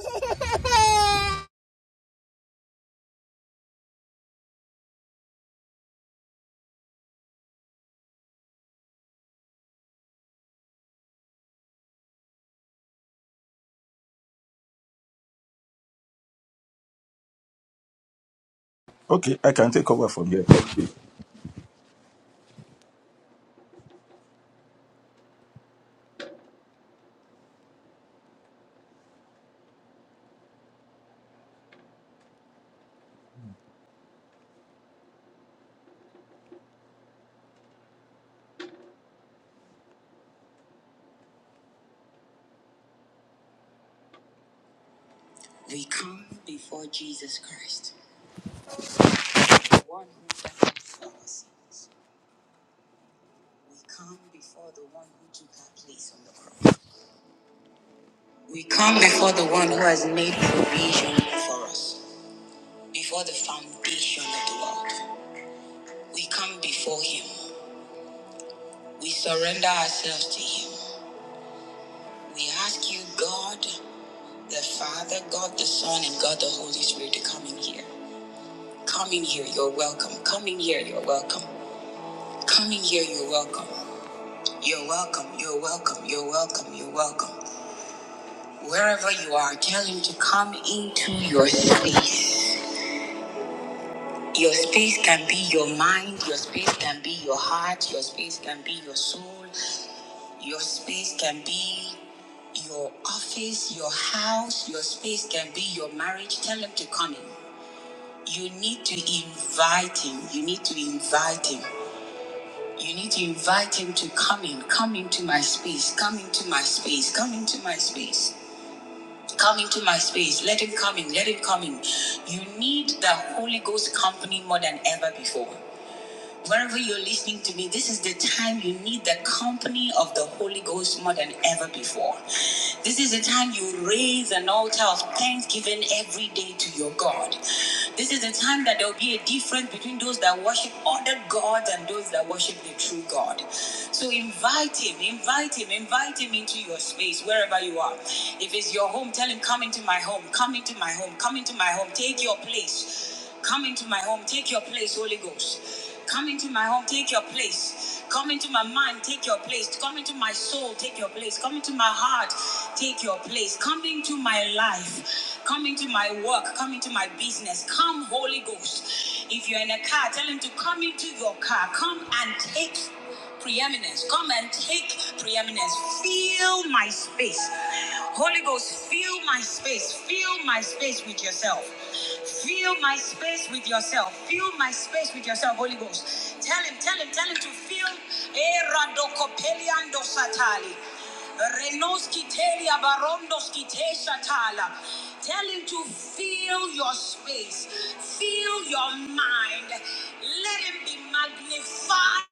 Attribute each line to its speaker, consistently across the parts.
Speaker 1: Hehehehe
Speaker 2: Okay, I can take over from here. Okay. We come before Jesus Christ, the one who reconciled our sins. We come before the one who took our place on the cross. We come before the one who has made provision for us, before the foundation of the world. We come before him. We surrender ourselves to him. We ask you, God, the Father, God the Son, and God the Holy Spirit to come in here. Come in here, you're welcome. Come in here, you're welcome. Coming here, you're welcome. You're welcome. You're welcome. You're welcome. You're welcome. Wherever you are, tell him to come into your space. Your space can be your mind, your space can be your heart, your space can be your soul, your space can be your office, your house, your space can be your marriage. Tell him to come in. You need to invite him. You need to invite him. You need to invite him to come in, come into my space, come into my space, come into my space, come into my space. Let him come in, let him come in. You need the Holy Ghost company more than ever before. Wherever you're listening to me, this is the time you need the company of the Holy Ghost more than ever before. This is the time you raise an altar of thanksgiving every day to your God. This is the time that there'll be a difference between those that worship other gods and those that worship the true God. So invite Him, invite Him, invite Him into your space, wherever you are. If it's your home, tell Him, Come into my home, come into my home, come into my home, take your place. Come into my home. Take your place, Holy Ghost. Come into my home. Take your place. Come into my mind. Take your place. Come into my soul. Take your place. Come into my heart. Take your place. Come into my life. Come into my work. Come into my business. Come, Holy Ghost. If you're in a car, tell him to come into your car. Come and take preeminence. Come and take preeminence. Fill my space. Holy Ghost, fill my space. Fill my space with yourself. Fill my space with yourself. Fill my space with yourself, Holy Ghost. Tell him, tell him, tell him to fill. Eh, Renoski telia barondos ki Tell him to fill your space, fill your mind. Let him be magnified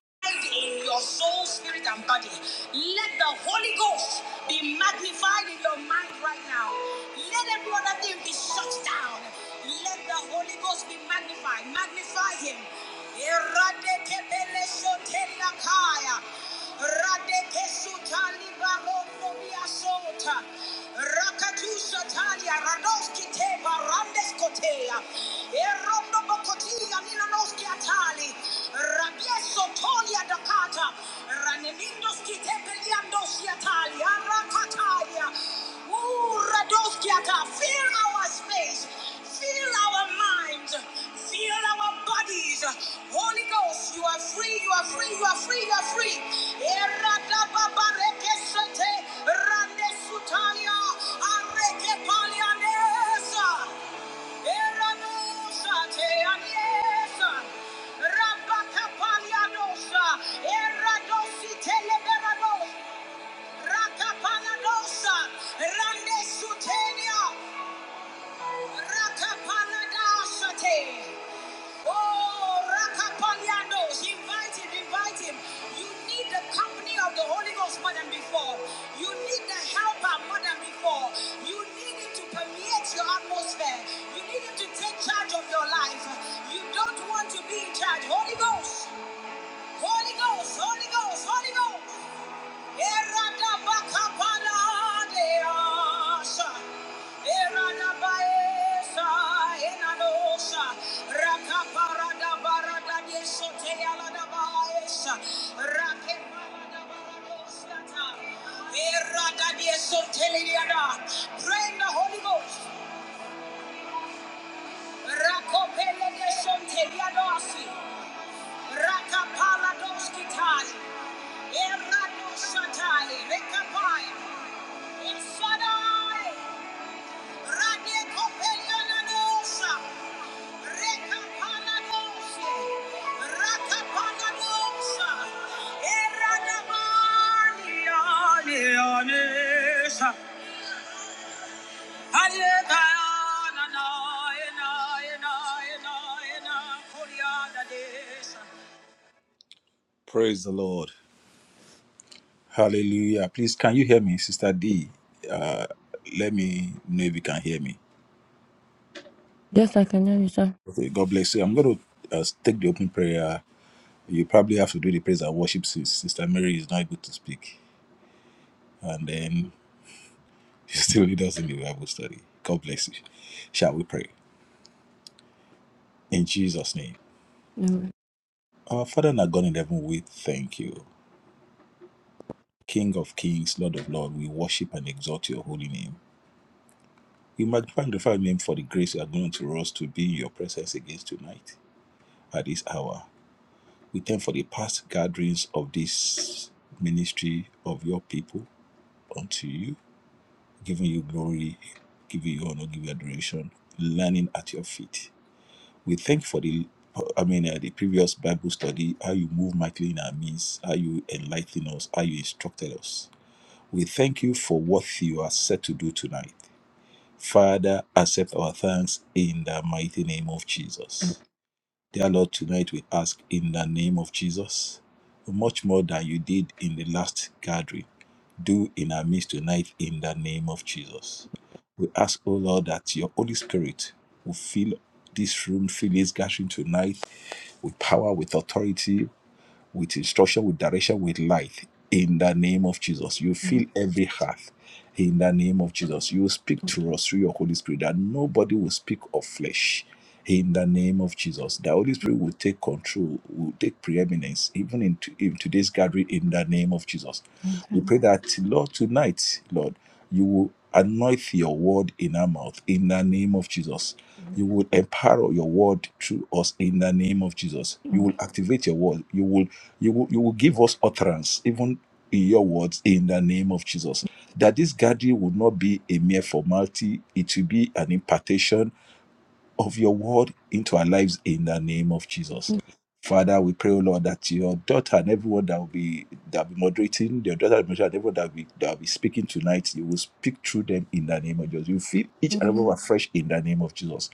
Speaker 2: in your soul, spirit, and body. Let the Holy Ghost be magnified in your mind right now. Let every other thing be shut down. Let the Holy Ghost be magnified. Magnify him. Eradekebeleshotelakaya. Radekesutali barongo biasota. Rakatusatalia radoski te barandeskotea. Erondo bokotia minanoski atali. Rabiesotolia dakata. Ranemindoski te peliandosi atali. Arakatalia. Ooh, Radoskia, God, fill our space, Fill our minds, fill our bodies. Holy Ghost, you are free, you are free, you are free, you are free. Eradababarekesete, randesutaya, arekepalianesa, eranosate, anesa, rabakapalianosa, eradositeleberados, rakapaladosa, randesutenia. Rakaparadasate. Oh, Rakapaliano, invite him, invite him. You need the company of the Holy Ghost more than before. You need the helper more than before. You need him to permeate your atmosphere. You need him to take charge of your life. You don't want to be in charge. Holy Ghost, Holy Ghost, Holy Ghost, Holy Ghost. Pray in the Holy Ghost. Rakopele de Sonteliadosi. Rakapala doskitai. Erado shatai. Rekapaya. Praise the Lord. Hallelujah. Please, can you hear me, Sister D? Uh, let me know if you can hear me.
Speaker 3: Yes, I can hear you, sir.
Speaker 2: Okay, God bless you. I'm going to uh, take the open prayer. You probably have to do the praise and worship since Sister Mary is not able to speak. And then you still lead us in the Bible study. God bless you. Shall we pray? In Jesus' name. Our Father and our God in heaven, we thank you. King of kings, Lord of lords, we worship and exalt your holy name. We magnify and glorify your name for the grace you are going to us to be in your presence again tonight at this hour. We thank for the past gatherings of this ministry of your people unto you. giving you glory, giving you honor, giving you adoration, learning at your feet. We thank you for the, I mean, uh, the previous Bible study, how you move mightily in our midst, how you enlighten us, how you instructed us. We thank you for what you are set to do tonight. Father, accept our thanks in the mighty name of Jesus. Dear Lord, tonight we ask in the name of Jesus, much more than you did in the last gathering, do in our midst tonight in the name of Jesus. We ask, O Lord, that your Holy Spirit will fill this room, fill this gathering tonight with power, with authority with instruction, with direction, with light. In the name of Jesus, you fill every heart. In the name of Jesus, you speak to us through your Holy Spirit that nobody will speak of flesh. In the name of Jesus, the Holy Spirit will take control, will take preeminence, even in, to, in today's gathering. In the name of Jesus, we pray that Lord tonight, Lord, you will anoint your word in our mouth. In the name of Jesus, you will empower your word through us in the name of Jesus. You will activate your word. You will you will you will give us utterance, even in your words in the name of Jesus. That this gathering would not be a mere formality, it will be an impartation of your word into our lives in the name of Jesus. Father, we pray, O Lord, that your daughter and everyone that will be that will be moderating, your daughter and everyone that will be that will be speaking tonight, you will speak through them in the name of Jesus. You feel each and every one afresh in the name of Jesus.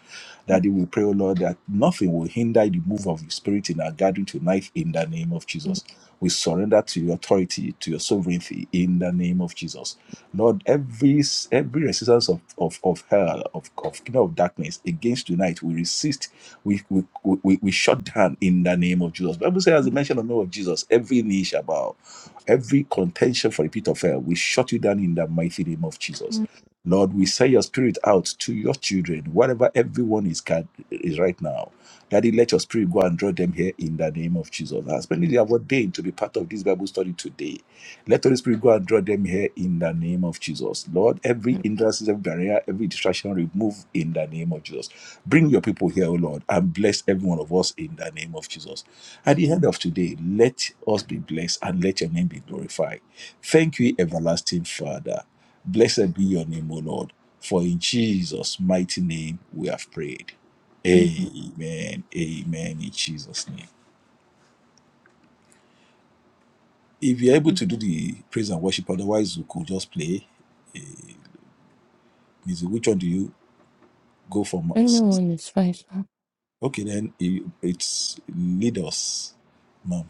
Speaker 2: Daddy, we pray, O Lord, that nothing will hinder the move of your spirit in our gathering tonight in the name of Jesus. We surrender to your authority, to your sovereignty in the name of Jesus. Lord, every every resistance of, of, of hell, of, of kingdom of darkness against tonight, we resist, we we, we we shut down in the name of Jesus. Bible says, as the mention of the name of Jesus, every knee shall bow, every contention for the pit of hell, we shut you down in the mighty name of Jesus. Lord, we send your spirit out to your children, whatever everyone is, gath- is right now Daddy, let your spirit go and draw them here in the name of Jesus. I spending their ordained to be part of this Bible study today. Let Holy Spirit go and draw them here in the name of Jesus. Lord, every hindrance, every barrier, every distraction remove in the name of Jesus. Bring your people here, O Lord, and bless every one of us in the name of Jesus. At the end of today, let us be blessed and let your name be glorified. Thank you, everlasting Father. Blessed be your name, O Lord, for in Jesus' mighty name we have prayed. Amen. Amen. In Jesus' name. If you're able to do the praise and worship, otherwise, we could just play. Is which one do you go for? mo-
Speaker 3: Anyone is fine, sir.
Speaker 2: Okay, then you- it's lead us, ma'am.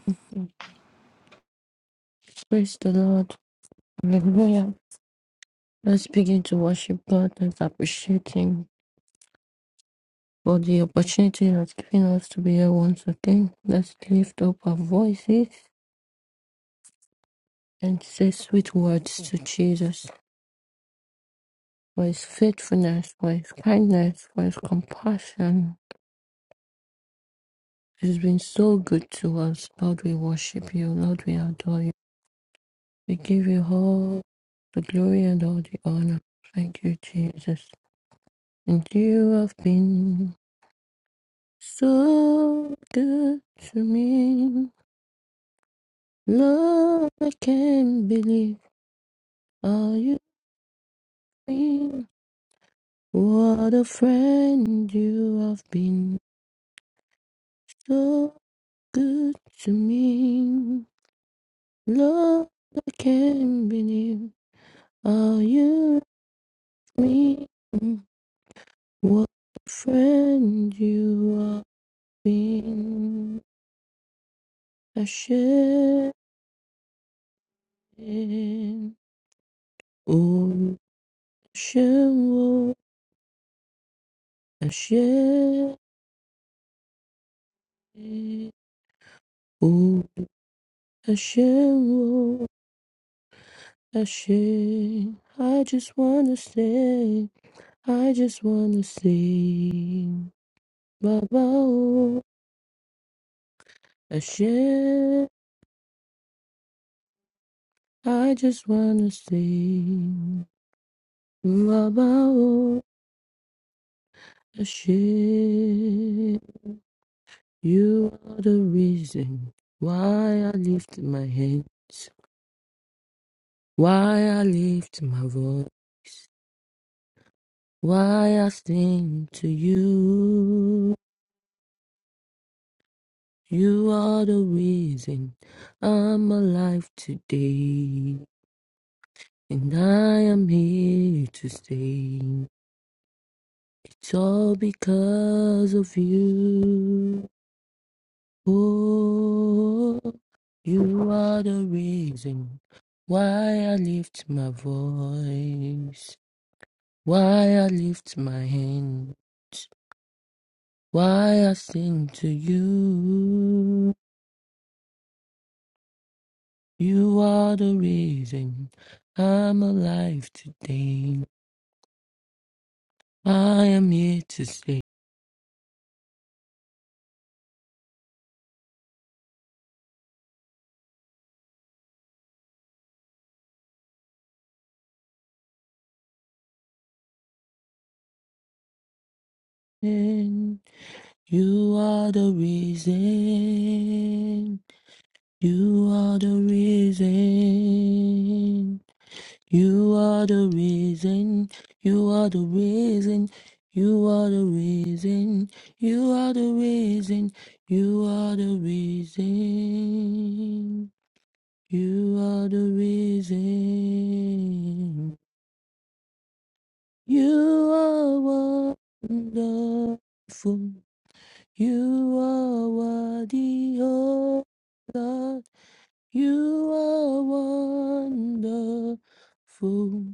Speaker 3: Praise the Lord. Hallelujah. Let's begin to worship God and appreciate Him for the opportunity He has given us to be here once again. Let's lift up our voices and say sweet words to Jesus. for his faithfulness, for his kindness, for his compassion. He's been so good to us. Lord, we worship you. Lord, we adore you. We give you all the glory and all the honor. Thank you, Jesus. And you have been so good to me. Lord, I can't believe how you've been. What a friend you have been. So good to me. Love, I can't believe how you left me. Mm. What a friend you have been. Hashem, oh Hashem, oh Hashem, oh Hashem, oh Hashem. I just wanna sing. I just wanna sing. Baba, oh Hashem. I just wanna sing about the shit. You are the reason why I lift my hands, why I lift my voice, why I sing to you. You are the reason I'm alive today, and I am here to stay. It's all because of you. Oh, you are the reason why I lift my voice, why I lift my hands, why I sing to you. You are the reason I'm alive today. I am here to sing. You are the reason. You are the reason. You are the reason, you are the reason, you are the reason, you are the reason, you are the reason, you are the reason. You are wonderful, you are worthy, oh God, you are wonderful.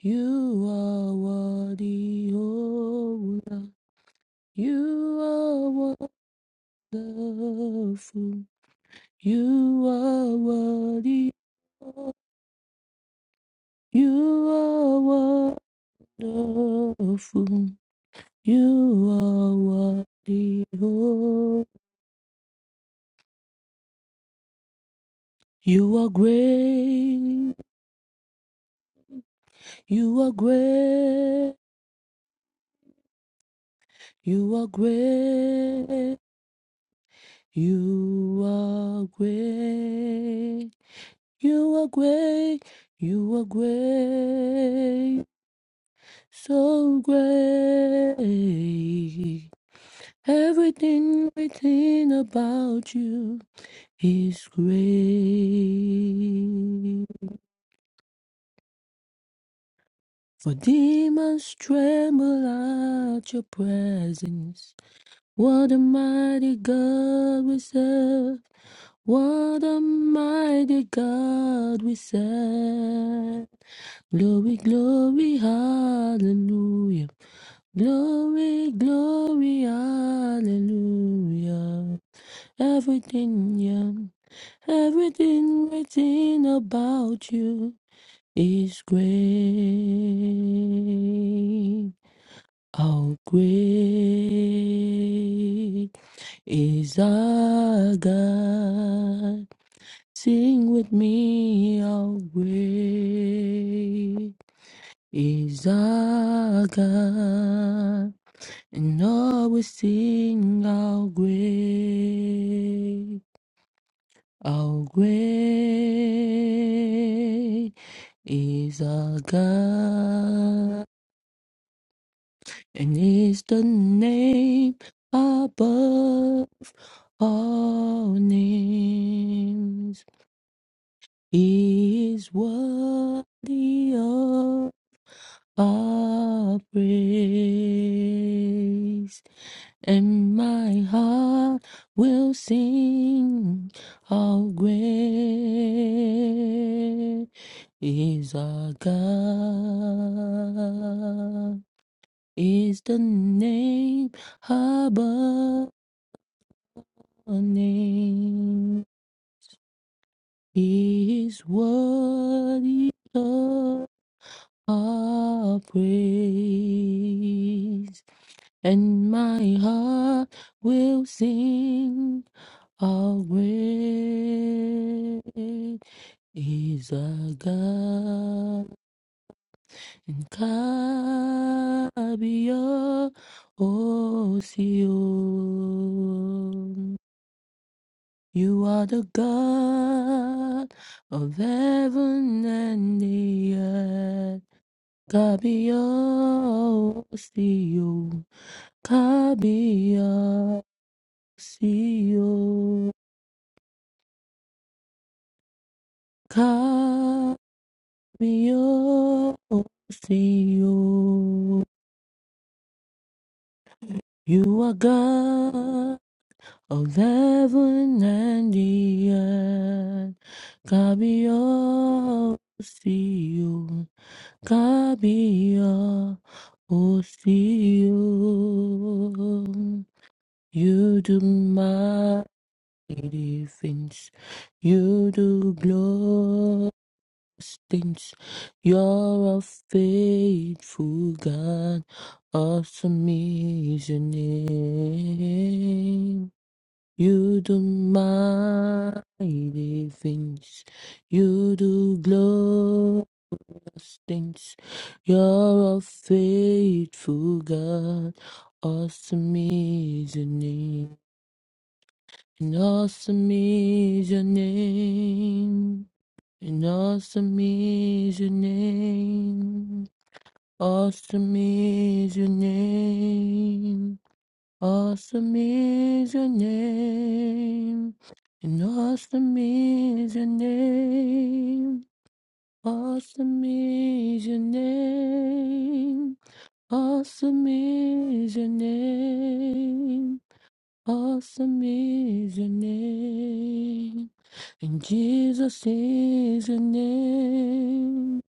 Speaker 3: You are worthy, oh Lord. You are wonderful. You are worthy. oh. You are wonderful. You are worthy, oh. You are great. You are great. You are great. You are great. You are great, you are great, so great. Everything, everything about you is great. For demons tremble at your presence. What a mighty God we serve. What a mighty God we serve. Glory, glory, hallelujah. Glory, glory, hallelujah. Everything, yeah, everything written about you is great. How great is our God? Sing with me, how great is our God, and always sing how great, how great is our God, and is the name above all names. He is worthy of our praise, and my heart will sing how great is our God. Is the name above all names. He is worthy of Our praise, and my heart will sing. How great is our God, and Kabir Osion. You are the God of heaven and the earth. Kabiyo, Kabiyo, Siyo, Kabiyo, Siyo. You are God of heaven and the earth. Kabiyo, Siyo, Kabiyo, Siyo. You do mighty things you do glorious things you're a faithful god awesome is your name you do mighty things you do glorious things you're a faithful god awesome is your name and awesome is your name. And awesome is your name. Awesome is your name. Awesome is your name. And awesome is your name. Awesome is your name. Awesome is your name. Awesome is your name. And Jesus is your name.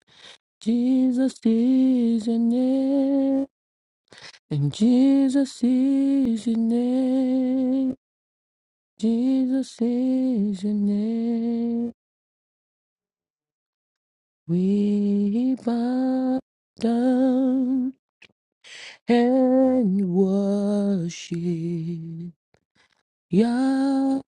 Speaker 3: Jesus is your name. And Jesus is your name. Jesus is your name. We bow down and worship Yahweh.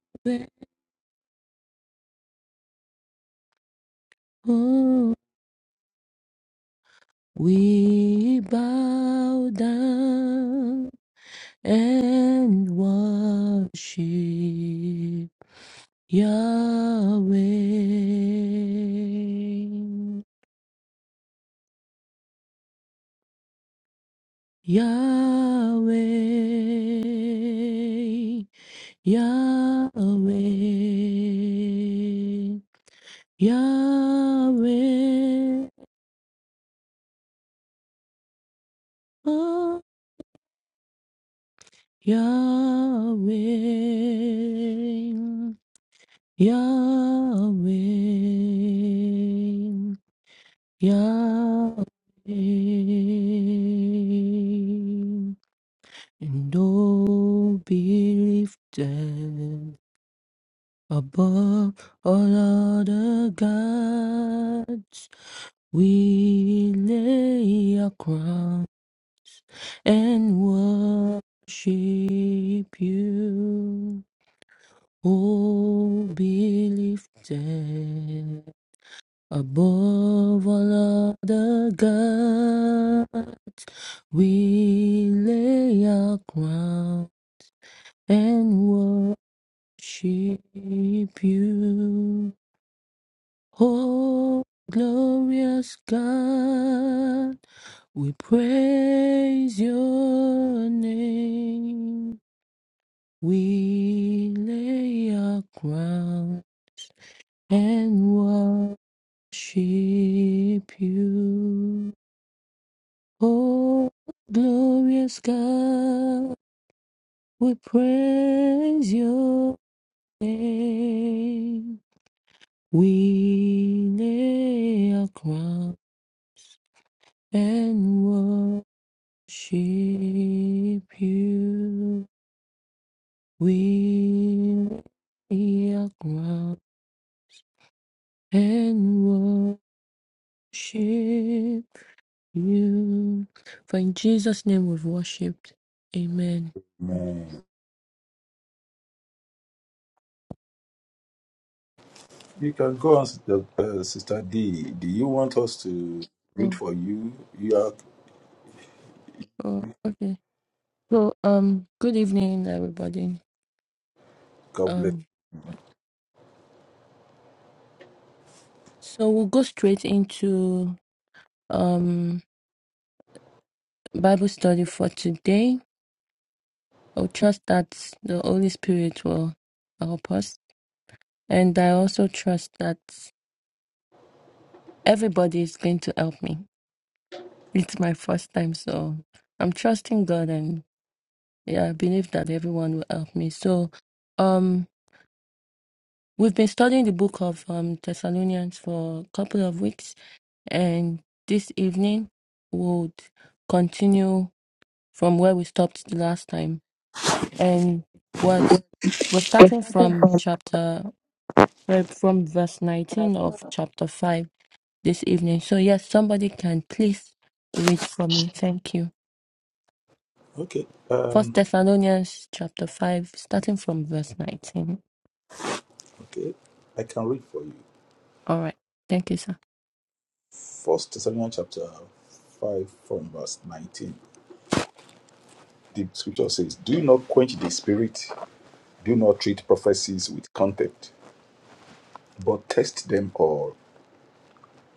Speaker 3: We bow down and worship Yahweh, Yahweh, Yahweh, Yahweh, oh, Yahweh, Yahweh. Yahweh, and oh, be lifted above all other gods. We lay our crowns and worship you. Oh, be lifted Above all other gods, we lay our crown and worship you. Oh, glorious God, we praise your name. We lay our crown and worship you. Oh, glorious God, we praise your name. We lay our crown and worship you. We lay our crown and worship you. For in Jesus' name we've worshipped. Amen.
Speaker 2: Man, you can go on, Sister, uh, Sister D. Do you want us to read
Speaker 3: Oh,
Speaker 2: for you? You are
Speaker 3: oh, okay. So, um, good evening, everybody.
Speaker 2: God bless.
Speaker 3: Um,
Speaker 2: you.
Speaker 3: so we'll go straight into um Bible study for today. I'll trust that the Holy Spirit will help us, and I also trust that everybody is going to help me. It's my first time, so I'm trusting God, and yeah, I believe that everyone will help me. So, um, we've been studying the book of um Thessalonians for a couple of weeks, and this evening would continue from where we stopped the last time. And what we're starting from chapter uh, from verse 19 of chapter 5 this evening. So yes, somebody can please read for me. Thank you.
Speaker 2: Okay,
Speaker 3: First
Speaker 2: um,
Speaker 3: Thessalonians chapter 5 starting from verse 19.
Speaker 2: okay, I can read for you.
Speaker 3: All right. Thank you, sir.
Speaker 2: First Thessalonians chapter five, from verse nineteen. The scripture says, "Do not quench the spirit. Do not treat prophecies with contempt, but test them all.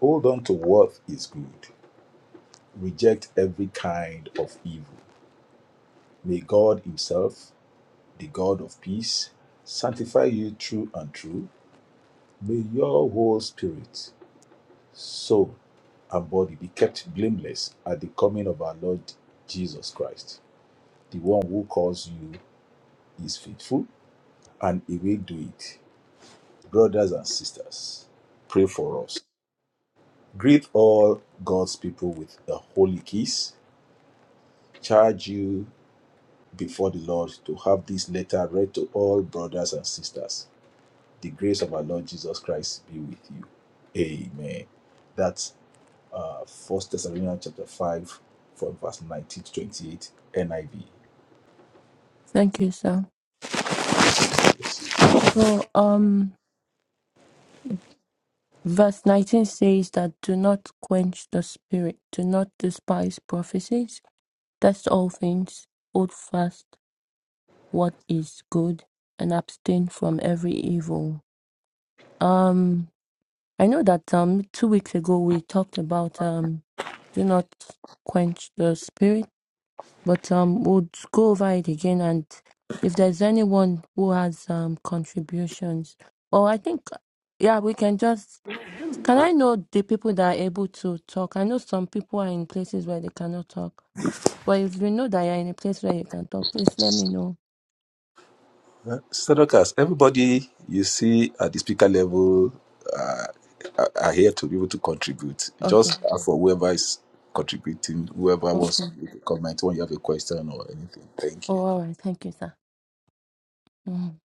Speaker 2: Hold on to what is good. reject every kind of evil. May God Himself, the God of peace, sanctify you true and true. May your whole spirit, soul, and body be kept blameless at the coming of our Lord Jesus Christ. The one who calls you is faithful, and he will do it. Brothers and sisters, pray for us. Greet all God's people with a holy kiss. Charge you before the Lord to have this letter read to all brothers and sisters. The grace of our Lord Jesus Christ be with you. Amen. That's uh, 1 Thessalonians chapter 5 from verse 19 to 28 NIV.
Speaker 3: Thank you, sir.
Speaker 2: Bless
Speaker 3: So um Verse 19 says that do not quench the spirit, do not despise prophecies, test all things, hold fast what is good, and abstain from every evil. Um, I know that um two weeks ago we talked about um do not quench the spirit, but um we'll go over it again and if there's anyone who has um contributions, or I think yeah, we can just Can I know the people that are able to talk? I know some people are in places where they cannot talk. But if you know that you're in a place where you can talk, please let me know.
Speaker 2: you. Uh, Sadokas, everybody you see at the speaker level uh, are are here to be able to contribute.
Speaker 3: Okay.
Speaker 2: Just ask for whoever is contributing, whoever wants
Speaker 3: Okay.
Speaker 2: to make a comment when you have a question or anything. Thank
Speaker 3: Oh,
Speaker 2: you.
Speaker 3: all right. Thank you, sir. Mhm.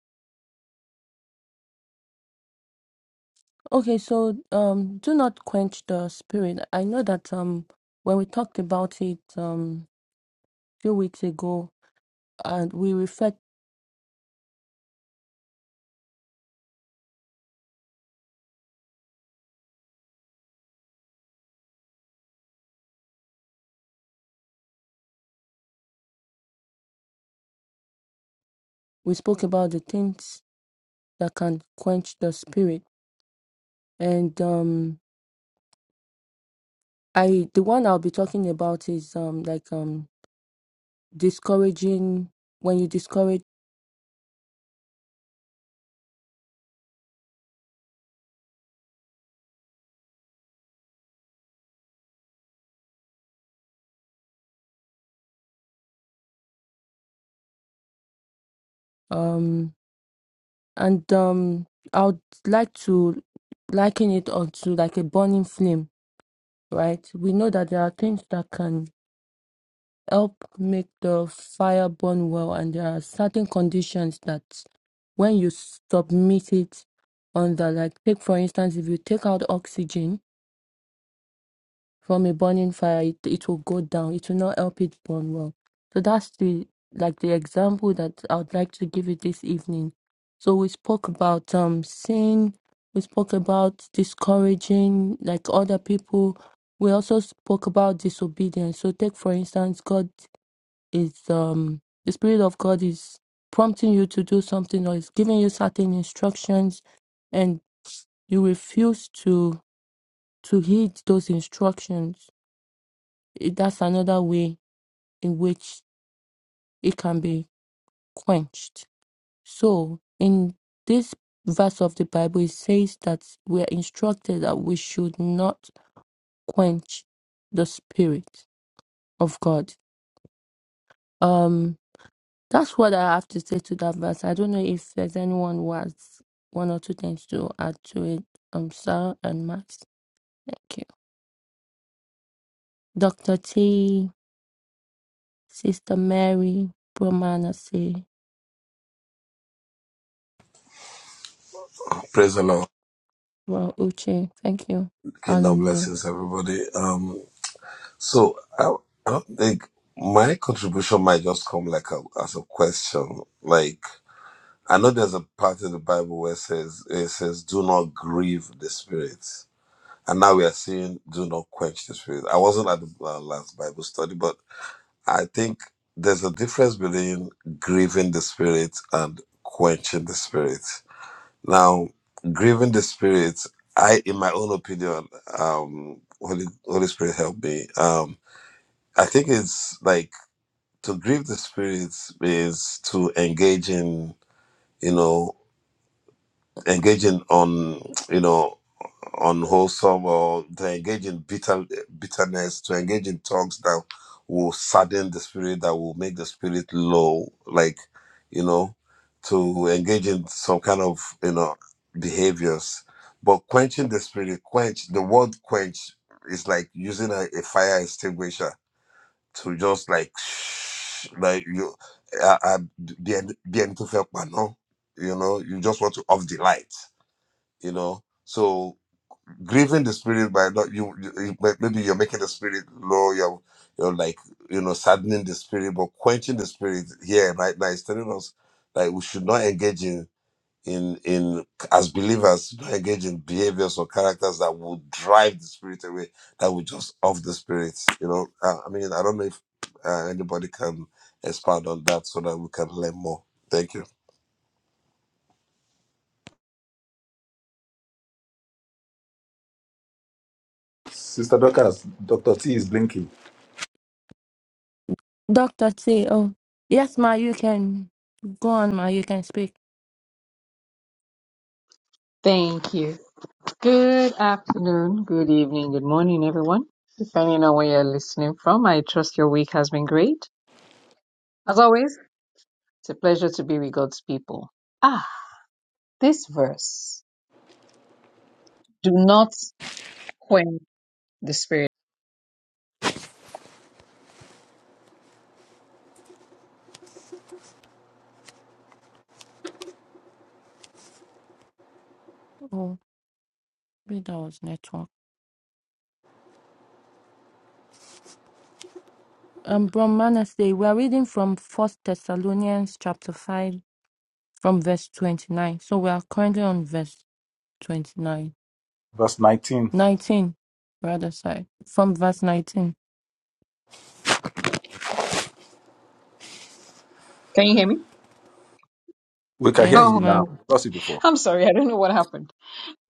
Speaker 3: Okay, so um do not quench the spirit. I know that um when we talked about it um few weeks ago and we reflect we spoke about the things that can quench the spirit. And um I the one I'll be talking about is um like um. discouraging when you discourage um and um i would like to liken it onto like a burning flame right we know that there are things that can help make the fire burn well and there are certain conditions that when you submit it on the like take for instance if you take out oxygen from a burning fire it, it will go down it will not help it burn well so that's the like the example that i would like to give you this evening so we spoke about um sin we spoke about discouraging like other people we also spoke about disobedience so take for instance god is um the spirit of god is prompting you to do something or is giving you certain instructions and you refuse to to heed those instructions it- that's another way in which it can be quenched. So, in this verse of the Bible, it says that we are instructed that we should not quench the spirit of God. Um, that's what I have to say to that verse. I don't know if there's anyone who has one or two things to add to it. Um, Sarah and Max. Thank you. Dr. T, Sister Mary, Brahmana C,
Speaker 4: Praise the Lord.
Speaker 3: Well, Uche. Thank you.
Speaker 4: Kingdom
Speaker 3: Hallelujah.
Speaker 4: blessings, everybody. Um, so I, I don't think my contribution might just come like a, as a question. Like I know there's a part in the Bible where it says it says, "Do not grieve the Spirit," and now we are saying, "Do not quench the Spirit." I wasn't at the uh, last Bible study, but I think there's a difference between grieving the Spirit and quenching the Spirit. Now, grieving the spirit, I, in my own opinion, um, Holy Holy Spirit help me. Um, I think it's like to grieve the spirit is to engage in, you know, engaging on, you know unwholesome or to engage in bitter, bitterness, to engage in talks that will sadden the spirit, that will make the spirit low, like, you know, to engage in some kind of, you know, behaviors. But quenching the spirit, quench, the word quench is like using a, a fire extinguisher to just like, shh, like you, uh, uh, be, be, you know, you just want to off the light, you know. So grieving the spirit by not you, you you- may- maybe you're making the spirit low you're you're like you know saddening the spirit but quenching the spirit here right now is telling us that we should not engage in in in as believers not engage in behaviors or characters that will drive the spirit away that will just off the spirit you know i, I mean i don't know if uh, anybody can expand on that so that we can learn more thank you
Speaker 2: Sister Dokas, Dr. T is blinking.
Speaker 3: Doctor T. Oh, yes, ma. You can go on, ma. You can speak.
Speaker 5: Thank you. Good afternoon, good evening, good morning, everyone. Depending on where you're listening from, I trust your week has been great. As always, it's a pleasure to be with God's people. Ah, this verse. Do not quench the spirit.
Speaker 3: Oh, maybe that was network. Um, Brahmanasday. We are reading from First Thessalonians chapter five, from verse twenty-nine. So we are currently on verse twenty-nine,
Speaker 2: Verse 19.
Speaker 3: nineteen. 19, rather. Sorry, from verse nineteen.
Speaker 5: Can you hear me?
Speaker 2: We can hear
Speaker 3: Yes,
Speaker 5: Oh,
Speaker 2: you now.
Speaker 3: ma'am.
Speaker 2: We lost you before.
Speaker 5: I'm sorry. I don't know what happened.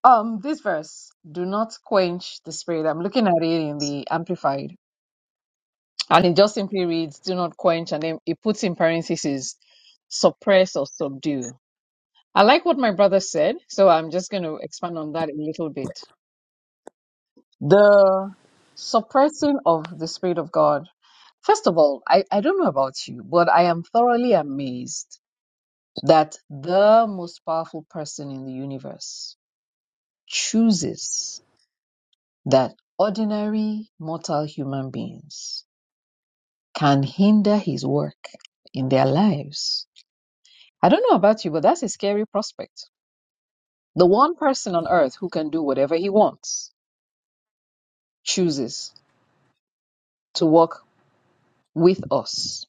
Speaker 5: Um, this verse, do not quench the spirit. I'm looking at it in the amplified and it just simply reads, do not quench. And then it puts in parentheses, suppress or subdue. I like what my brother said, so I'm just going to expand on that a little bit. The suppressing of the Spirit of God. First of all, I, I don't know about you, but I am thoroughly amazed that the most powerful person in the universe chooses that ordinary mortal human beings can hinder his work in their lives. I don't know about you, but that's a scary prospect. The one person on earth who can do whatever he wants chooses to work with us.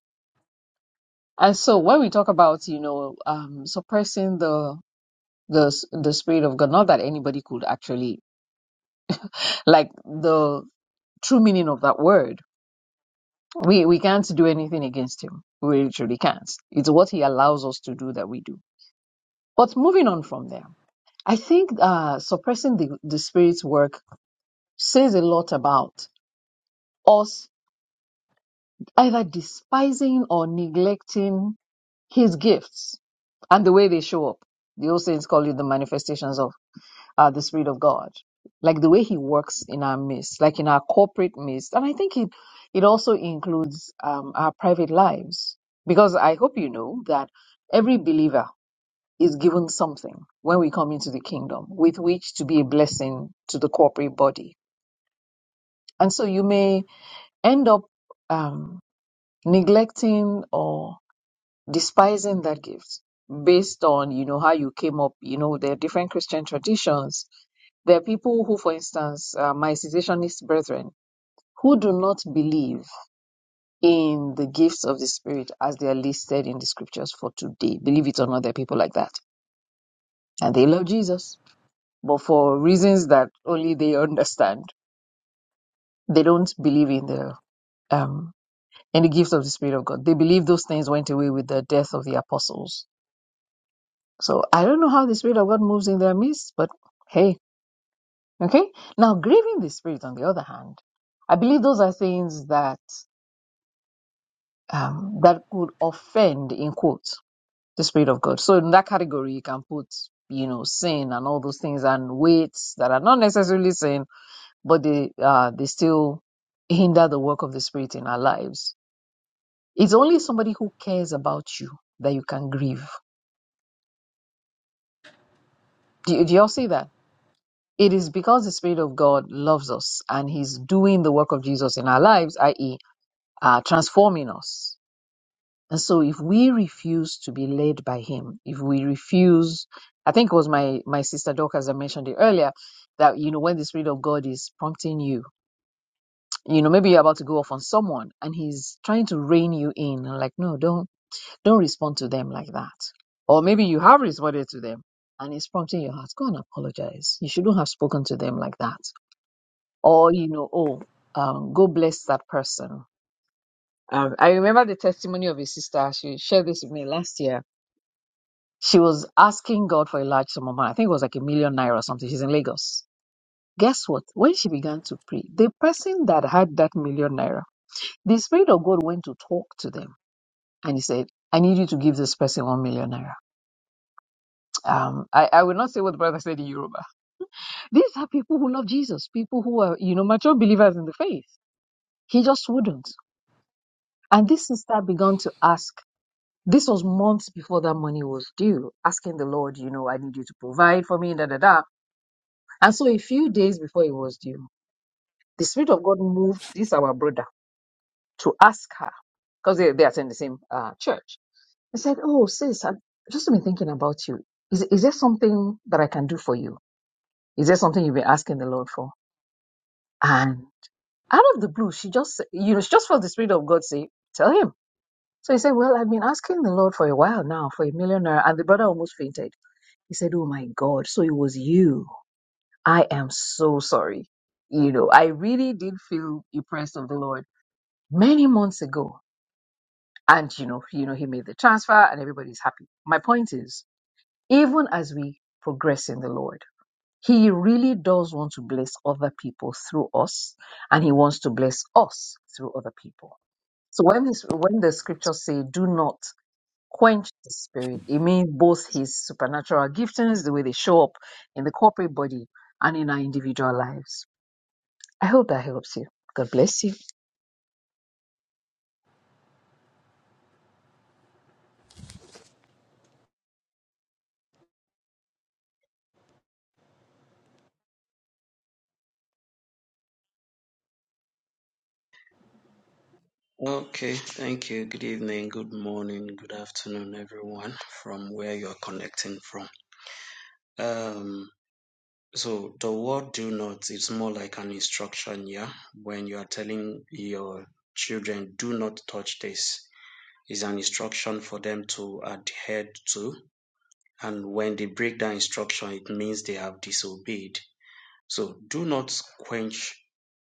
Speaker 5: And so when we talk about, you know, um, suppressing the the the spirit of God, not that anybody could actually like the true meaning of that word. We we can't do anything against him. We literally can't. It's what he allows us to do that we do. But moving on from there, I think uh, suppressing the the spirit's work says a lot about us either despising or neglecting his gifts and the way they show up. The old saints call it the manifestations of uh, the Spirit of God, like the way He works in our midst, like in our corporate midst, and I think it it also includes um, our private lives because I hope you know that every believer is given something when we come into the kingdom with which to be a blessing to the corporate body, and so you may end up um, neglecting or despising that gift based on you know how you came up you know there are different christian traditions there are people who for instance uh, my cessationist brethren who do not believe in the gifts of the spirit as they are listed in the scriptures for today believe it or not there are people like that and they love jesus but for reasons that only they understand they don't believe in the um in the gift of the spirit of god they believe those things went away with the death of the apostles So I don't know how the Spirit of God moves in their midst, but hey, okay. Now, grieving the Spirit, on the other hand, I believe those are things that um, that could offend, in quotes, the Spirit of God. So in that category, you can put, you know, sin and all those things and weights that are not necessarily sin, but they uh, they still hinder the work of the Spirit in our lives. It's only somebody who cares about you that you can grieve. Do, do y'all see that? It is because the Spirit of God loves us and He's doing the work of Jesus in our lives, i.e., uh, transforming us. And so, if we refuse to be led by Him, if we refuse, I think it was my my sister Dorcas that mentioned it earlier, that you know when the Spirit of God is prompting you, you know maybe you're about to go off on someone and He's trying to rein you in, and like no, don't don't respond to them like that. Or maybe you have responded to them and He's prompting your heart, go and apologize. You shouldn't have spoken to them like that or you know, oh, um, go bless that person. Um, I remember the testimony of a sister. She shared this with me last year. She was asking God for a large sum of money. I think it was like a million naira or something. She's in Lagos. Guess what? When she began to pray, the person that had that million naira, the Spirit of God went to talk to them and he said, I need you to give this person one million naira. Um, I, I will not say what the brother said in Yoruba. These are people who love Jesus, people who are, you know, mature believers in the faith. He just wouldn't. And this sister began to ask. This was months before that money was due, asking the Lord, you know, I need you to provide for me, da da da. And so a few days before it was due, the Spirit of God moved this our brother to ask her, because they, they attend the same uh, church. He said, Oh, sis, I've just been thinking about you. Is, is there something that I can do for you? Is there something you've been asking the Lord for? And out of the blue, she just, you know, she just felt the Spirit of God say, Tell him. So he said, Well, I've been asking the Lord for a while now for a millionaire. And the brother almost fainted. He said, Oh my God, so it was you. I am so sorry. You know, I really did feel impressed of the Lord many months ago. And you know, you know, he made the transfer and everybody's happy. My point is, even as we progress in the Lord, he really does want to bless other people through us, and he wants to bless us through other people. So when this when the scriptures say do not quench the spirit. It means both his supernatural giftings, the way they show up in the corporate body and in our individual lives. I hope that helps you. God bless you.
Speaker 6: Okay, thank you. Good evening, good morning, good afternoon, everyone, from where you're connecting from. Um, so the word do not is more like an instruction, yeah. When you are telling your children, do not touch this, is an instruction for them to adhere to. And when they break that instruction, it means they have disobeyed. So do not quench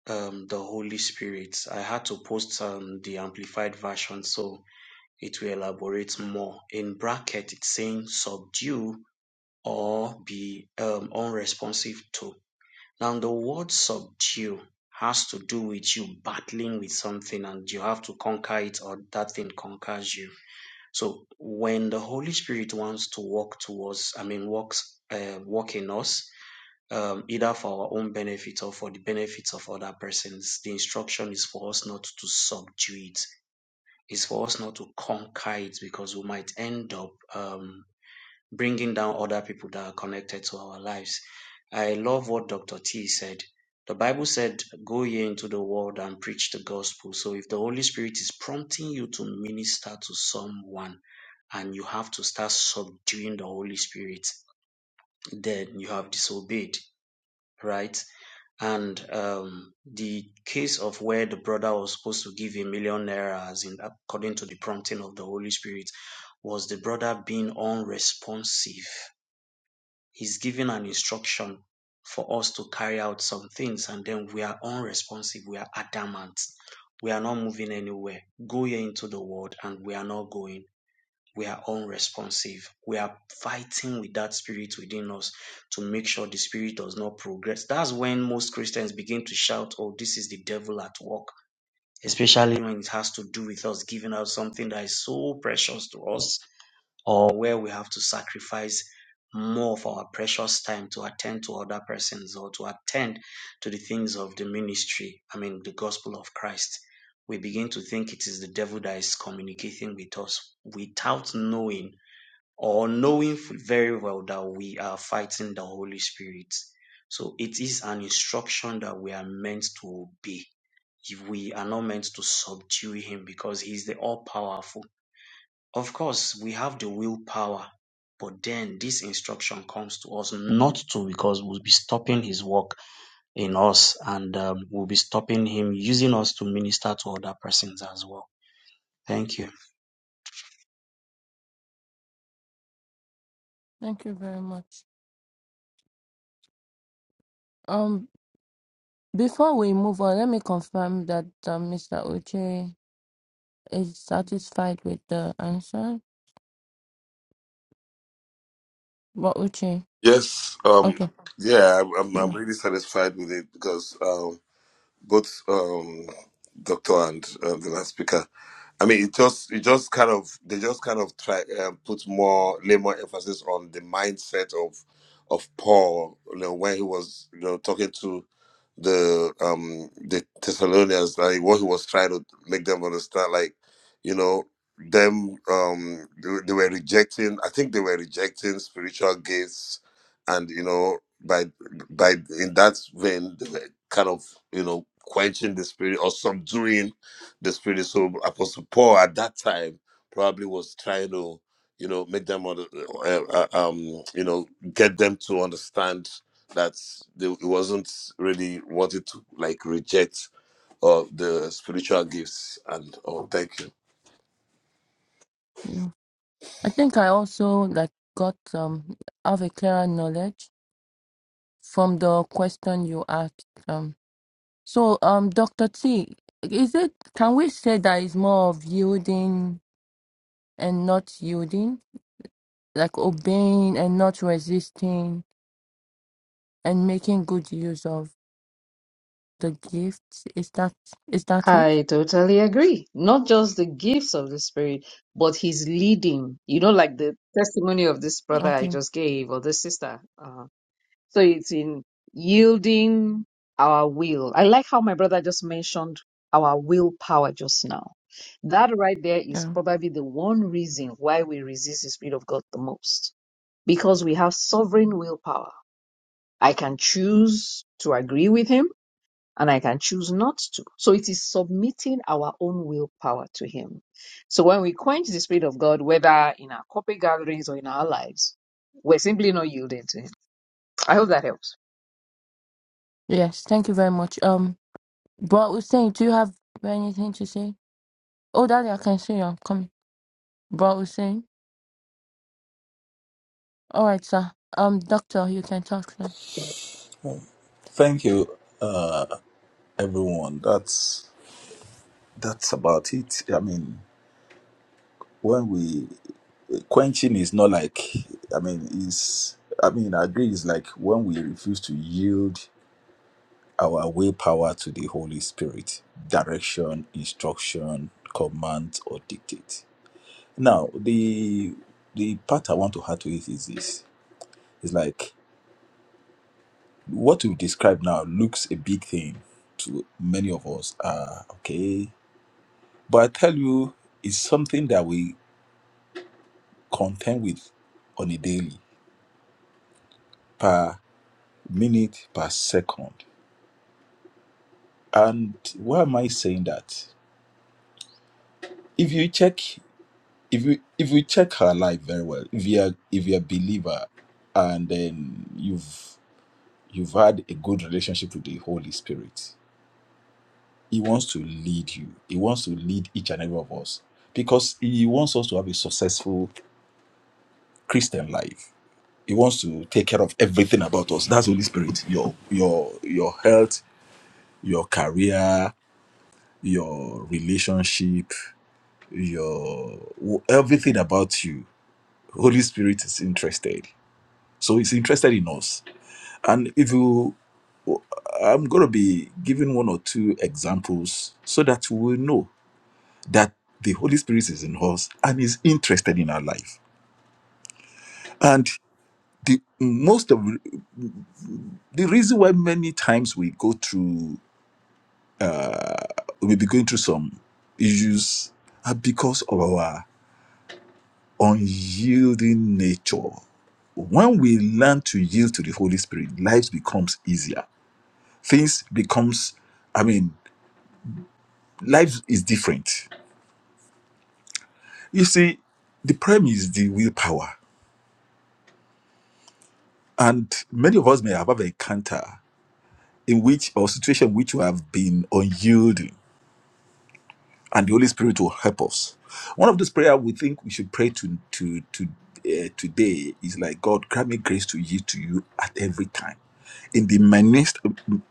Speaker 6: um, the Holy Spirit. I had to post um, the amplified version, so it will elaborate more. In bracket, it's saying subdue or be um, unresponsive to. Now, the word subdue has to do with you battling with something and you have to conquer it or that thing conquers you. So, when the Holy Spirit wants to work towards, I mean, works, uh, walk in us, um, either for our own benefit or for the benefits of other persons, the instruction is for us not to subdue it is for us not to conquer it because we might end up um, bringing down other people that are connected to our lives. I love what Dr. T said. The Bible said, Go ye into the world and preach the gospel. So if the Holy Spirit is prompting you to minister to someone and you have to start subduing the Holy Spirit, then you have disobeyed, right? and um, the case of where the brother was supposed to give a million naira, as in according to the prompting of the Holy Spirit, was the brother being unresponsive. He's giving an instruction for us to carry out some things, and then we are unresponsive. We are adamant. We are not moving anywhere. Go ye into the world, and we are not going we are unresponsive. We are fighting with that spirit within us to make sure the spirit does not progress. That's when most Christians begin to shout, Oh, this is the devil at work, especially when it has to do with us giving out something that is so precious to us, or where we have to sacrifice more of our precious time to attend to other persons or to attend to the things of the ministry, I mean, the gospel of Christ. We begin to think it is the devil that is communicating with us without knowing or knowing very well that we are fighting the Holy Spirit. So it is an instruction that we are meant to obey. We are not meant to subdue him because he's the all powerful. Of course, we have the willpower, but then this instruction comes to us not to because we'll be stopping his work in us and um, we'll be stopping him using us to minister to other persons as well. Thank you.
Speaker 3: Thank you very much. Um, before we move on, let me confirm that uh, Mr. Uche is satisfied with the answer. What Uche?
Speaker 4: yes um
Speaker 3: Okay.
Speaker 4: yeah i'm, I'm
Speaker 3: Yeah.
Speaker 4: I'm really satisfied with it because both um, Doctor and um, the last speaker I mean, it just it just kind of they just kind of try um, put more lay more emphasis on the mindset of of Paul, you know, when he was you know talking to the um the Thessalonians, like what he was trying to make them understand, like you know them um they, were- they were rejecting. I think they were rejecting spiritual gifts, and you know by by in that vein they were kind of you know quenching the spirit or subduing the spirit. So Apostle Paul at that time probably was trying to, you know, make them, under- uh, uh, um, you know, get them to understand that they, it wasn't really wanted to like reject uh, the spiritual gifts and oh, thank you.
Speaker 3: Yeah. I think I also like got um have a clearer knowledge from the question you asked. Um so um Dr. T, is it can we say that it's more of yielding and not yielding? Like obeying and not resisting and making good use of the gifts. Is that is that it?
Speaker 5: I totally agree. Not just the gifts of the Spirit, but His leading. You know, like the testimony of this
Speaker 3: Yeah.
Speaker 5: brother I
Speaker 3: Okay.
Speaker 5: just gave or this sister. Uh, So it's in yielding our will. I like how my brother just mentioned our willpower just now. That right there is
Speaker 3: Yeah.
Speaker 5: probably the one reason why we resist the Spirit of God the most because we have sovereign willpower. I can choose to agree with Him and I can choose not to. So it is submitting our own willpower to Him. So when we quench the Spirit of God, whether in our corporate gatherings or in our lives, we're simply not yielding to Him. I hope that helps.
Speaker 3: Yes, thank you very much. Um but Hussein, do you have anything to say? Oh Daddy, I can see you. I'm coming. But Hussein. All right, sir. Um, doctor, you can talk now.
Speaker 2: Thank you, uh, everyone. That's that's about it. I mean, when we quenching is not like, I mean, is I mean, I agree. It's like when we refuse to yield our willpower to the Holy Spirit, direction, instruction, command, or dictate. Now, the the part I want to add to it is this: it's like what you describe now looks a big thing to many of us. Ah, okay. But I tell you, it's something that we contend with on a daily, per minute, per second. And why am I saying that? If you check, if you if you check her life very well, if you're if you're a believer, and then you've you've had a good relationship with the Holy Spirit, He wants to lead you. He wants to lead each and every of us because He wants us to have a successful Christian life. He wants to take care of everything about us. That's Holy Spirit. Your your your health, your career, your relationship, your everything about you. Holy Spirit is interested. So he's interested in us. And if you I'm going to be giving one or two examples so that we will know. that the Holy Spirit is in us and is interested in our life. And the most of the reason why many times we go through, we'll be going through some issues are because of our unyielding nature. When we learn to yield to the Holy Spirit, life becomes easier. Things becomes, I mean, life is different. You see, the problem is the willpower. And many of us may have have encounter. in which or situation which we have been unyielding and the holy spirit will help us one of those prayer we think we should pray to to to uh, today is like god grant me grace to yield to you at every time in the minutest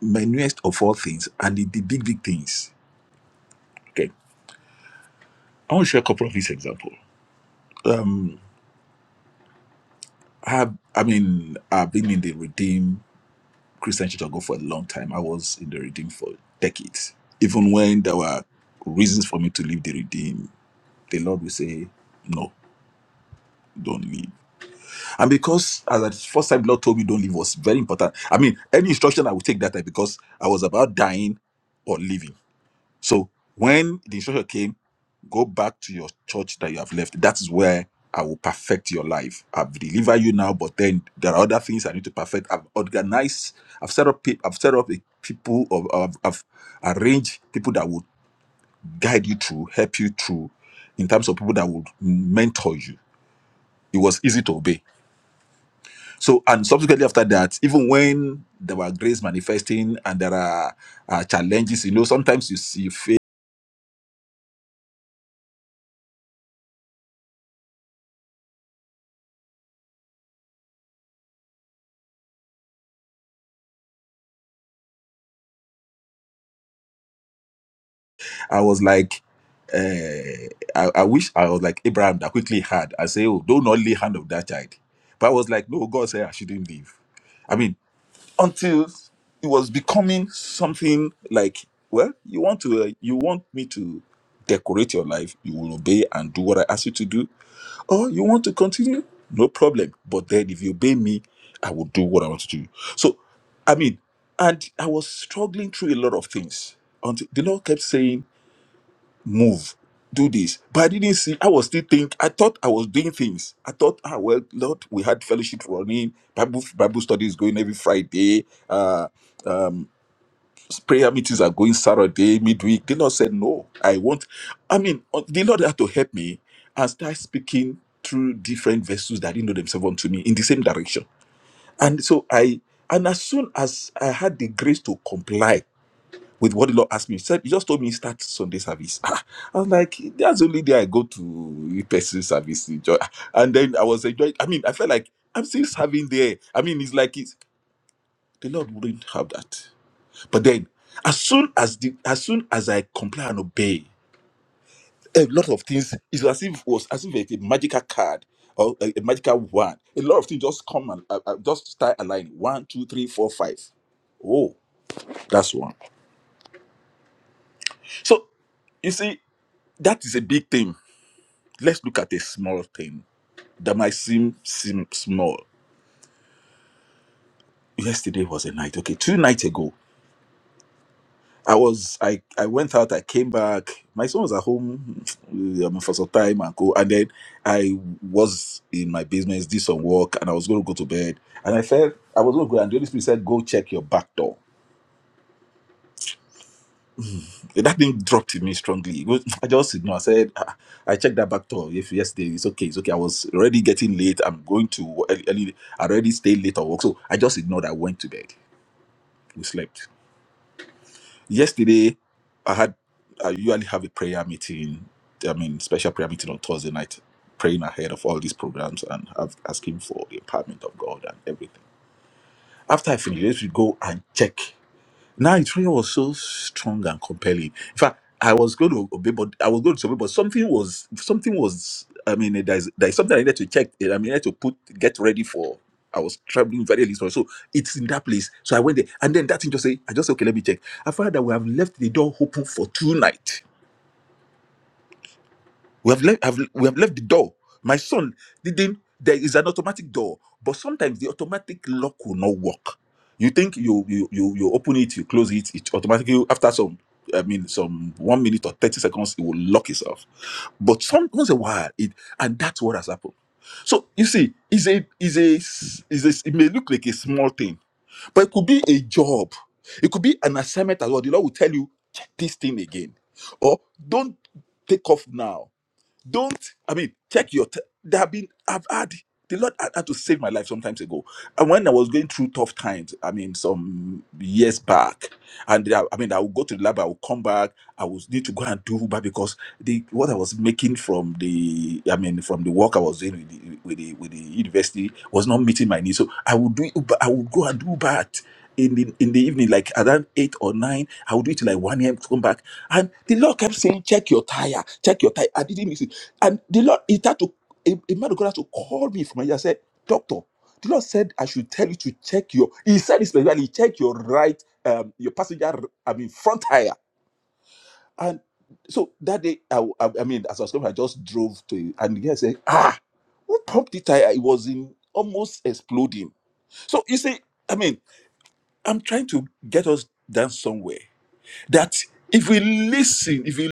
Speaker 2: minutest of all things and in the big big things okay i want to share a couple of these examples um i have i mean i've been in the redeem christian church of god for a long time i was in the redeem for decades even when there were reasons for me to leave the redeem the Lord will say, No, don't leave. And because as at first time the Lord told me don't leave was very important. I mean, any instruction I would take that time because I was about dying or leaving. So when the instruction came, go back to your church that you have left. That is where I will perfect your life. I've delivered you now, but then there are other things I need to perfect. I've organized, I've set up, pe- I've set up a people, of, I've, I've arranged people that would guide you through, help you through, in terms of people that would mentor you. It was easy to obey. So, and subsequently after that, even when there were grace manifesting and there are uh, challenges, you know, sometimes you see faith. I was like, uh, I, I wish I was like Abraham that quickly had. I say, oh, do not lay hand of that child. But I was like, no, God said I shouldn't leave. I mean. until it was becoming something like well you want to uh, you want me to decorate your life you will obey and do what i ask you to do or you want to continue no problem but then if you obey me i will do what i want to do so i mean and i was struggling through a lot of things until the lord kept saying move, do this. But I didn't see, I was still think. I thought I was doing things. I thought, ah, well, Lord, we had fellowship running, Bible, Bible studies going every Friday, uh, um, prayer meetings are going Saturday, midweek. The Lord said, no, I want, I mean, uh, the Lord had to help me and start speaking through different vessels that didn't know themselves unto me in the same direction. And so I, and as soon as I had the grace to comply, with what the Lord asked me. He said, He just told me start Sunday service. I was like, that's the only day I go to person service. to Enjoy. And then I was enjoying, I mean, I felt like I'm still serving there. I mean, it's like it's, the Lord wouldn't have that. But then as soon as the as soon as I comply and obey, a lot of things it's as if it was as if it's a magical card or a, a magical wand. A lot of things just come and uh, uh, just start aligning. One, two, three, four, five. Oh, that's one. So you see, that is a big thing let's look at a small thing that might seem seem small. Yesterday was a night. Okay, two nights ago, I was I I went out. I came back. My son was at home um, for some time and go. And then I was in my business, did some work, and I was going to go to bed. And I felt I was going to go. And the Holy Spirit said, "Go check your back door." That thing dropped in me strongly. It was- I just ignored. I said, "Ah, I checked that back door if yesterday. It's okay. It's okay. I was already getting late. I'm going to early. early- I already stayed late or work. So I just ignored. I went to bed. We slept. Yesterday, I had. I usually have a prayer meeting. I mean, special prayer meeting on Thursday night, praying ahead of all these programs and have- asking for the empowerment of God and everything. After I finish, we go and check. Now it really was so strong and compelling. In fact, I was going to obey, but I was going to obey, but something was something was. I mean, there is there is something I needed to check. eh, I mean, I needed to put get ready for. I was traveling very early, so so it's in that place. So I went there, and then that thing just say, I just say, okay, let me check. I found that we have left the door open for two nights. We have left have, we have left the door. My son didn't. There is an automatic door, but sometimes the automatic lock will not work. You think you you you, you open it, you close it, it automatically after some I mean some one minute or thirty seconds it will lock itself. But some once in a while it and that's what has happened. So you see, is a is a is a it may look like a small thing, but it could be a job. It could be an assignment as well. The Lord will tell you, check this thing again. Or don't take off now. Don't, I mean, check your, t- there have been, I've had, the Lord had, had to save my life some times ago. And when I was going through tough times, I mean, some years back, and I, I mean, I will go to the lab, I will come back, I will need to go and do Uber because the what I was making from the, I mean, from the work I was doing with the, with the, with the university was not meeting my needs. So I would do Uber, I would go and do Uber at, in the, in the evening, like around eight or nine, I would do it till like 1 a.m. to come back. And the Lord kept saying, check your tire, check your tire. I didn't miss it. And the Lord, it had to, a, a man of God had to call me from here. I said, doctor, the Lord said, I should tell you to check your, He said it specifically, check your right, um, your passenger, I mean, front tire. And so that day, I I, I mean, as I was coming, I just drove to it. And the guy said, Ah, who pumped the tire? It was in almost exploding. So you see, I mean, I'm trying to get us down somewhere that if we listen, if we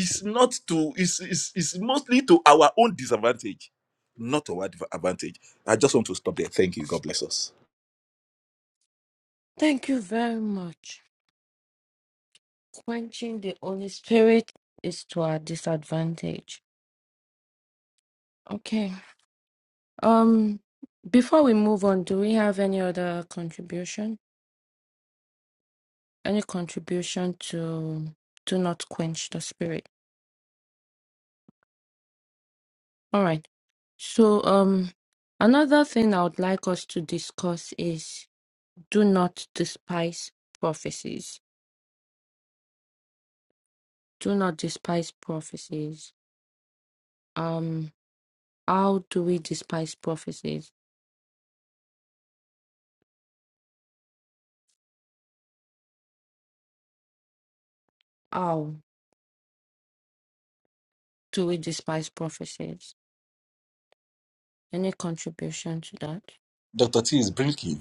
Speaker 2: it's not to, it's, it's, it's mostly to our own disadvantage, not to our adv- advantage. I just want to stop there. Thank you. God bless us.
Speaker 3: Thank you very much. Quenching the Holy Spirit is to our disadvantage. Okay. Um before we move on, do we have any other contribution? Any contribution to do not quench the spirit? All right. So um another thing I would like us to discuss is do not despise prophecies. Do not despise prophecies. Um. How do we despise prophecies? How do we despise prophecies? Any contribution to that?
Speaker 2: Dr. T is blinking.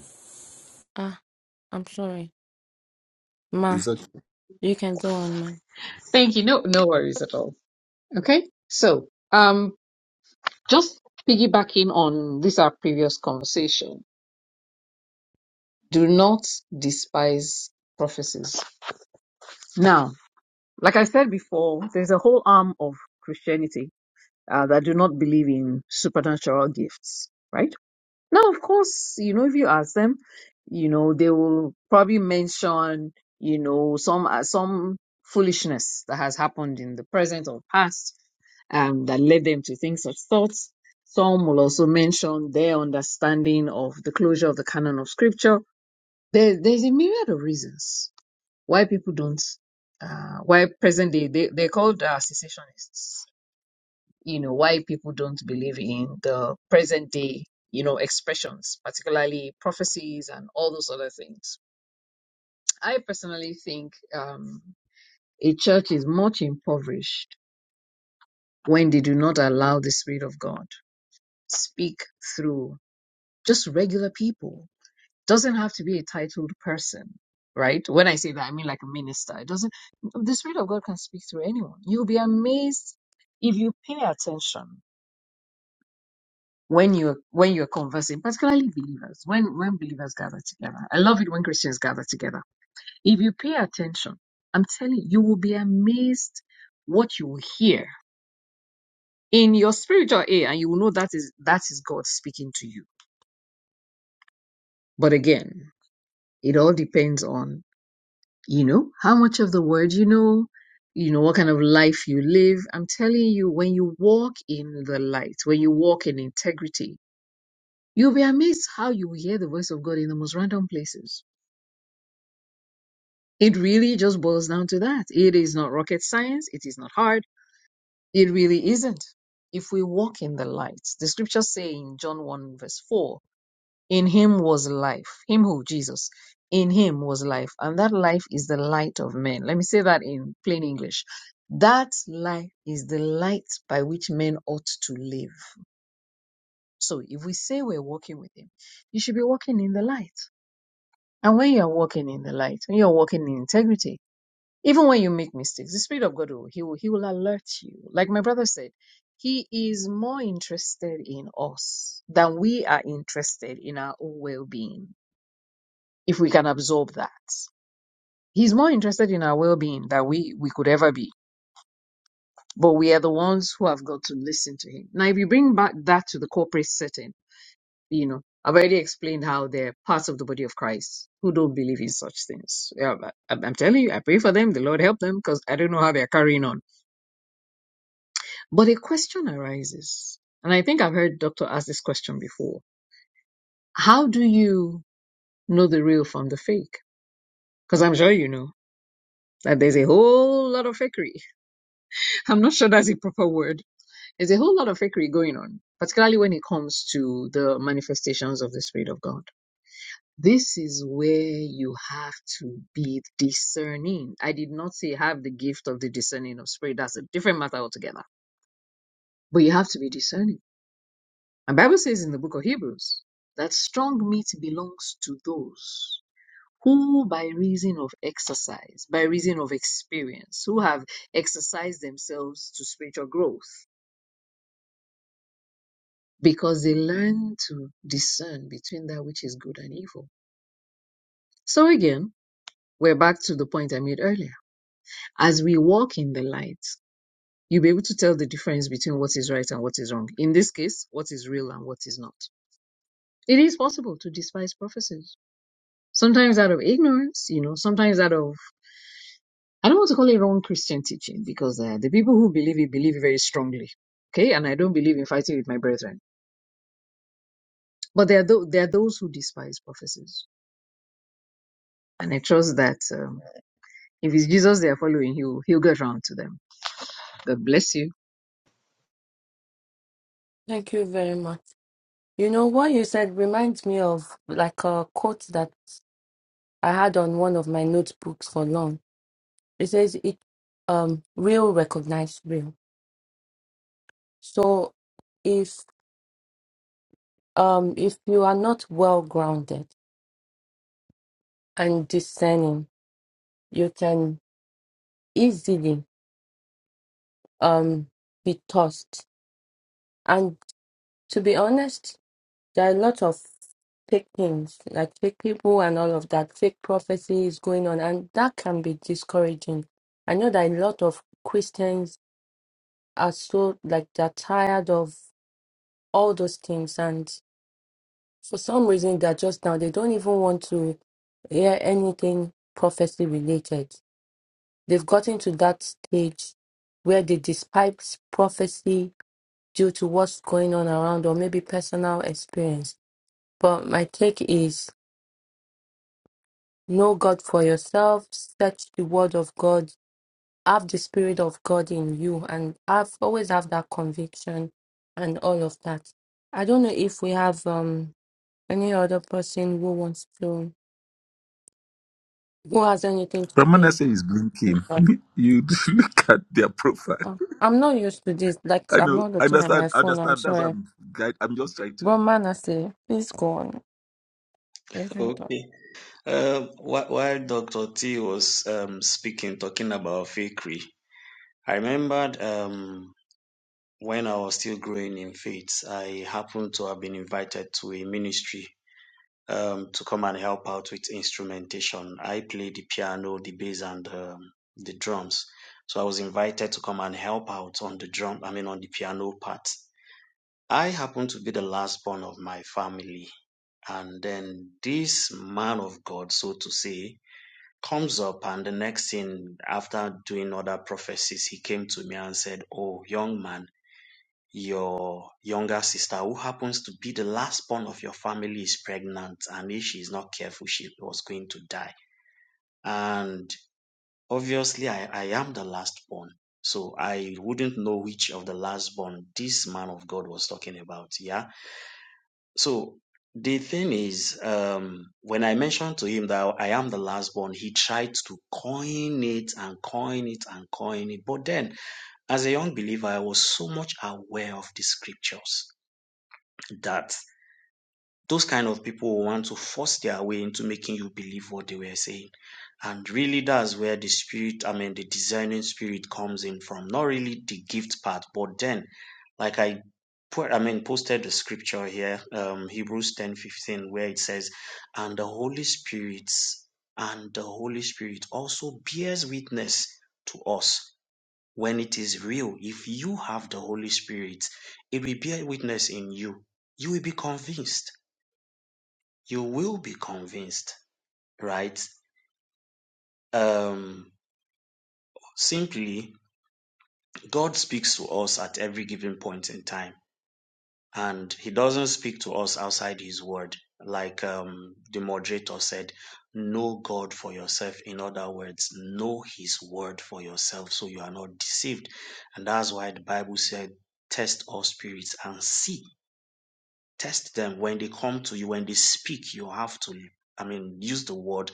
Speaker 3: Ah, I'm sorry. Ma,
Speaker 2: Exactly.
Speaker 3: you can go on, ma.
Speaker 5: Thank you. No, no worries at all. Okay. So, um, just piggybacking on this our previous conversation, do not despise prophecies. Now, like I said before, there's a whole arm of Christianity uh, that do not believe in supernatural gifts, right? Now, of course, you know, if you ask them, you know, they will probably mention, you know, some uh, some foolishness that has happened in the present or past um, that led them to think such thoughts. Some will also mention their understanding of the closure of the canon of scripture. There, there's a myriad of reasons why people don't, uh, why present day, they, they're called uh, cessationists you know why people don't believe in the present day you know expressions particularly prophecies and all those other things i personally think um, a church is much impoverished when they do not allow the spirit of god speak through just regular people doesn't have to be a titled person right when i say that i mean like a minister it doesn't the spirit of god can speak through anyone you'll be amazed if you pay attention when you're when you're conversing, particularly believers, when when believers gather together. I love it when Christians gather together. If you pay attention, I'm telling you, you will be amazed what you will hear in your spiritual ear, and you will know that is that is God speaking to you. But again, it all depends on you know how much of the word you know, you know what kind of life you live. I'm telling you, when you walk in the light, when you walk in integrity, you'll be amazed how you will hear the voice of God in the most random places It really just boils down to that. It is not rocket science. It is not hard. It really isn't. If we walk in the light, the scriptures say in John 1 verse 4, in him was life. Him who? Jesus. In him was life. And that life is the light of men. Let me say that in plain English. That life is the light by which men ought to live. So if we say we're walking with him, you should be walking in the light. And when you're walking in the light, when you're walking in integrity, Even when you make mistakes, the Spirit of God will he will he will alert you. Like my brother said, he is more interested in us than we are interested in our own well-being. If we can absorb that, he's more interested in our well-being than we we could ever be. But we are the ones who have got to listen to him. Now, if you bring back that to the corporate setting, you know, I've already explained how they're parts of the body of Christ who don't believe in such things. Yeah, but I'm I'm telling you, I pray for them. The Lord help them because I don't know how they're carrying on But a question arises, and I think I've heard Doctor ask this question before. How do you know the real from the fake? Because I'm sure you know that there's a whole lot of fakery. I'm not sure that's a proper word. There's a whole lot of fakery going on, particularly when it comes to the manifestations of the Spirit of God. This is where you have to be discerning. I did not say have the gift of the discerning of spirit. That's a different matter altogether. But you have to be discerning And Bible says in the book of Hebrews that strong meat belongs to those who by reason of exercise, by reason of experience, who have exercised themselves to spiritual growth because they learn to discern between that which is good and evil. So again, we're back to the point I made earlier. As we walk in the light, you'll be able to tell the difference between what is right and what is wrong. In this case, what is real and what is not. It is possible to despise prophecies sometimes out of ignorance, you know, sometimes out of, I don't want to call it wrong Christian teaching because uh, the people who believe it believe it very strongly. Okay. And I don't believe in fighting with my brethren. But there are, tho- there are those who despise prophecies. And I trust that um, if it's Jesus they are following, he'll, he'll get around to them. God bless you.
Speaker 3: Thank you very much. You know, what you said reminds me of like a quote that I had on one of my notebooks for long. It says it um real recognize real. So if um if you are not well grounded and discerning, you can easily um be tossed. And to be honest, there are a lot of fake things, like fake people and all of that, fake prophecy is going on, and that can be discouraging. I know that a lot of Christians are so like they're tired of all those things, and for some reason they're just now they don't even want to hear anything prophecy related. They've gotten to that stage where they despise prophecy due to what's going on around or maybe personal experience. But my take is know God for yourself, search the word of God, have the spirit of God in you and have always have that conviction and all of that. I don't know if we have um any other person who wants to who has anything to
Speaker 2: Ramana
Speaker 3: say
Speaker 2: say is blinking.
Speaker 3: to God.
Speaker 2: you look at their profile.
Speaker 3: Uh, I'm not used to this. Like
Speaker 2: I
Speaker 3: I'm
Speaker 2: know.
Speaker 3: not
Speaker 2: I
Speaker 3: looking at my
Speaker 2: understand. I
Speaker 3: phone, I'm
Speaker 2: understand. That's what
Speaker 3: sorry.
Speaker 2: I'm. guide- I'm just trying
Speaker 3: But
Speaker 2: to.
Speaker 3: man, say, please go on. You can talk.
Speaker 6: Okay. Uh, wh- while Dr. T was um, speaking, talking about fakery, I remembered um, when I was still growing in faith, I happened to have been invited to a ministry um, to come and help out with instrumentation. I played the piano, the bass, and um, the drums. So I was invited to come and help out on the drum, I mean, on the piano part. I happened to be the last born of my family. And then this man of God, so to say, comes up and the next thing after doing other prophecies he came to me and said oh young man your younger sister who happens to be the last born of your family is pregnant and if she is not careful she was going to die and obviously i, I am the last born so i wouldn't know which of the last born this man of god was talking about yeah so the thing is, um, when I mentioned to him that I am the last born, he tried to coin it and coin it and coin it. But then, as a young believer, I was so much aware of the scriptures that those kind of people will want to force their way into making you believe what they were saying. And really, that's where the spirit, I mean, the discerning spirit comes in from. Not really the gift part, but then, like I put, I mean, posted the scripture here, um, Hebrews ten fifteen, where it says, And the Holy Spirit, and the Holy Spirit also bears witness to us when it is real. If you have the Holy Spirit, it will bear witness in you. You will be convinced you will be convinced, right? Um, simply, God speaks to us at every given point in time, and He doesn't speak to us outside His word. Like um, the moderator said, know God for yourself. In other words, know His word for yourself so you are not deceived. And that's why the Bible said, test all spirits and see. Test them when they come to you, when they speak, you have to, I mean, use the word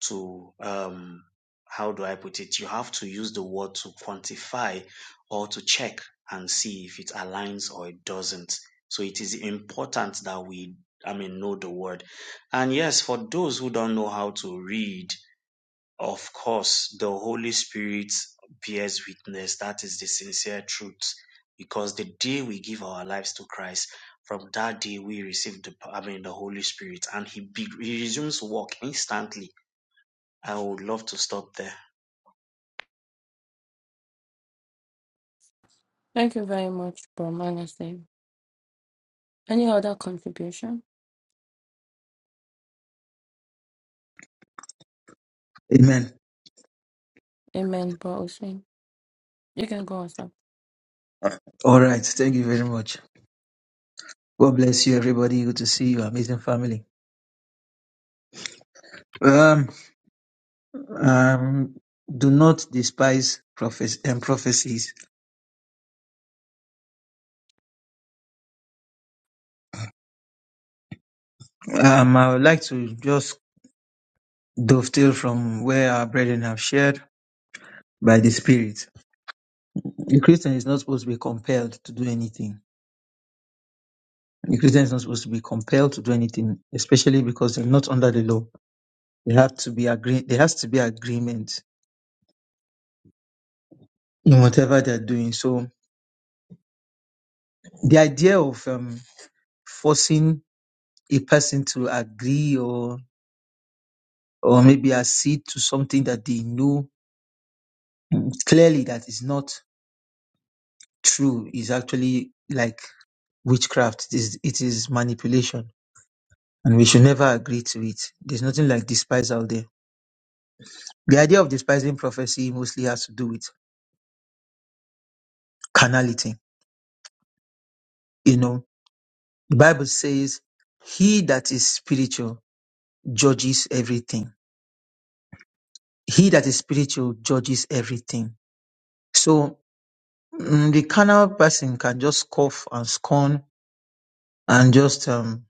Speaker 6: to um how do I put it? You have to use the word to quantify or to check and see if it aligns or it doesn't. So it is important that we, I mean, know the word. And yes, for those who don't know how to read, of course, the Holy Spirit bears witness. That is the sincere truth. Because the day we give our lives to Christ, from that day we receive the, I mean, the Holy Spirit, and He, be, he resumes work instantly I would love to stop there.
Speaker 3: Thank you very much, Bro Manase. Any other contribution?
Speaker 7: Amen.
Speaker 3: Amen, Bro Hussein. You can go on, sir.
Speaker 7: All right. Thank you very much. God bless you, everybody. Good to see you, amazing family. Um, um, do not despise prophes- and prophecies. Um, I would like to just dovetail from where our brethren have shared by the Spirit. A Christian is not supposed to be compelled to do anything. A Christian is not supposed to be compelled to do anything, especially because they're not under the law. They have to be agree. There has to be agreement in whatever they're doing. So the idea of um, forcing a person to agree or or maybe accede to something that they know clearly that is not true is actually like witchcraft. It is, it is manipulation, and we should never agree to it. There's nothing like despise out there. The idea of despising prophecy mostly has to do with carnality. You know, the Bible says, "He that is spiritual judges everything." He that is spiritual judges everything. So mm, the carnal person can just scoff and scorn and just um,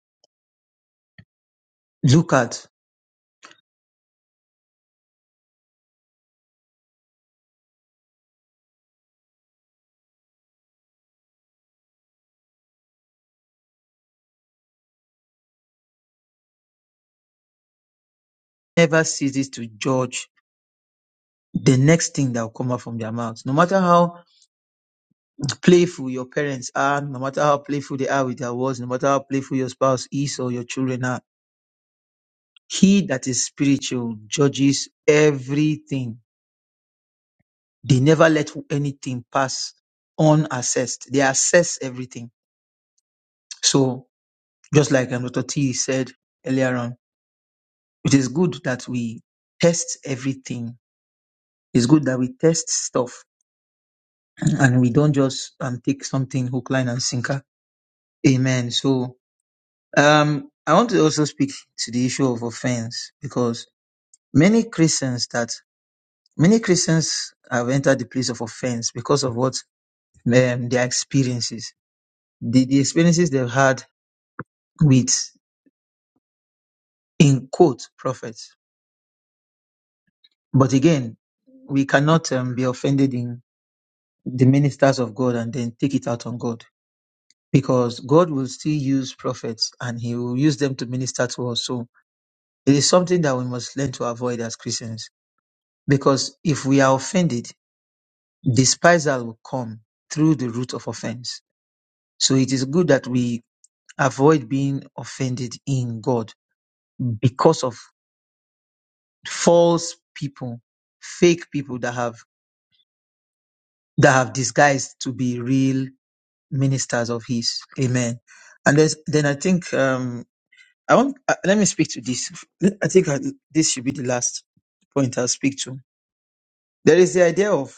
Speaker 7: look at, never ceases to judge the next thing that will come out from their mouths. No matter how playful your parents are, no matter how playful they are with their words, no matter how playful your spouse is or your children are, he that is spiritual judges everything. They never let anything pass unassessed. They assess everything. So just like um, Dr. T said earlier on, it is good that we test everything. It's good that we test stuff and we don't just um, take something hook, line, and sinker. Amen. So um, I want to also speak to the issue of offense because many Christians that many Christians have entered the place of offense because of what um, their experiences, the, the experiences they've had with in quote prophets. But again, we cannot um, be offended in the ministers of God and then take it out on God because God will still use prophets and He will use them to minister to us. So It is something that we must learn to avoid as Christians. Because if we are offended, despisal will come through the root of offense. So it is good that we avoid being offended in God because of false people, fake people that have that have disguised to be real ministers of His. Amen. And then, then I think um, I want. Uh, let me speak to this. I think I, this should be the last point I'll speak to. There is the idea of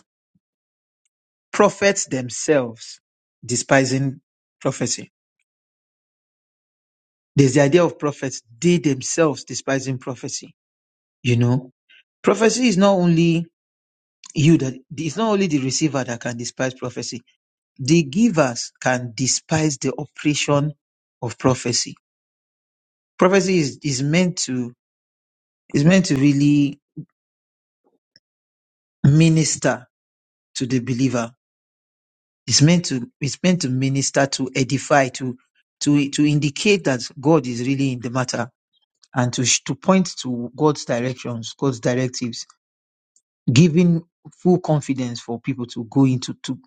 Speaker 7: prophets themselves despising prophecy. There's the idea of prophets, they themselves despising prophecy. You know, prophecy is not only you that it's not only the receiver that can despise prophecy, the givers can despise the operation of prophecy. Prophecy is, is meant to is meant to really minister to the believer. It's meant to it's meant to minister to edify to to to indicate that God is really in the matter and to, sh- to point to God's directions, God's directives, giving full confidence for people to go into to,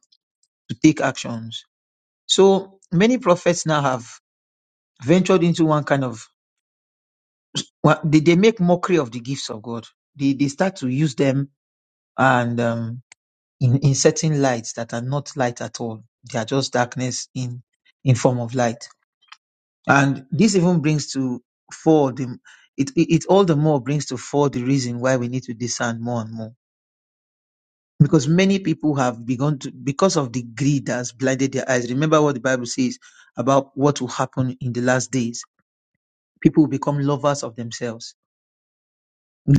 Speaker 7: to take actions. So many prophets now have ventured into one kind of one- they, they make mockery of the gifts of God. They they start to use them and um, in in certain lights that are not light at all. They are just darkness in in form of light. And this even brings to fore the it, it, it all the more brings to fore the reason why we need to discern more and more because many people have begun to because of the greed that has blinded their eyes remember what the bible says about what will happen in the last days people will become lovers of themselves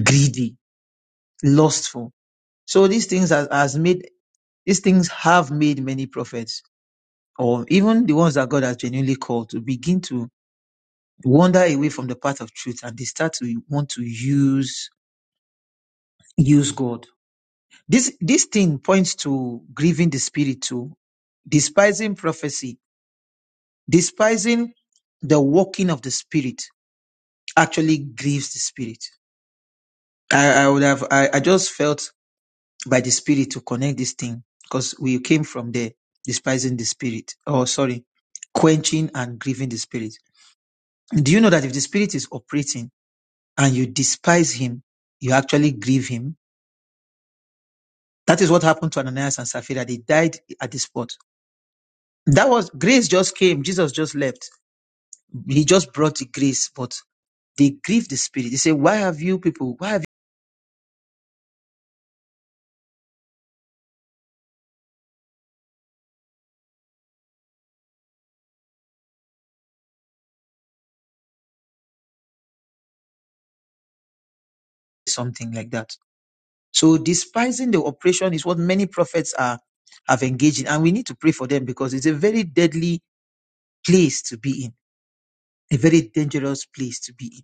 Speaker 7: greedy lustful so these things has, has made these things have made many prophets or even the ones that god has genuinely called to begin to wander away from the path of truth and they start to want to use use god this this thing points to grieving the spirit too despising prophecy Despising the working of the Spirit actually grieves the Spirit. I, I would have, I, I just felt by the Spirit to connect this thing because we came from there, despising the Spirit. Oh, sorry, quenching and grieving the Spirit. Do you know that if the Spirit is operating and you despise Him, you actually grieve Him? That is what happened to Ananias and Sapphira. They died at the spot. That was grace just came. Jesus just left. He just brought the grace, but they grieved the Spirit. They say, Why have you people, why have something like that. So despising the oppression is what many prophets are have engaged in, and we need to pray for them because it's a very deadly place to be in, a very dangerous place to be in.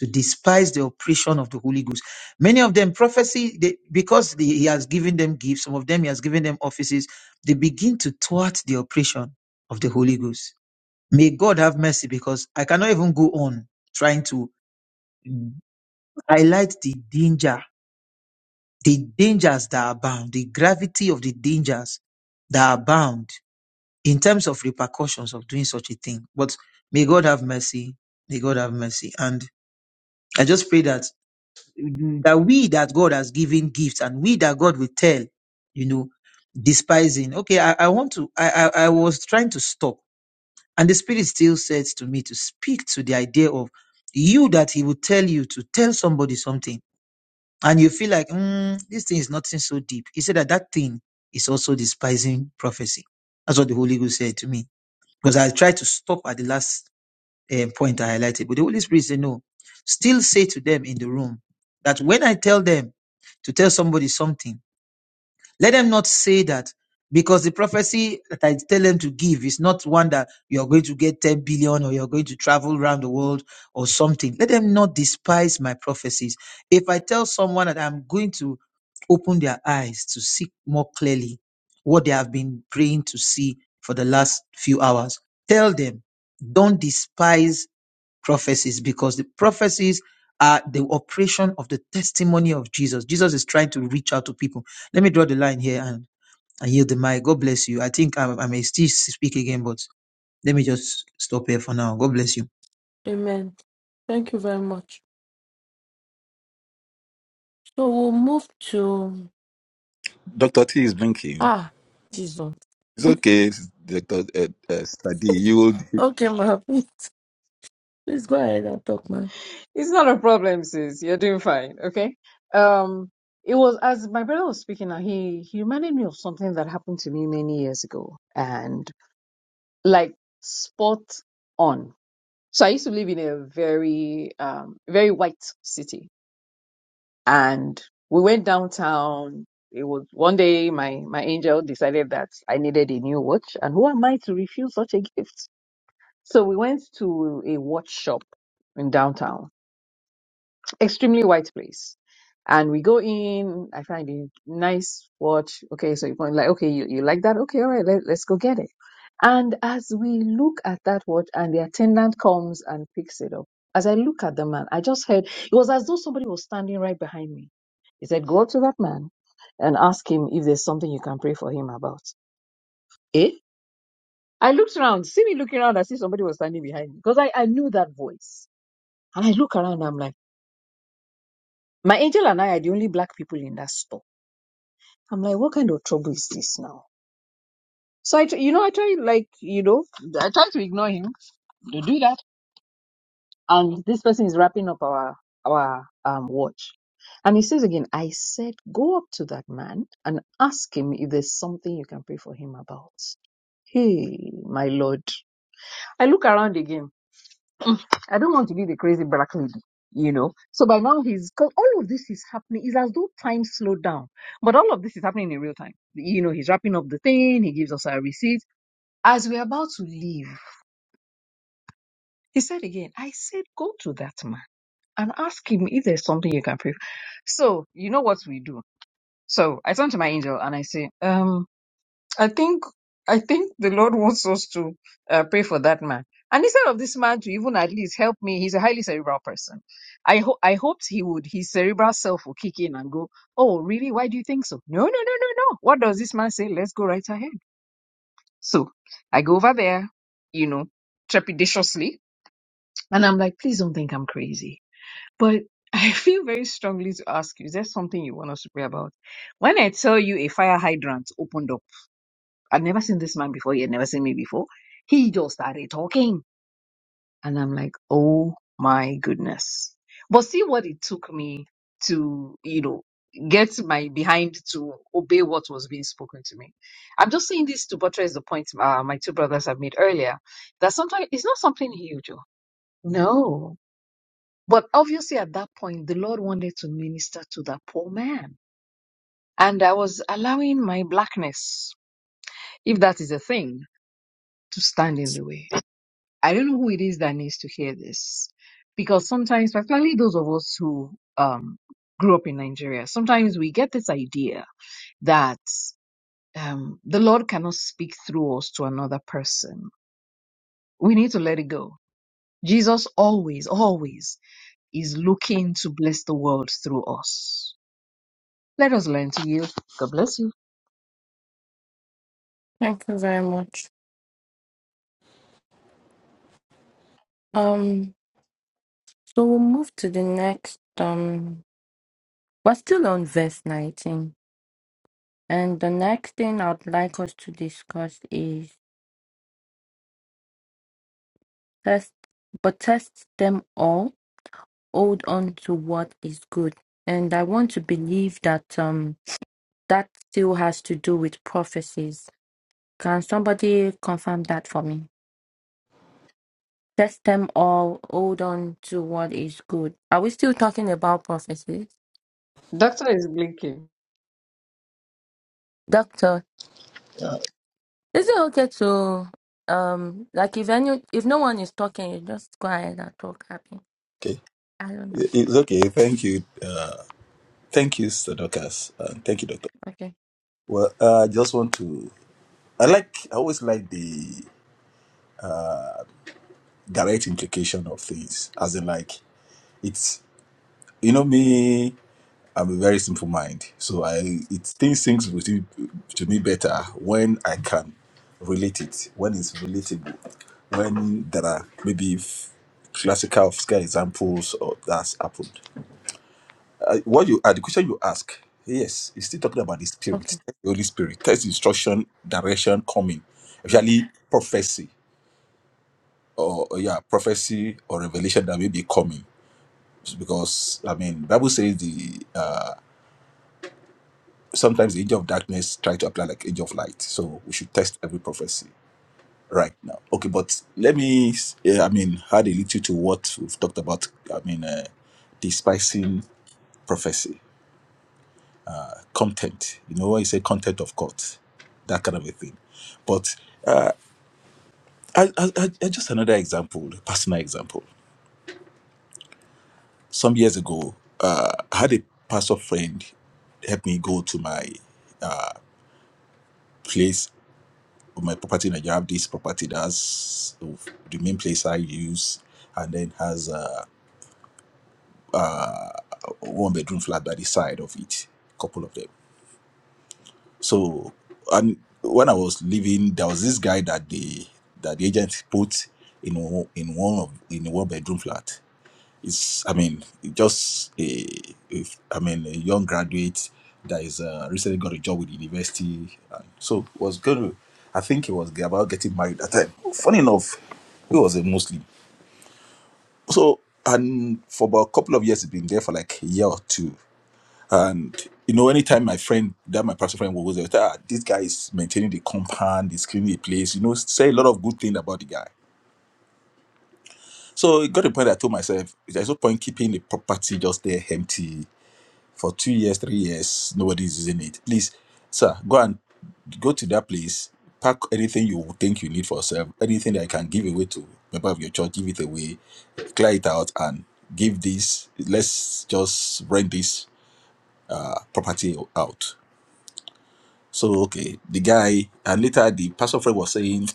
Speaker 7: To despise the oppression of the Holy Ghost. Many of them prophecy they, because the- he has given them gifts. Some of them he has given them offices. They begin to thwart the oppression of the Holy Ghost. May God have mercy because I cannot even go on trying to highlight the danger the dangers that abound, the gravity of the dangers that abound in terms of repercussions of doing such a thing. But may God have mercy. May God have mercy. And I just pray that that we that God has given gifts and we that God will tell, you know, despising. Okay, I, I want to I, I I was trying to stop. And the spirit still says to me to speak to the idea of you that he will tell you to tell somebody something and you feel like mm, this thing is nothing so deep. He said that that thing is also despising prophecy. That's what the Holy Ghost said to me because I tried to stop at the last eh, point I highlighted, but the Holy Spirit said no. Still say to them in the room that when I tell them to tell somebody something let them not say that because the prophecy that I tell them to give is not one that you're going to get 10 billion or you're going to travel around the world or something. Let them not despise my prophecies. If I tell someone that I'm going to open their eyes to see more clearly what they have been praying to see for the last few hours, tell them, don't despise prophecies because the prophecies are the operation of the testimony of Jesus. Jesus is trying to reach out to people. Let me draw the line here and, and yield the mic. God bless you. I think I, I may still speak again, but let me just stop here for now. God bless you.
Speaker 3: Amen. Thank you very much. So we'll move to
Speaker 2: Dr. T is blinking.
Speaker 3: ah Jesus.
Speaker 2: It's okay, Dr. Uh, uh, Study. You will.
Speaker 3: Okay, ma. Please, please go ahead and talk, ma.
Speaker 5: It's not a problem, sis. You're doing fine, okay? Um, it was as my brother was speaking now, he he reminded me of something that happened to me many years ago and like spot on. So I used to live in a very, um, very white city, and we went downtown. It was one day my my angel decided that I needed a new watch, and who am I to refuse such a gift? So we went to a watch shop in downtown extremely white place. And we go in, I find a nice watch. Okay, so you point like, okay, you, you like that? Okay, all right, let, let's go get it. And as we look at that watch and the attendant comes and picks it up, as I look at the man, I just heard it was as though somebody was standing right behind me. He said, Go up to that man and ask him if there's something you can pray for him about. Eh? I looked around, see me looking around, I see somebody was standing behind me because I, I knew that voice. And I look around, I'm like, My angel and I are the only black people in that store. I'm like, what kind of trouble is this now? So I, tr- you know, I try like, you know, I try to ignore him to do that. And this person is wrapping up our our um watch, and he says again, I said, go up to that man and ask him if there's something you can pray for him about. Hey, my lord. I look around again. mm, I don't want to be the crazy black lady, you know. So by now he's, cause all of this is happening. It's as though time slowed down, but all of this is happening in real time. You know, he's wrapping up the thing. He gives us our receipt. As we're about to leave, he said again, I said, go to that man and ask him if there's something you can pray for. So you know what we do. So I turn to my angel and I say, um, I think I think the Lord wants us to uh, pray for that man. And instead of this man to even at least help me, he's a highly cerebral person. I ho- I hoped he would. His cerebral self will kick in and go, "Oh, really? Why do you think so?" No, no, no, no, no. What does this man say? Let's go right ahead. So I go over there, you know, trepidatiously, and I'm like, "Please don't think I'm crazy." But I feel very strongly to ask you: Is there something you want us to pray about? When I tell you a fire hydrant opened up I've never seen this man before. He had never seen me before. He just started talking. And I'm like, oh my goodness. But see what it took me to, you know, get my behind to obey what was being spoken to me. I'm just saying this to buttress the point uh, my two brothers have made earlier that sometimes it's not something huge. oh. No. But obviously at that point, the Lord wanted to minister to that poor man. And I was allowing my blackness, if that is a thing, to stand in the way. I don't know who it is that needs to hear this because sometimes, particularly those of us who um, grew up in Nigeria, sometimes we get this idea that um, the Lord cannot speak through us to another person. We need to let it go. Jesus always, always is looking to bless the world through us. Let us learn to yield. God bless you.
Speaker 3: Thank you very much. Um, so we'll move to the next. Um, we're still on verse nineteen, and the next thing I'd like us to discuss is test, but test them all. Hold on to what is good, and I want to believe that. Um, That still has to do with prophecies. Can somebody confirm that for me? Test them all, hold on to what is good. Are we still talking about prophecies?
Speaker 5: Doctor is blinking.
Speaker 3: Doctor, is it okay to um like if any if no one is talking, you just go ahead and talk happy.
Speaker 2: Okay.
Speaker 3: I don't know.
Speaker 2: It's okay. Thank you. Uh, thank you, Sir Dorcas. Uh, thank you, Doctor.
Speaker 3: Okay.
Speaker 2: Well, uh, I just want to. I like. I always like the direct implication of things, as in, like, it's. You know me. I'm a very simple mind, so I it things sinks with me, to me better when I can relate it, when it's relatable, when there are maybe f- classical scale examples or that's happened. Uh, what you uh, the question you ask, yes, it's still talking about the spirit,
Speaker 3: Okay.
Speaker 2: the Holy Spirit, text instruction, direction coming,
Speaker 3: Okay.
Speaker 2: actually prophecy or or, yeah prophecy or revelation that may be coming because I mean Bible says the sometimes the age of darkness try to apply like age of light. So we should test every prophecy right now. Okay, but let me, s- yeah, I mean, add a little to what we've talked about. I mean, uh, despising prophecy, content. You know, I say content of God, that kind of a thing. But I, I, I I- just another example, a personal example. Some years ago, uh, I had a pastor friend help me go to my place of my property now you have this property that's the main place i use and then has a one bedroom flat by the side of it couple of them so and when i was leaving there was this guy that the that the agent put in o- in one of in a one bedroom flat it's i mean just a a I mean a young graduate that is uh, recently got a job with the university and so was going to i think he was about getting married at that time funny enough he was a muslim So, and for about a couple of years, it's been there for like a year or two. And, you know, anytime my friend, that my pastor friend was there, ah, this guy is maintaining the compound, he's cleaning the place, you know, say a lot of good things about the guy. So it got to the point I told myself, there's no point keeping the property just there empty for two years, three years, nobody's using it. Please, sir, go and go to that place, pack anything you think you need for yourself, anything that you can give away to member of your church, give it away, clear it out, and give this. Let's just rent this uh, property out. So okay, the guy and later the pastor friend was saying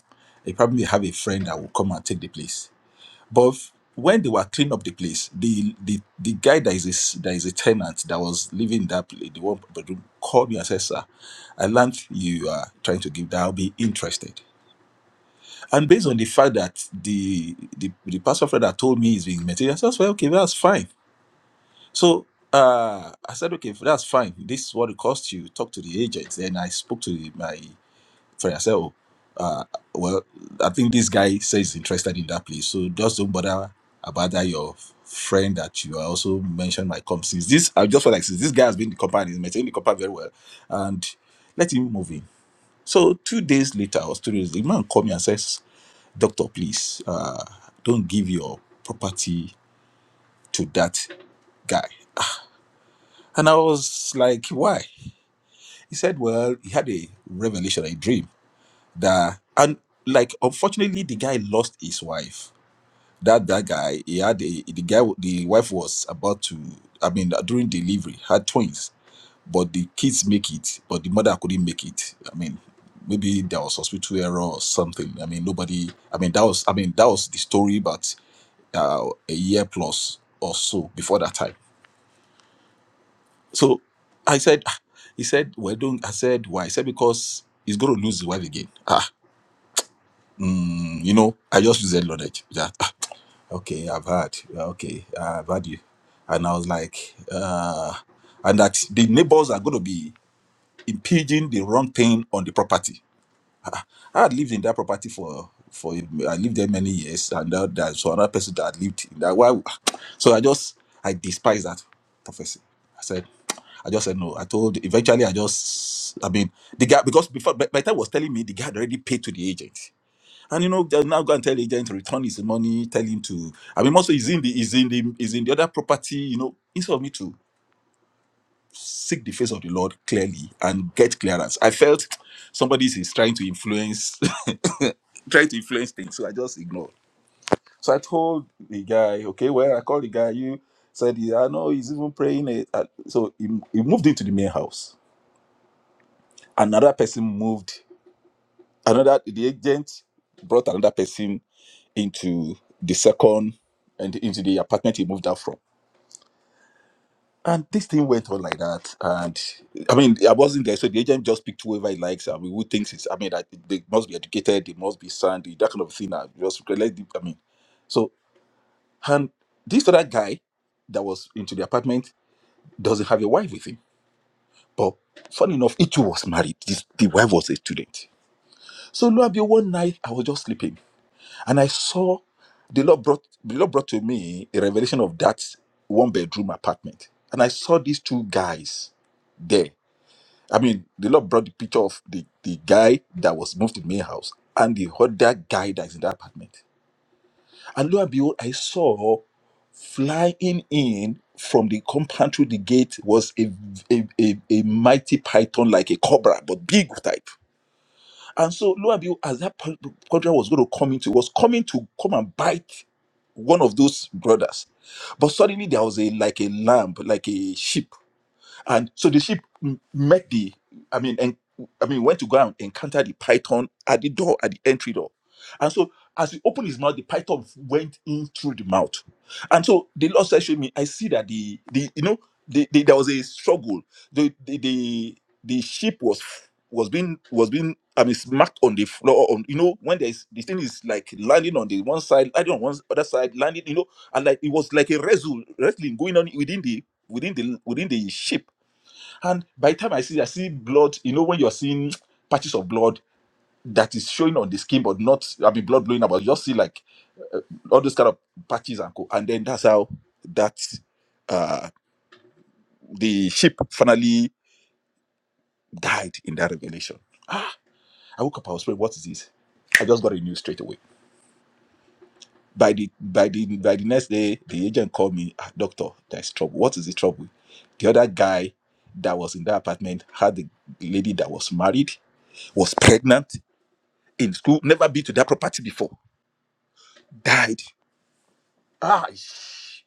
Speaker 2: he probably have a friend that will come and take the place. But when they were cleaning up the place, the the the guy that is a, s- that is a tenant that was living in that place, the one bedroom, called me and said, "Sir, I learned you are trying to give that. I'll be interested." And based on the fact that the the, the pastor friend that told me he's being material, I said, "Well, okay, that's fine." So uh, I said, "Okay, that's fine. This is what it costs you." Talk to the agent. Then I spoke to the, my for yourself, uh, well, I think this guy says he's interested in that place. So just don't bother about that your friend that you also mentioned might come. Since this, I just feel like since this guy has been in the company, he's maintaining the company very well, and let him move in. So two days later or two days, the man called me and says, "Doctor, please, uh, don't give your property to that guy." And I was like, "Why?" He said, "Well, he had a revelation, a dream." that and like unfortunately the guy lost his wife that that guy he had a the guy the wife was about to i mean uh, during delivery had twins but the kids make it but the mother couldn't make it i mean maybe there was hospital error or something i mean nobody i mean that was i mean that was the story but uh, a year plus or so before that time so i said "Ah," he said well don't i said why i said because he's going to lose his wife again ah mm, you know i just use that knowledge that ah, okay i've heard yeah, okay i've heard you and i was like uh and that the neighbors are going to be impinging the wrong thing on the property Ah, i had lived in that property for for i lived there many years and that, there's another person that had lived in that why so i just i despise that prophecy i said I just said no. I told eventually I just I mean the guy because before by, by the time he was telling me the guy had already paid to the agent. And you know, they'll now go and tell the agent to return his money, tell him to. I mean, also he's in the he's in the he's in the other property, you know. Instead of me to seek the face of the Lord clearly and get clearance, I felt somebody is trying to influence, trying to influence things. So I just ignored. So I told the guy, okay, well, I called the guy. You said, yeah, I know he's even praying. It. Uh, So he, he moved into the main house. Another person moved Another the agent brought another person into the second and into the apartment he moved out from. And this thing went on like that. And I mean, I wasn't there, so the agent just picked whoever he likes. I mean, who thinks it's, I mean, that they must be educated, they must be sandy, that kind of thing. I just, let the- I mean, so, and this other guy that was into the apartment doesn't have a wife with him. But funny enough, Ichu was married. This, the wife was a student. So, lo and behold, one night I was just sleeping And I saw the Lord brought the Lord brought to me a revelation of that one bedroom apartment. And I saw these two guys there. I mean, the Lord brought the picture of the, the guy that was moved to the main house and the other guy that's in that apartment. And lo and behold, I saw flying in from the compound through the gate was a, a, a, a mighty python like a cobra, but big type and so, lo and behold, as that po- contract was going to come into, it was coming to come and bite one of those brothers. But suddenly there was a like a lamb, like a sheep and so the sheep m- met the, I mean, and I mean, went to go and encounter the python at the door, at the entry door. And so as he opened his mouth, the python went in through the mouth. And so the Lord said to me, I see that the, the you know, the, the, there was a struggle. The, the, the, the sheep was was being was being I mean smacked on the floor on you know when there's the thing is like landing on the one side landing on one s- other side landing you know and like it was like a wrestle wrestling going on within the within the within the ship and by the time I see, I see blood. You know, when you're seeing patches of blood that is showing on the skin, but not, I mean, blood blowing about. You just see like uh, all those kind of patches and co. And then that's how that uh, the sheep finally died in that revelation. Ah, I woke up. I was praying. What is this? I just got a news straight away. By the by the by the next day, the agent called me. Ah, doctor, there's trouble. What is the trouble? The other guy that was in that apartment had the lady that was married was pregnant in school, never been to that property before, died. Ah, sh-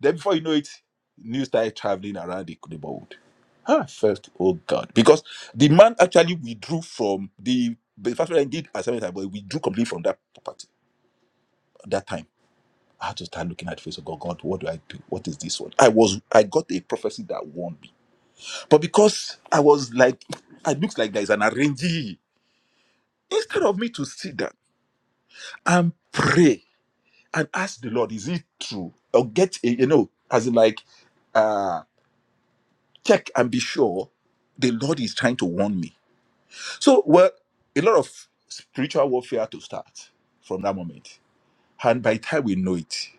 Speaker 2: then before you know it, news started traveling around the neighborhood. Ah, first, oh God, because the man actually withdrew from the the first one I did assignment, but he withdrew completely from that property at that time. I had to start looking at the face of God. God, what do I do? What is this one? I was I got a prophecy that warned me, but because I was like, it looks like there is an arrangee. Instead of me to sit down and pray, and ask the Lord, is it true? Or get a, you know, as in like uh check and be sure the Lord is trying to warn me. So well, a lot of spiritual warfare to start from that moment. And by the time we know it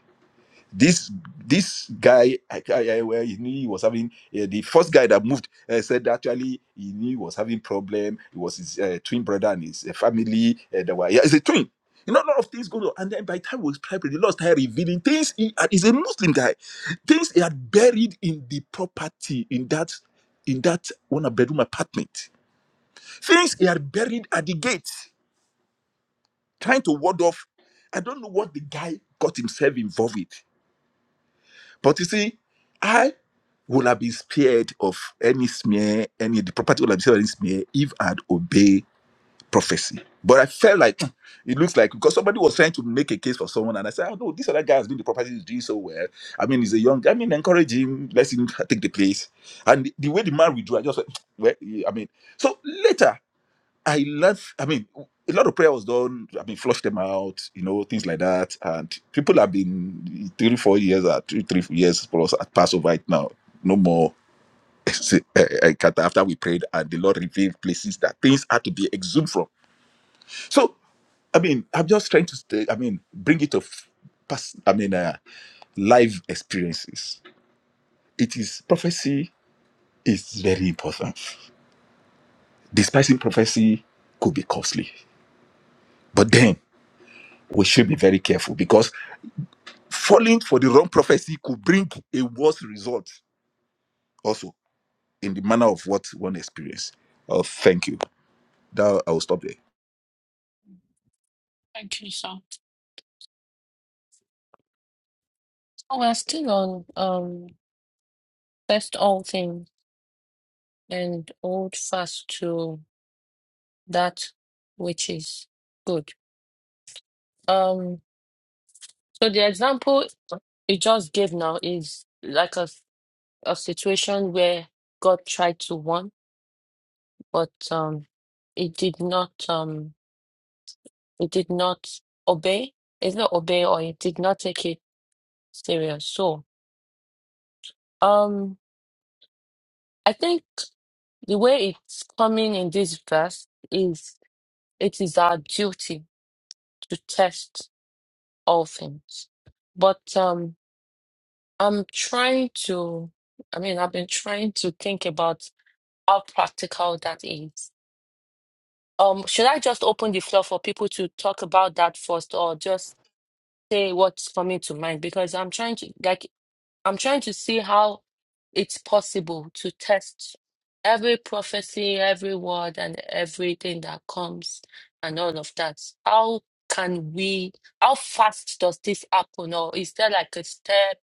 Speaker 2: this this guy I, I, I- well, he knew he was having uh, the first guy that moved uh, said actually he knew he was having problem it was his uh, twin brother and his uh, family uh, that were yeah, it's a twin you know, a lot of things going on. And then by the time we was private, the Lord started revealing things. He uh, is a Muslim guy. Things he had buried in the property, in that, in that one bedroom apartment. Things he had buried at the gate, trying to ward off. I don't know what the guy got himself involved with. But you see, I would have been spared of any smear, any the property would have been spared of any smear if I had obeyed prophecy. But I felt like "Hmm, it looks like because somebody was trying to make a case for someone, and I said, Oh no, this other guy has been the property is doing so well. I mean, he's a young guy. I mean, encourage him, let him take the place. And the, the way the man withdrew, I just went, well, I mean, so later I learned, I mean, a lot of prayer was done. I mean, flush them out, you know, things like that. And people have been three, four years, or two, three years plus at Passover right now. No more. eh, eh, kata After we prayed, and the Lord revealed places that things had to be exhumed from. So, I mean, I'm just trying to, stay, I mean, bring it to, f- past, I mean, uh, live experiences. It is prophecy is very important. Despising prophecy could be costly. But then we should be very careful because falling for the wrong prophecy could bring a worse result also in the manner of what one experience. Oh, thank you. That I will stop there.
Speaker 3: Thank you, sir. Oh, we're still on um best all things and hold fast to that which is good. Um. So the example you just gave now is like a s- a situation where God tried to warn, but um, it did not um, it did not obey. It's not obey, or it did not take it serious. So um, I think the way it's coming in this verse is it is our duty to test all things, but um, I'm trying to. I mean, I've been trying to think about how practical that is. Um, should I just open the floor for people to talk about that first, or just say what's coming to mind? Because I'm trying to like I'm trying to see how it's possible to test every prophecy, every word, and everything that comes, and all of that. How can we? How fast does this happen, or is there like a step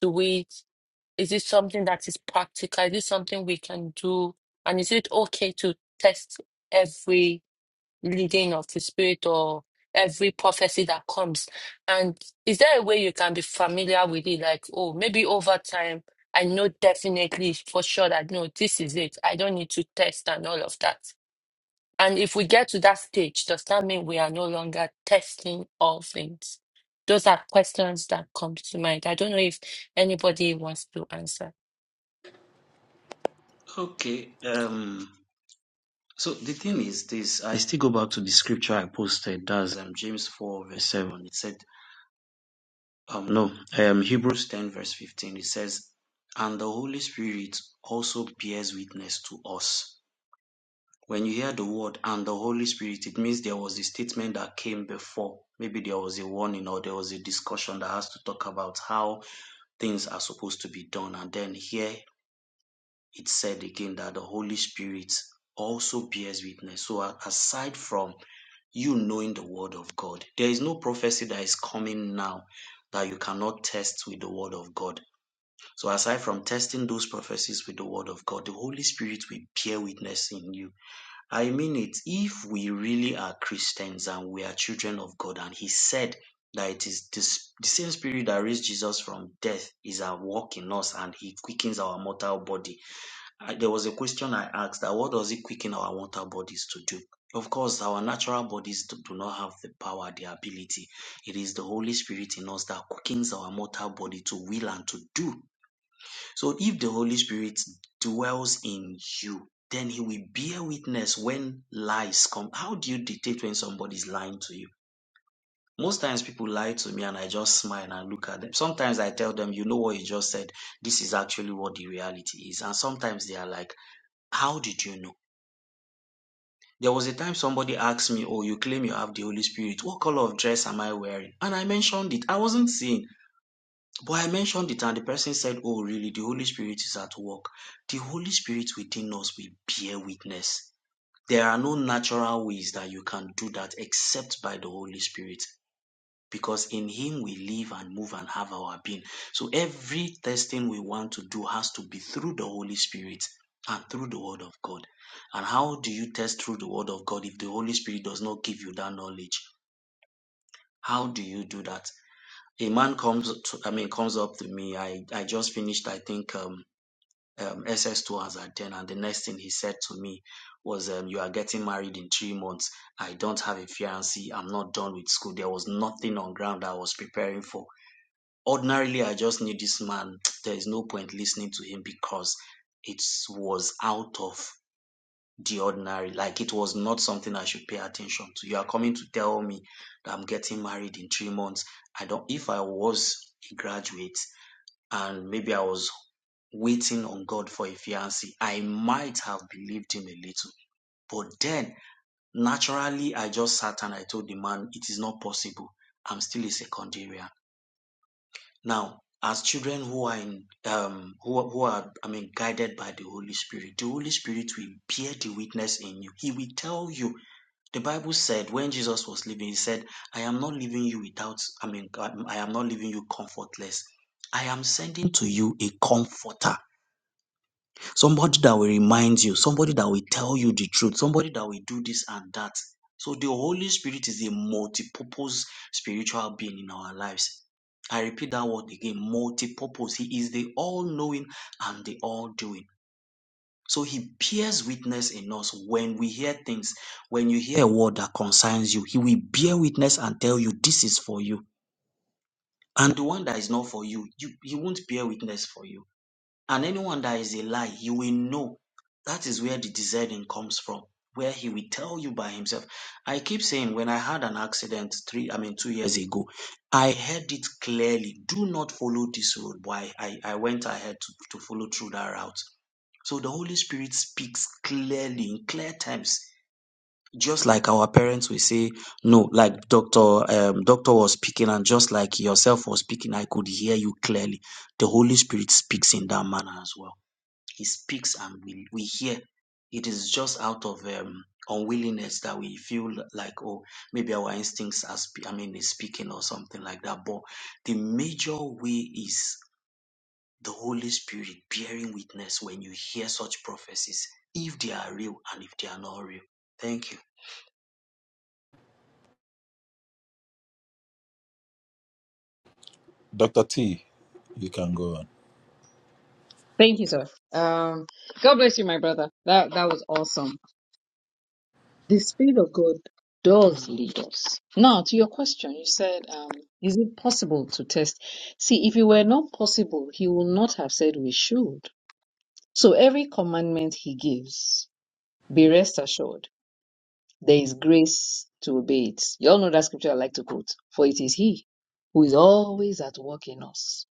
Speaker 3: to it? Is it something that is practical? Is it something we can do? And is it okay to test every leading of the Spirit or every prophecy that comes? And is there a way you can be familiar with it? Like, oh, maybe over time, I know definitely for sure that no, this is it. I don't need to test and all of that. And if we get to that stage, does that mean we are no longer testing all things? Those are questions that come to mind. I don't know if anybody wants to answer.
Speaker 6: Okay. Um. So the thing is this. I still go back to the scripture I posted. That's um, James four verse seven. It said, um, no, um, Hebrews ten verse fifteen. It says, and the Holy Spirit also bears witness to us. when you hear the word and the Holy Spirit, it means there was a statement that came before. Maybe there was a warning or there was a discussion that has to talk about how things are supposed to be done. And then here it said again that the Holy Spirit also bears witness. So, aside from you knowing the Word of God, there is no prophecy that is coming now that you cannot test with the Word of God. So, aside from testing those prophecies with the Word of God, the Holy Spirit will bear witness in you I mean it. If we really are Christians and we are children of God, and He said that it is this, the same Spirit that raised Jesus from death is at work in us and He quickens our mortal body. I, there was a question I asked that what does He quicken our mortal bodies to do? Of course, our natural bodies do, do not have the power, the ability. It is the Holy Spirit in us that quickens our mortal body to will and to do so if the Holy Spirit dwells in you, then he will bear witness when lies come. How do you detect when somebody is lying to you? Most times people lie to me and I just smile and look at them. Sometimes I tell them, you know what you just said. This is actually what the reality is. And sometimes they are like, how did you know? There was a time somebody asked me, oh, you claim you have the Holy Spirit. What color of dress am I wearing? And I mentioned it. I wasn't seeing. But I mentioned it and the person said, Oh, really? The Holy Spirit is at work. The Holy Spirit within us will bear witness. There are no natural ways that you can do that except by the Holy Spirit because in Him we live and move and have our being. So every testing we want to do has to be through the Holy Spirit and through the Word of God. And how do you test through the Word of God if the Holy Spirit does not give you that knowledge? How do you do that? a man comes to, I mean comes up to me. I I just finished I think um, um SS2 as at then, and the next thing he said to me was, um, "You are getting married in three months. I don't have a fiancé. I'm not done with school. There was nothing on ground I was preparing for. Ordinarily, I just knew this man. There is no point listening to him because it was out of the ordinary. Like it was not something I should pay attention to. You are coming to tell me that I'm getting married in three months. I don't, if I was a graduate and maybe I was waiting on God for a fiancé, I might have believed him a little. But then naturally, I just sat and I told the man, it is not possible. I'm still a secondarian. Now, as children who are in, um, who, who are, I mean, guided by the Holy Spirit, the Holy Spirit will bear the witness in you. He will tell you the Bible said when Jesus was leaving, he said, I am not leaving you without, I mean, um, I am not leaving you comfortless. I am sending to you a comforter, somebody that will remind you, somebody that will tell you the truth, somebody that will do this and that. So the Holy Spirit is a multi-purpose spiritual being in our lives. I repeat that word again, multi-purpose. He is the all-knowing and the all-doing. So he bears witness in us when we hear things. When you hear a word that concerns you, he will bear witness and tell you this is for you. And the one that is not for you, you he won't bear witness for you. And anyone that is a lie, you will know. That is where the discerning comes from, where he will tell you by himself. I keep saying when I had an accident three, I mean two years ago, I heard it clearly. Do not follow this road. Why I, I went ahead to, to follow through that route so the Holy Spirit speaks clearly in clear times. Just like our parents will say, no, like doctor, um, doctor was speaking, and just like yourself was speaking, I could hear you clearly. The Holy Spirit speaks in that manner as well. He speaks, and we we hear. It is just out of um, unwillingness that we feel like, oh, maybe our instincts are, spe- I mean, is speaking or something like that. But the major way is the Holy Spirit bearing witness when you hear such prophecies, if they are real and if they are not real. Thank you.
Speaker 2: Dr. T, you can go on.
Speaker 5: Thank you, sir. Um, God bless you, my brother. That that was awesome. The Spirit of God does lead us. Now, to your question, you said, um, is it possible to test? See, if it were not possible, He would not have said we should. So every commandment He gives, be rest assured, there is grace to obey it. You all know that scripture I like to quote, for it is He who is always at work in us,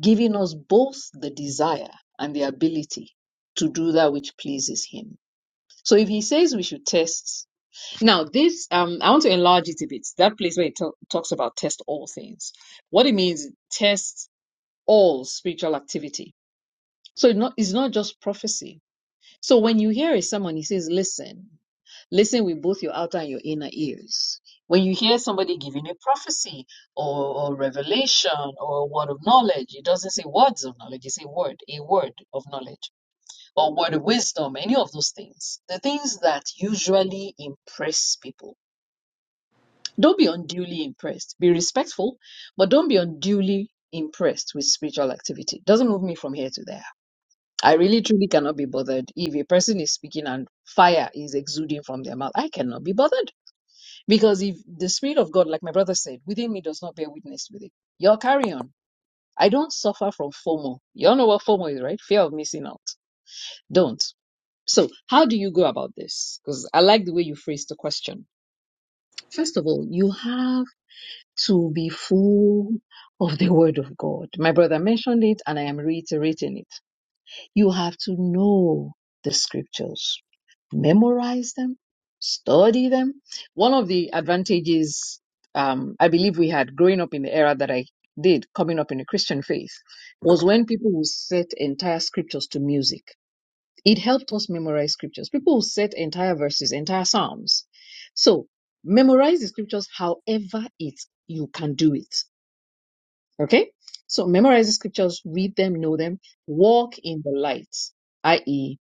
Speaker 5: giving us both the desire and the ability to do that which pleases Him. So if He says we should test, now, this, um, I want to enlarge it a bit. That place where it talk, talks about test all things. What it means, test all spiritual activity. So it's not, it's not just prophecy. So when you hear a sermon, he says, listen, listen with both your outer and your inner ears. When you hear somebody giving a prophecy or, or revelation or a word of knowledge, it doesn't say words of knowledge, it say word, a word of knowledge or word of wisdom, any of those things. The things that usually impress people don't be unduly impressed. Be respectful, but don't be unduly impressed with spiritual activity. Doesn't move me from here to there. I really truly cannot be bothered if a person is speaking and fire is exuding from their mouth. I cannot be bothered because if the spirit of God, like my brother said, within me does not bear witness with it, you'll carry on. I don't suffer from FOMO. You all know what FOMO is, right? Fear of missing out. Don't. So, how do you go about this? Because I like the way you phrased the question. First of all, you have to be full of the word of God. My brother mentioned it and I am reiterating it. You have to know the scriptures, memorize them, study them. One of the advantages um, I believe we had growing up in the era that I did, coming up in the Christian faith, was when people would set entire scriptures to music. It helped us memorize scriptures. People would set entire verses, entire psalms. So memorize the scriptures however it you can do it Okay? So memorize the scriptures, read them, know them, walk in the light, i.e.,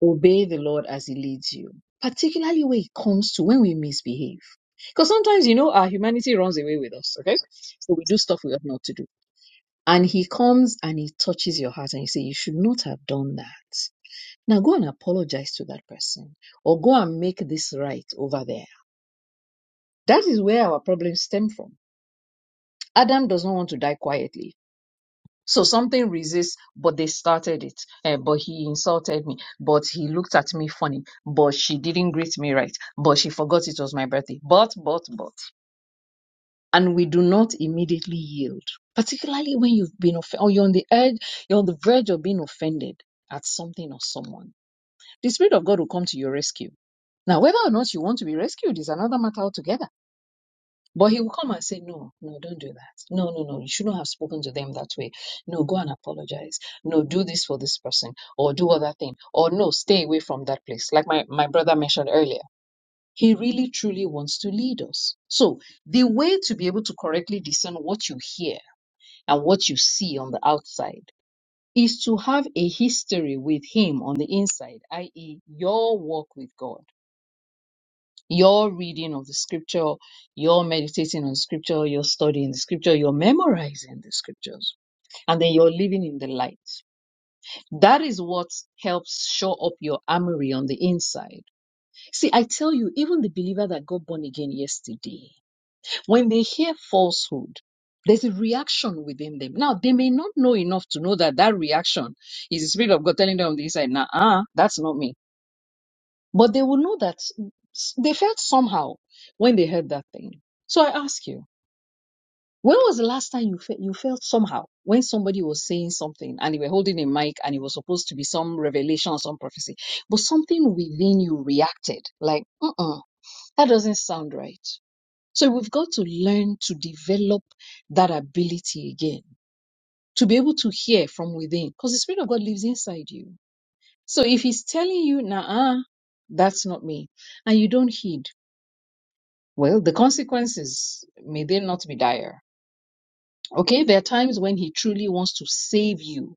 Speaker 5: obey the Lord as He leads you, particularly when it comes to when we misbehave. Because sometimes, you know, our humanity runs away with us, okay? So we do stuff we ought not to do. And He comes and He touches your heart and He say, You should not have done that. Now go and apologize to that person or go and make this right over there. That is where our problems stem from. Adam does not want to die quietly So something resists, but they started it. Eh, but he insulted me. But he looked at me funny. But she didn't greet me right. But she forgot it was my birthday. But, but, but. And we do not immediately yield, particularly when you've been offended or you're on the edge, you're on the verge of being offended at something or someone. The Spirit of God will come to your rescue. Now, whether or not you want to be rescued is another matter altogether. But he will come and say, No, no, don't do that. No, no, no, you shouldn't have spoken to them that way. No, go and apologize. No, do this for this person or do other thing. Or no, stay away from that place. Like my, my brother mentioned earlier. He really truly wants to lead us. So the way to be able to correctly discern what you hear and what you see on the outside is to have a history with him on the inside, i.e., your walk with God your reading of the scripture, your meditating on scripture, your studying the scripture, your memorizing the scriptures, and then you're living in the light. That is what helps show up your armory on the inside. See, I tell you, even the believer that got born again yesterday, when they hear falsehood, there's a reaction within them. Now, they may not know enough to know that that reaction is the Spirit of God telling them on the inside, nah, uh, that's not me. But they will know that s- they felt somehow when they heard that thing. So I ask you, when was the last time you felt you felt somehow when somebody was saying something and they were holding a mic and it was supposed to be some revelation or some prophecy, but something within you reacted like, uh-uh, that doesn't sound right. So we've got to learn to develop that ability again, to be able to hear from within, because the Spirit of God lives inside you. So if He's telling you, nah, that's not me, and you don't heed, Well, the consequences may they not be dire. Okay, there are times when he truly wants to save you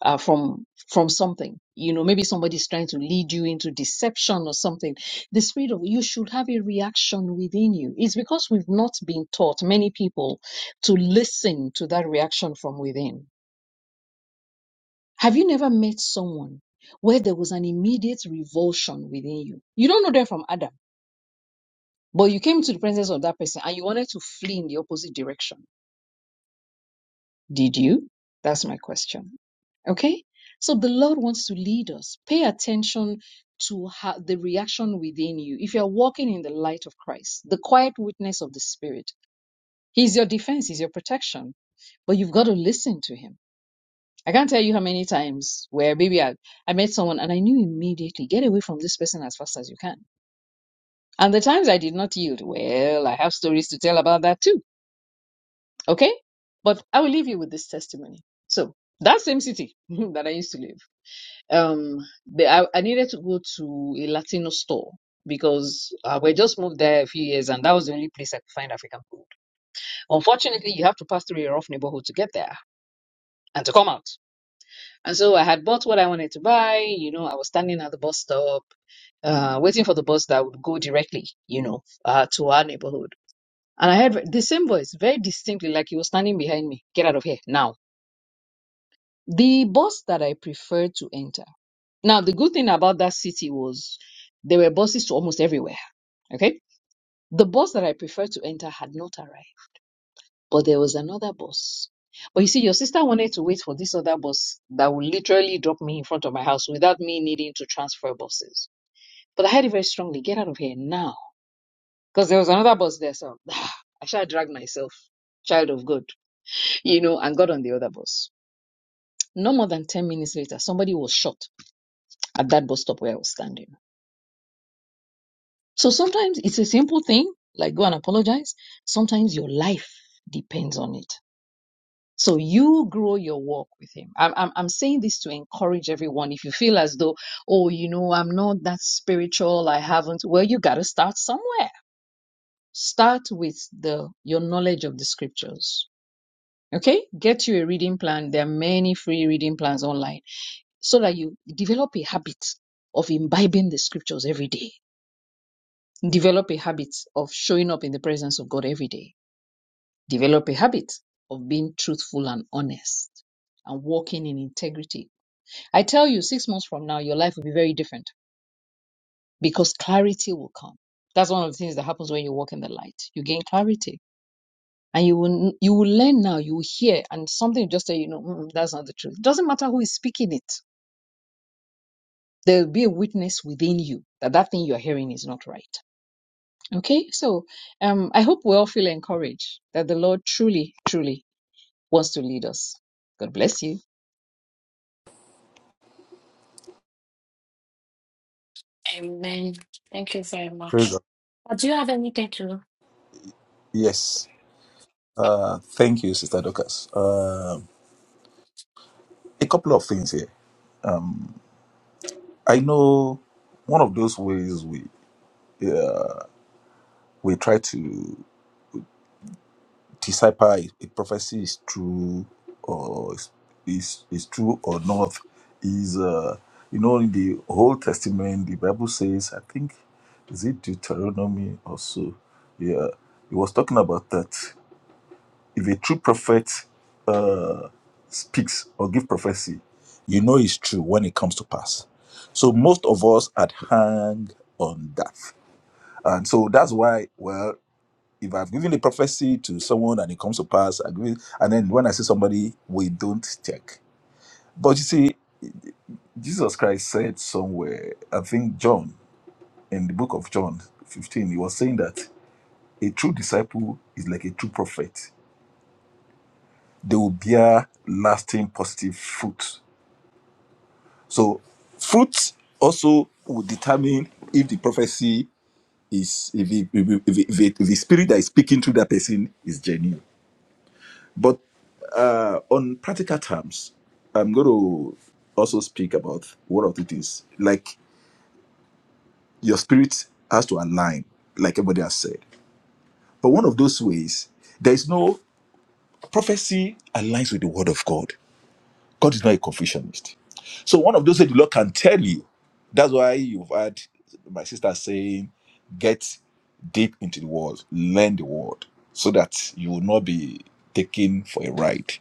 Speaker 5: uh, from from something. You know, maybe somebody's trying to lead you into deception or something. The spirit of you should have a reaction within you. It's because we've not been taught many people to listen to that reaction from within. Have you never met someone where there was an immediate revulsion within you? You don't know them from Adam, but you came to the presence of that person and you wanted to flee in the opposite direction Did you? That's my question. Okay? So the Lord wants to lead us. Pay attention to how, the reaction within you. If you're walking in the light of Christ, the quiet witness of the Spirit, He's your defense, He's your protection. But you've got to listen to Him. I can't tell you how many times where maybe I, I met someone and I knew immediately, get away from this person as fast as you can. And the times I did not yield, well, I have stories to tell about that too Okay? But I will leave you with this testimony. So that same city that I used to live, um, the, I, I needed to go to a Latino store because uh, we just moved there a few years and that was the only place I could find African food. Unfortunately, you have to pass through a rough neighborhood to get there and to come out. And so I had bought what I wanted to buy. You know, I was standing at the bus stop, uh, waiting for the bus that would go directly, you know, uh, to our neighborhood. And I heard the same voice very distinctly, like he was standing behind me. Get out of here now the bus that I preferred to enter. Now, the good thing about that city was there were buses to almost everywhere. Okay. The bus that I preferred to enter had not arrived, but there was another bus. But you see, your sister wanted to wait for this other bus that would literally drop me in front of my house without me needing to transfer buses. But I had it very strongly get out of here now. Because there was another bus there. So I shall drag myself, child of God, you know, and got on the other bus. No more than 10 minutes later, somebody was shot at that bus stop where I was standing. So sometimes it's a simple thing, like go and apologize. Sometimes your life depends on it. So you grow your walk with him. I'm, I'm, I'm saying this to encourage everyone. If you feel as though, oh, you know, I'm not that spiritual, I haven't, well, you got to start somewhere. Start with the, your knowledge of the scriptures. Okay. Get you a reading plan. There are many free reading plans online so that you develop a habit of imbibing the scriptures every day Develop a habit of showing up in the presence of God every day. Develop a habit of being truthful and honest and walking in integrity. I tell you, six months from now, your life will be very different because clarity will come. That's one of the things that happens when you walk in the light. You gain clarity and you will, you will learn now, you will hear and something will just say, you know, "Mm, mm, that's not the truth. It doesn't matter who is speaking it. There will be a witness within you that that thing you're hearing is not right. Okay, so um, I hope we all feel encouraged that the Lord truly, truly wants to lead us. God bless you.
Speaker 3: Amen. Thank you very
Speaker 2: Praise
Speaker 3: much.
Speaker 2: God.
Speaker 3: Uh, Do you have anything to?
Speaker 2: Yes. Uh, thank you, Sister Dorcas. Um a couple of things here. Um, I know one of those ways we uh, we try to. decipher if a prophecy is true or is is is true or not is uh you know in the old testament the bible says i think is it deuteronomy also yeah it was talking about that if a true prophet uh speaks or give prophecy you know it's true when it comes to pass so most of us had hang on that and so that's why well if I've given a prophecy to someone and it comes to pass, I give it, and then when I see somebody, we don't check. But you see, Jesus Christ said somewhere, I think John, in the book of John 15, he was saying that a true disciple is like a true prophet. They will bear lasting positive fruit. So fruit also will determine if the prophecy is if, it, if, it- if, it- if the spirit that is speaking through that person is genuine But uh, on practical terms, I'm going to also speak about one of it is like your spirit has to align, like everybody has said. But one of those ways, there is no prophecy aligns with the word of God. God is not a confucianist. So one of those that the Lord can tell you. That's why you've had my sister saying, get deep into the word, learn the word, so that you will not be taken for a ride.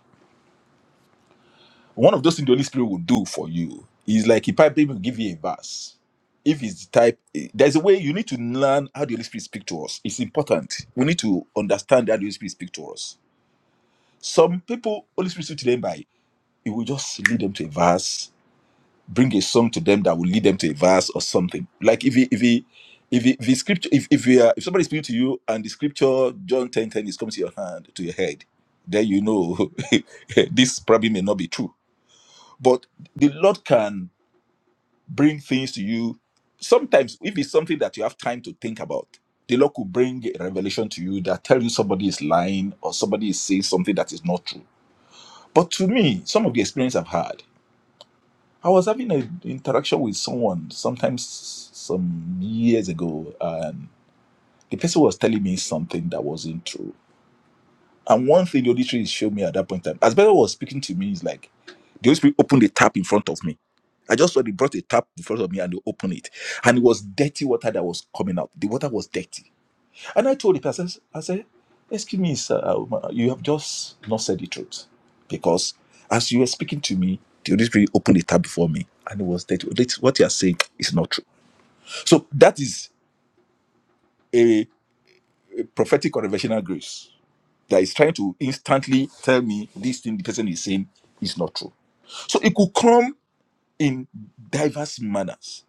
Speaker 2: One of those things the Holy Spirit will do for you is like he probably will give you a verse. If it's the type, there's a way you need to learn how the Holy Spirit speaks to us. It's important. We need to understand how the Holy Spirit speaks to us. Some people, Holy Spirit speaks to them by, it will just lead them to a verse, bring a song to them that will lead them to a verse or something. Like if he, if he, if he, if the scripture, if if, he, uh, if somebody speaks to you and the scripture John ten ten is coming to your hand to your head, then you know this probably may not be true. But the Lord can. bring things to you. Sometimes, if it's something that you have time to think about, the Lord could bring a revelation to you that telling somebody is lying or somebody is saying something that is not true. But to me, some of the experience I've had, I was having an interaction with someone sometimes some years ago, and the person was telling me something that wasn't true. And one thing the Holy Spirit showed me at that point in time, as Bella was speaking to me, is like the Holy Spirit opened the tap in front of me. I just saw they brought a tap in front of me and they opened it. And it was dirty water that was coming out. The water was dirty. And I told the person, I said, Excuse me, sir, uh, you have just not said the truth. Because as you were speaking to me, the Holy Spirit opened the tap before me and it was dirty. That's what you are saying is not true. So that is a a prophetic or revelational grace. that is trying to instantly tell me this thing the person is saying is not true. So it could come in diverse manners.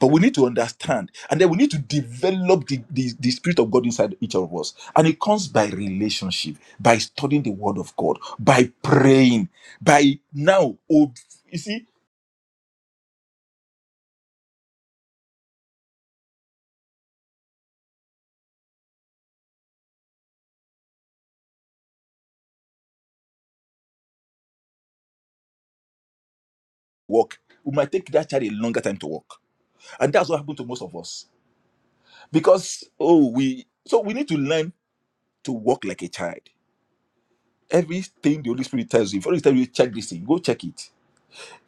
Speaker 2: But we need to understand, and then we need to develop the, the, the spirit of God inside each of us. And it comes by relationship, by studying the word of God, by praying, by now, oh, you see, walk. We might take that child a longer time to walk. And that's what happened to most of us. Because, oh, we, so we need to learn to walk like a child. Everything the Holy Spirit tells you, if the Holy Spirit tells you, check this thing, go check it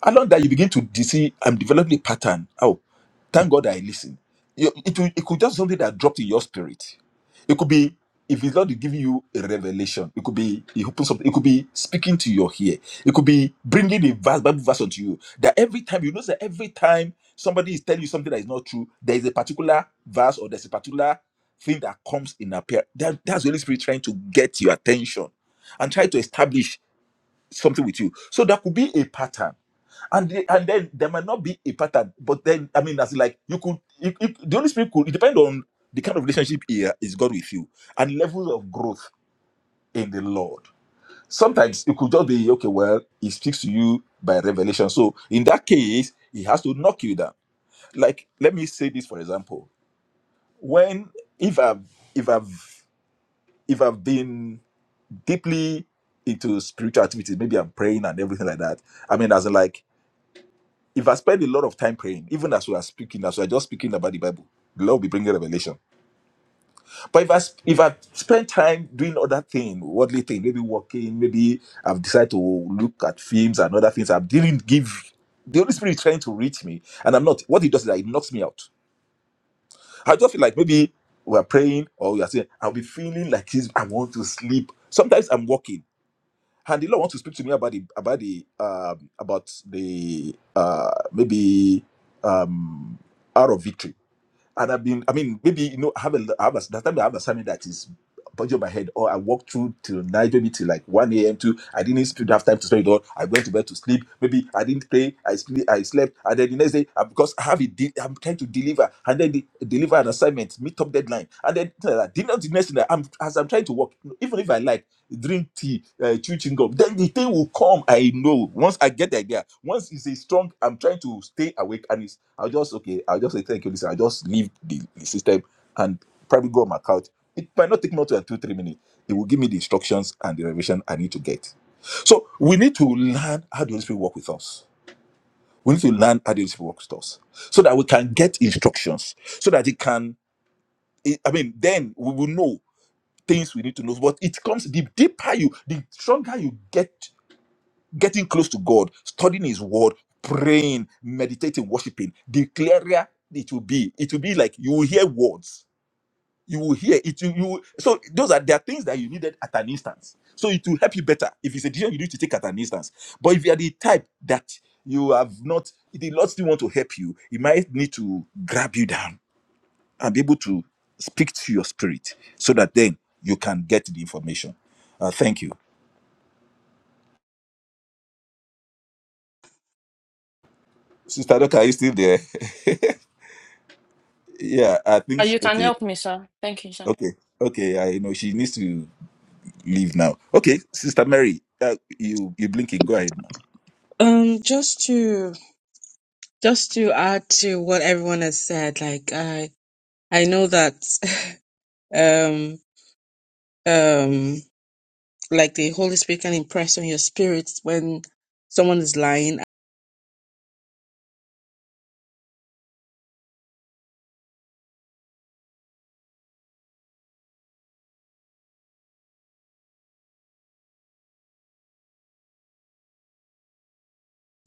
Speaker 2: along that you begin to de- see i'm developing a pattern oh thank god i listen You- it, will- it could just something that dropped in your spirit it could be if it's not giving you a revelation it could be it opens something it could be speaking to your ear it could be bringing a verse bible verse onto you that every time you know that every time somebody is telling you something that is not true there is a particular verse or there's a particular thing that comes in appear that, that's the holy spirit trying to get your attention and try to establish something with you. So there could be a pattern. And, the- and then there might not be a pattern, but then I mean, as in, like you could, you, you, the Holy Spirit could. It depend on the kind of relationship he uh, is God with you and level of growth in the Lord. Sometimes it could just be okay. Well, He speaks to you by revelation, so in that case, He has to knock you down. Like let me say this for example: when if I've if I've if I've been deeply into spiritual activities, maybe I'm praying and everything like that. I mean, as in like If I spend a lot of time praying, even as we are speaking, as we are just speaking about the Bible, the Lord will be bringing revelation. But if I sp- if I spend time doing other thing, worldly thing, maybe working, maybe I've decided to look at films and other things, I didn't give the Holy Spirit is trying to reach me, and I'm not. What he does is that it knocks me out. I just feel like maybe we're praying or we are saying, I'll be feeling like this, I want to sleep. Sometimes I'm walking and the Lord wants to speak to me about the about the um, about the uh, maybe um, hour of victory. And I've been, I mean, maybe you know, I have a, I have a that time I have a assignment that is budget on my head, or I walk through till night, maybe till like one a.m. to I didn't sp- have time to spend it all. I went to bed to sleep. Maybe I didn't pray. I sleep, I slept, and then the next day uh, because I have it, de- I'm trying to deliver, and then the, deliver an assignment, meet up deadline, and then uh, the next the next thing I'm as I'm trying to work, even if I like drink tea, uh, chew chewing gum. Then the thing will come. I know. Once I get the idea, once it's a strong, I'm trying to stay awake and it's, I'll just, okay, I'll just say, thank you, listen, I'll just leave the, the system and probably go on my couch. It might not take more than two, three minutes. It will give me the instructions and the revelation I need to get. So we need to learn how the Holy Spirit work with us. We need to learn how the Holy Spirit works with us so that we can get instructions, so that it can, I mean, then we will know things we need to know. But it comes the deeper you, the stronger you get getting close to God, studying His Word, praying, meditating, worshiping, the clearer it will be. It will be like you will hear words. You will hear it. You, you so those are there are things that you needed at an instance. So it will help you better if it's a decision you need to take at an instance. But if you are the type that you have not, the Lord still want to help you. He might need to grab you down and be able to speak to your spirit so that then you can get the information. Uh, thank you. Sister Doka, are you still there? yeah, I
Speaker 3: Uh,
Speaker 2: think, she-
Speaker 3: you can
Speaker 2: okay,
Speaker 3: help me, sir. Thank you, sir.
Speaker 2: okay, okay. I know she needs to leave now. Okay, Sister Mary, uh, you, you blinking. Go ahead, ma'am.
Speaker 8: Um, just to just to add to what everyone has said, like I I know that um um like the Holy Spirit can impress on your spirits when someone is lying, the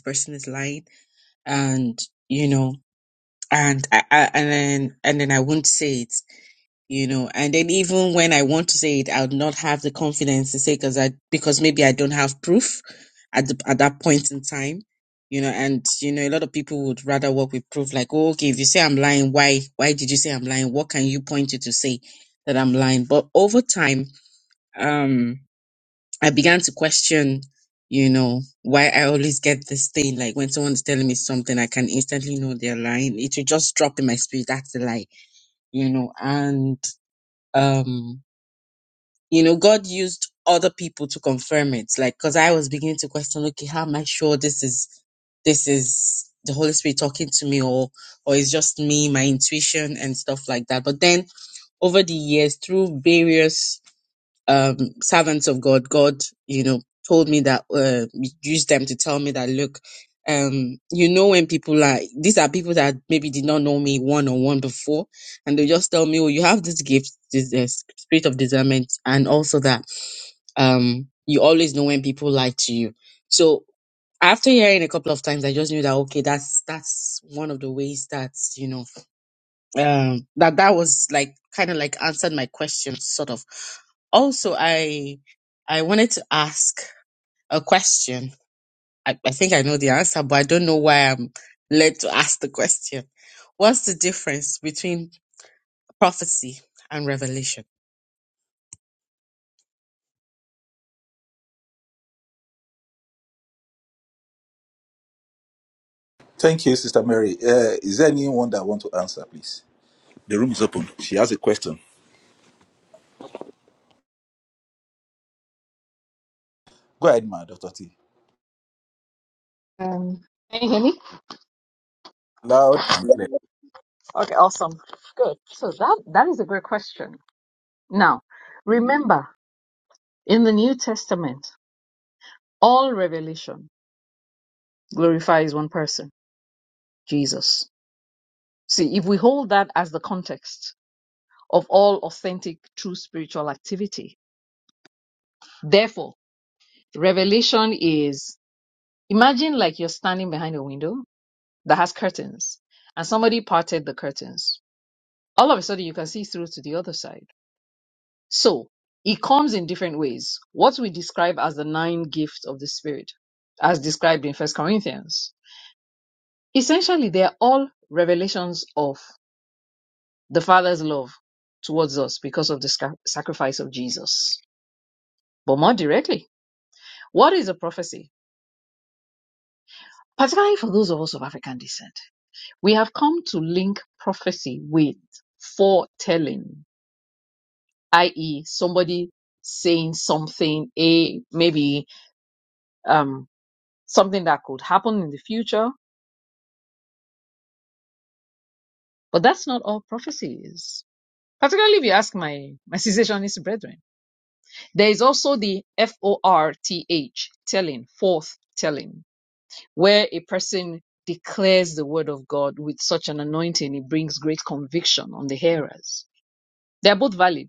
Speaker 8: person is lying, and you know, and I, I and then and then I won't say it you know and then even when i want to say it i would not have the confidence to say because i because maybe i don't have proof at the, at that point in time you know and you know a lot of people would rather work with proof like oh, okay if you say i'm lying why why did you say i'm lying what can you point to to say that i'm lying but over time um i began to question you know why i always get this thing like when someone's telling me something i can instantly know they're lying it will just drop in my spirit that's a lie you know and um you know god used other people to confirm it like because i was beginning to question okay how am i sure this is this is the holy spirit talking to me or or it's just me my intuition and stuff like that but then over the years through various um, servants of God, God, you know, told me that, uh, used them to tell me that, look, um, you know, when people are, these are people that maybe did not know me one on one before, and they just tell me, oh, you have this gift, this uh, spirit of discernment, and also that, um, you always know when people lie to you. So after hearing a couple of times, I just knew that, okay, that's, that's one of the ways that, you know, um that that was like kind of like answered my question sort of also i i wanted to ask a question I, I think i know the answer but i don't know why i'm led to ask the question what's the difference between prophecy and revelation
Speaker 2: Thank you, Sister Mary. Uh, is there anyone that want to answer, please? The room is open. She has a question. Go ahead, ma, Doctor T.
Speaker 5: Um, can you hear me?
Speaker 2: Loud and clear.
Speaker 5: Okay, awesome. Good. So that that is a great question. Now, remember, in the New Testament, all revelation glorifies one person, Jesus. See, if we hold that as the context of all authentic, true spiritual activity, therefore, revelation is imagine like you're standing behind a window that has curtains and somebody parted the curtains. All of a sudden you can see through to the other side. So it comes in different ways. What we describe as the nine gifts of the spirit, as described in First Corinthians. Essentially, they are all revelations of the Father's love towards us because of the sca- sacrifice of Jesus. But more directly, what is a prophecy? Particularly for those of us of African descent, we have come to link prophecy with foretelling i.e., somebody saying something, a maybe um, something that could happen in the future. But that's not all prophecy is. Particularly if you ask my, my cessationist brethren. There is also the F O R T H, telling, forth telling, where a person declares the word of God with such an anointing, it brings great conviction on the hearers. They are both valid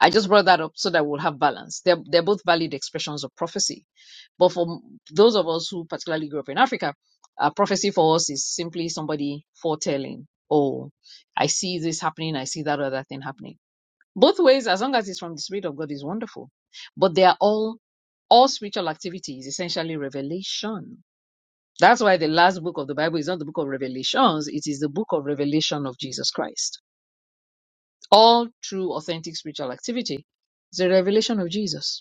Speaker 5: I just brought that up so that we'll have balance. They're, they're both valid expressions of prophecy. But for m- those of us who particularly grew up in Africa, uh, prophecy for us is simply somebody foretelling, oh, I see this happening, I see that other thing happening. Both ways, as long as it's from the Spirit of God, is wonderful. But they are all, all spiritual activity is essentially revelation. That's why the last book of the Bible is not the book of revelations, it is the book of revelation of Jesus Christ. All true, authentic spiritual activity is a revelation of Jesus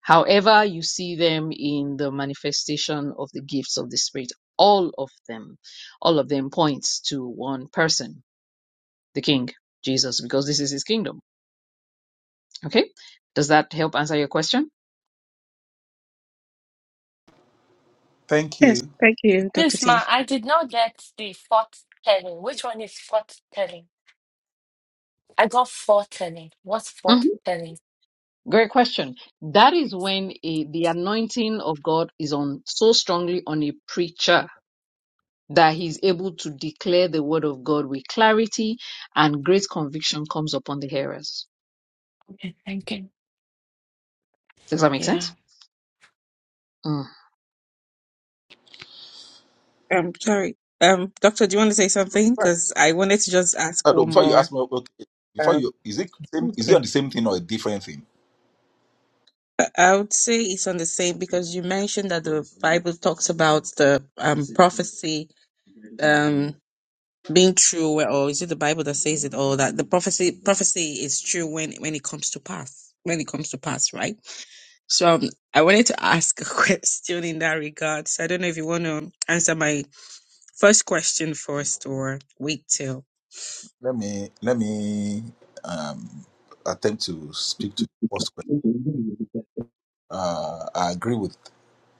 Speaker 5: However, you see them in the manifestation of the gifts of the Spirit. All of them, all of them points to one person, the King, Jesus, because this is his kingdom. Okay. Does that help answer your question?
Speaker 2: Thank
Speaker 8: yes
Speaker 2: you.
Speaker 8: thank you dr
Speaker 3: Please,
Speaker 8: t
Speaker 3: ma, I did not get the fourth telling. Which one is fourth telling? I got four telling. What's fourth
Speaker 5: Mhm.
Speaker 3: telling?
Speaker 5: Great question. That is when a, the anointing of God is on so strongly on a preacher that he's able to declare the word of God with clarity and great conviction comes upon the hearers.
Speaker 3: Okay, thank you.
Speaker 5: Does that make
Speaker 3: Yeah.
Speaker 5: sense? Mm.
Speaker 8: um sorry um doctor do you want to say something because i wanted to just ask
Speaker 2: Uh, no,
Speaker 8: one
Speaker 2: before you
Speaker 8: more
Speaker 2: ask me, okay, before
Speaker 8: Um,
Speaker 2: you, is it same? Is it
Speaker 8: okay.
Speaker 2: on the same thing or a different thing?
Speaker 8: I I would say it's on the same because you mentioned that the Bible talks about the um, prophecy um, being true, where- or is it the Bible that says it? Or that the prophecy prophecy is true when when it comes to pass, when it comes to pass, right? So um, I wanted to ask a question in that regard. So I don't know if you want to answer my first question first, or wait till.
Speaker 2: Let me let me um, attempt to speak to the first question. Uh, I agree with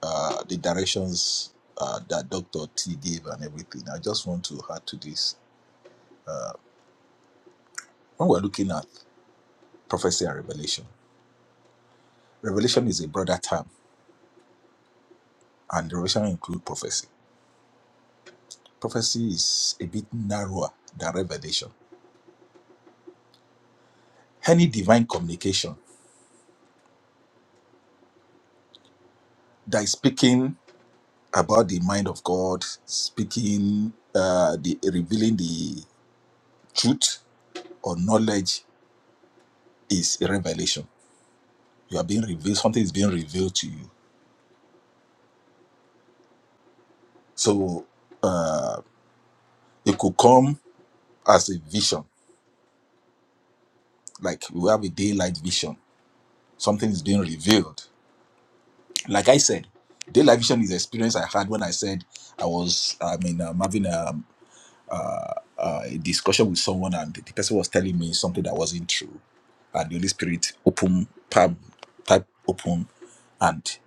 Speaker 2: uh, the directions uh, that Doctor T gave and everything. I just want to add to this. When we're looking at prophecy and revelation, revelation is a broader term, and revelation includes prophecy. Prophecy is a bit narrower than revelation. Any divine communication that is speaking about the mind of God, speaking, uh, the revealing the truth or knowledge is a revelation. You are being revealed, something is being revealed to you. So uh, it could come as a vision, like we have a daylight vision, something is being revealed. Like I said, daylight vision is the experience I had when I said I was, I mean, I'm having a, a discussion with someone and the person was telling me something that wasn't true. And the Holy Spirit open, pam, type open, and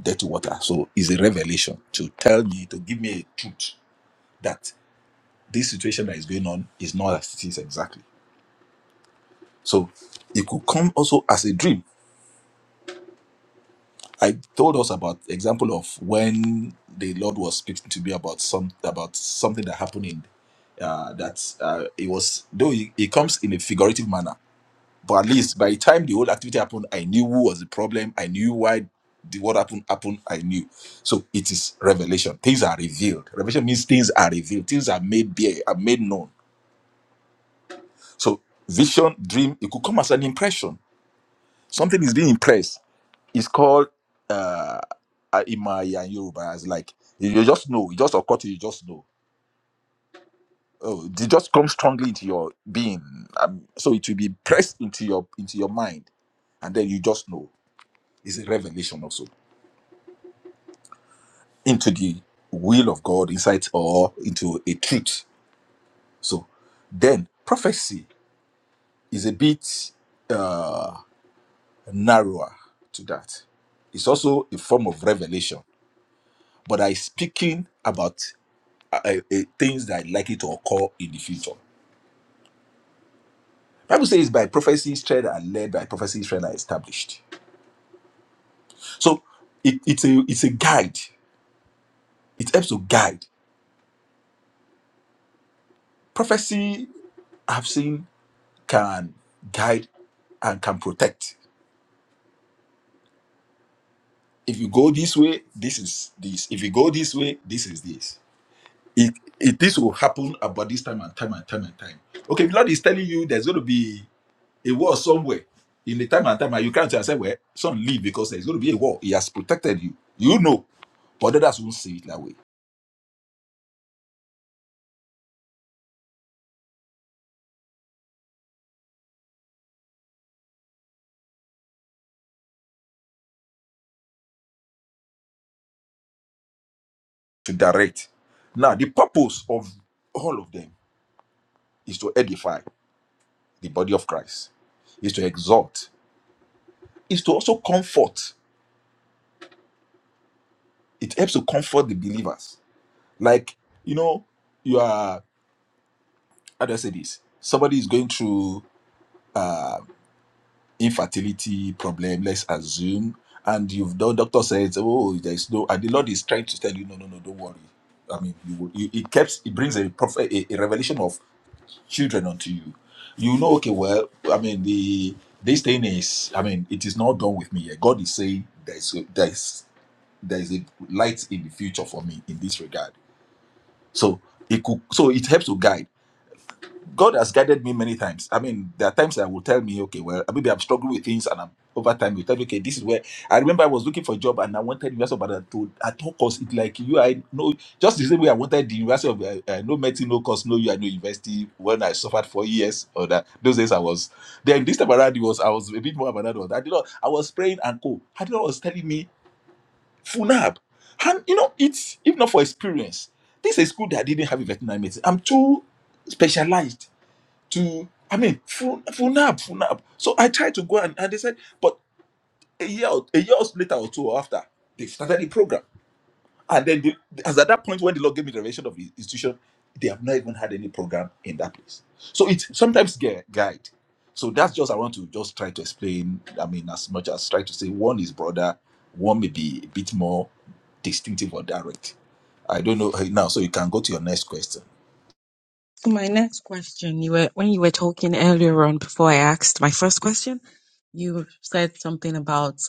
Speaker 2: dirty water. So it's a revelation to tell me, to give me a truth that this situation that is going on is not as it is exactly. So it could come also as a dream. I told us about example of when the Lord was speaking to me about some about something that happened in uh, that uh, it was though it, it comes in a figurative manner, but at least by the time the whole activity happened, I knew who was the problem. I knew why the what happened happened. I knew. So it is revelation. Things are revealed. Revelation means things are revealed. Things are made bare, are made known So vision, dream, it could come as an impression. Something is being impressed. It's called uh uh, in my and Yoruba as like you you just know, it just occur to you, you just know. Oh, it just comes strongly into your being. Um, so it will be pressed into your into your mind, and then you just know. It's a revelation also into the will of God, insight or into a truth. So then prophecy is a bit Uh, narrower to that. It's also a form of revelation, but I speaking about uh, uh, uh, things that are likely to occur in the future. Bible says, "By prophecy, strength are led; by prophecy, strength are established." So it, it's a it's a guide. It helps to guide. Prophecy I've seen can guide and can protect. If you go this way, this is this. If you go this way, this is this It, it this will happen about this time and time and time and time. Okay, if Lord is telling you there's going to be a war somewhere in the time and time, and you can't say, "Well, son, leave," because there's going to be a war. He has protected you. You know, but others won't see it that way. To direct. Now, the purpose of all of them is to edify the body of Christ, is to exhort, is to also comfort. It helps to comfort the believers. Like you know, you are. How do I say this? Somebody is going through. uh, infertility problem, let's assume, and you've done, doctor says, oh, there's no, and the Lord is trying to tell you, no, no, no, don't worry. I mean, you, will- you, it keeps, it brings a prophet, a, a revelation of children unto you. You know, okay, well, I mean, the this thing is, I mean, it is not done with me yet. God is saying there's a, there's there's a light in the future for me in this regard. So it could, so it helps to guide. God has guided me many times. I mean, there are times I will tell me, okay, well, maybe I'm struggling with things, and I'm over time you tell me, okay, this is where I remember I was looking for a job and I wanted University of Badana to at all costs. It like you, I know just the same way I wanted the University of uh, uh, no medicine, no course, no you, I know university when I suffered for years or that those days I was then this time around it was I was a bit more of another one. I did not I was praying and co. I did not was telling me funab. And you know, it's if not for experience, this is a school that didn't have a veterinary medicine. I'm too specialized to I mean full full nap, full nap. So I tried to go and, and they said, but a year or- a year or so later or two after, they've started the program. And then the, as at that point when the Lord gave me the revelation of the institution, they have not even had any program in that place. So it's sometimes gui- guide. So that's just I want to just try to explain. I mean, as much as try to say one is broader, one may be a bit more distinctive or direct. I don't know uh, now, so you can go to your next question.
Speaker 8: My next question, you were when you were talking earlier on before I asked my first question, you said something about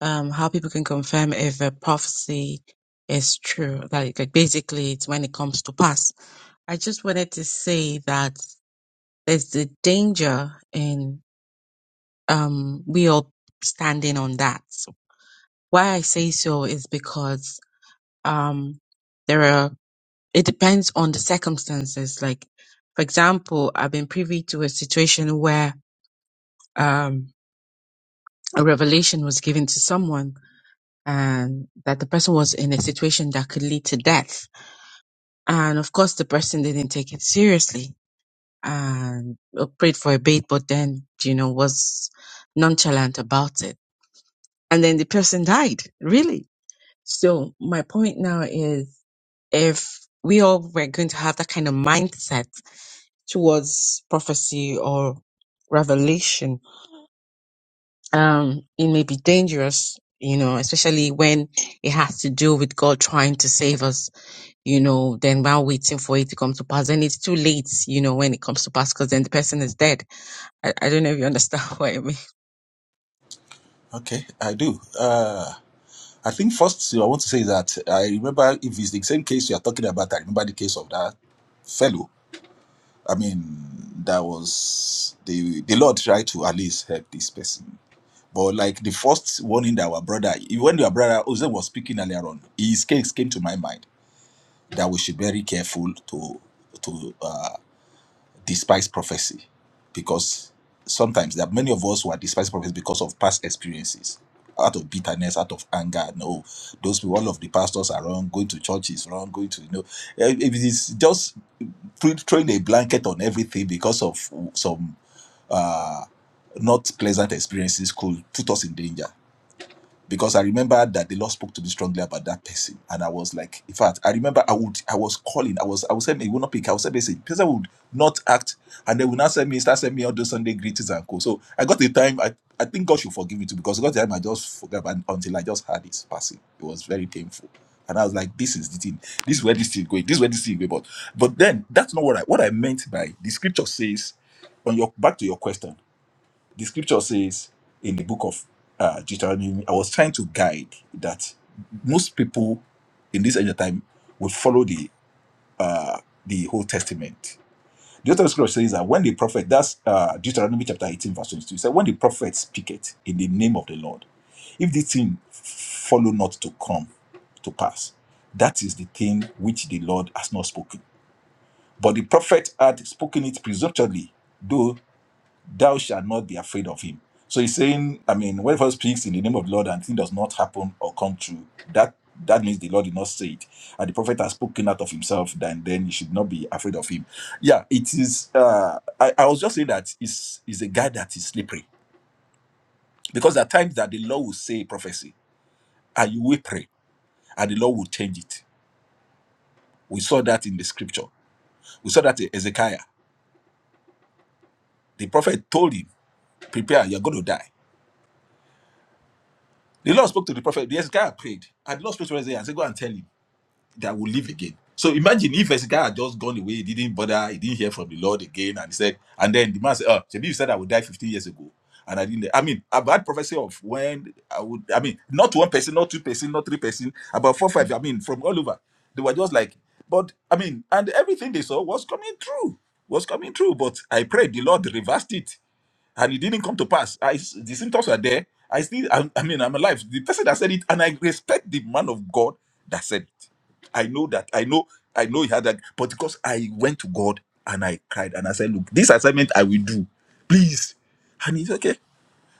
Speaker 8: um how people can confirm if a prophecy is true. Like, like basically it's when it comes to pass. I just wanted to say that there's the danger in um we all standing on that. Why I say so is because um there are it depends on the circumstances. Like, for example, I've been privy to a situation where um, a revelation was given to someone and that the person was in a situation that could lead to death. And of course, the person didn't take it seriously and uh, prayed for a bit, but then, you know, was nonchalant about it. And then the person died, really. So my point now is if we all were going to have that kind of mindset towards prophecy or revelation, um, it may be dangerous, you know, especially when it has to do with God trying to save us, you know, then while waiting for it to come to pass, then it's too late, you know, when it comes to pass, because then the person is dead. I, I don't know if you understand what I mean.
Speaker 2: Okay, I do. Uh, I think first I want to say that I remember if it's the same case you are talking about, I remember the case of that fellow. I mean, that was the the Lord tried to at least help this person. But like the first warning that our brother, when your brother Ozen was speaking earlier on, his case came to my mind that we should be very careful to to uh, despise prophecy because sometimes there are many of us who are despise prophecy because of past experiences out of bitterness out of anger no those people all of the pastors are wrong going to church is wrong going to you know Eh, if it is just throw- throwing a blanket on everything because of some uh not pleasant experiences could put us in danger because I remember that the Lord spoke to me strongly about that person, and I was like, in fact, I remember I would, I was calling, I was, I would send me, it would not pick, I would send message, person would not act, and they would not send me, start sending me all those Sunday greetings and co. So I got the time, I, I think God should forgive me too, because I got the time I just forgot about, until I just had his passing. It was very painful, and I was like, this is the thing, this is where this thing is going, this is where this thing is going, but, but then that's not what I, what I meant by the scripture says, on your back to your question the scripture says in the book of uh, Deuteronomy, I was trying to guide that most people in this end of time will follow the uh, the whole testament. The other scripture says that when the prophet, that's uh, Deuteronomy chapter 18, verse 22, it said, When the prophet speaketh in the name of the Lord, if the thing follow not to come to pass, that is the thing which the Lord has not spoken. But the prophet had spoken it presumptuously, though." thou shalt not be afraid of him. So he's saying, I mean, whoever speaks in the name of the Lord and thing does not happen or come true, that that means the Lord did not say it. And the prophet has spoken out of himself, then then you should not be afraid of him. Yeah, it is uh I, I was just saying that is is a guy that is slippery. Because there are times that the Lord will say a prophecy and you will pray and the Lord will change it. We saw that in the scripture. We saw that in Ezekiah. The prophet told him, Prepare, you're going to die. The Lord spoke to the prophet. The Ezekiah prayed. And the Lord spoke to Ezekiah and said, Go and tell him. that will live again. So imagine if Hezekiah had just gone away, he didn't bother, he didn't hear from the Lord again, and he said, and then the man said, "Oh, Shebi, you said I would die 15 years ago, and I didn't." I mean, I've had prophecy of when I would. I mean, not one person, not two person, not three person, about four, five. I mean, from all over, they were just like, but I mean, and everything they saw was coming true, was coming true. But I prayed the Lord reversed it and it didn't come to pass. I s- the symptoms are there. I still, I, I mean, I'm alive. The person that said it, and I respect the man of God that said it. I know that. I know. I know he had that, but because I went to God and I cried and I said, "Look, this assignment I will do, please." And he's okay.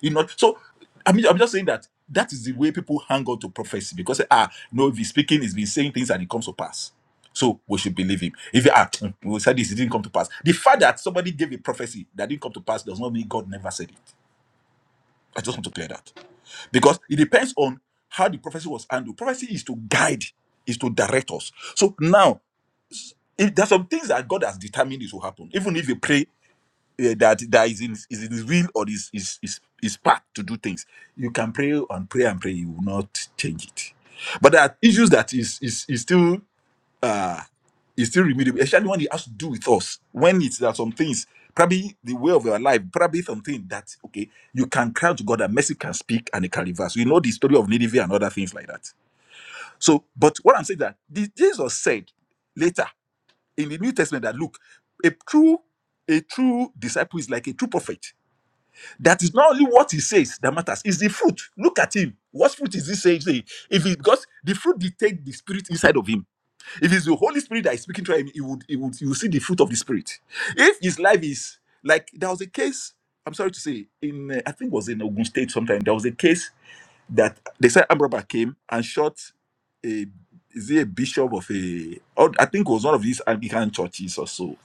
Speaker 2: You know, so I mean, I'm just saying that that is the way people hang on to prophecy because ah, no, if he's speaking, he's been saying things and it comes to pass. So we should believe him. If he ah, we said this, it didn't come to pass. The fact that somebody gave a prophecy that didn't come to pass does not mean God never said it. I just want to clear that because it depends on how the prophecy was handled. Prophecy is to guide, is to direct us. So now, if there's some things that God has determined it will happen, even if you pray eh, that that is in is in his will or is is is his path to do things. You can pray and pray and pray, you will not change it. But there are issues that is is is still uh is still remediable, especially when it has to do with us. When it's there are some things, probably the way of your life, probably something that okay, you can cry to God and mercy can speak and it can reverse. You know the story of Nineveh and other things like that. So, but what I'm saying that the- Jesus said later in the New Testament that look, a true a true disciple is like a true prophet that is not only what he says that matters, it's the fruit. Look at him. What fruit is he saying? saying? If it because the fruit dictates the spirit inside of him. If it's the Holy Spirit that is speaking to him, he would he would you will see the fruit of the spirit. If his life is like there was a case, I'm sorry to say, in uh, I think it was in Ogun State sometime, there was a case that they said Ambraba came and shot a is he a bishop of a or I think it was one of these Anglican churches or so.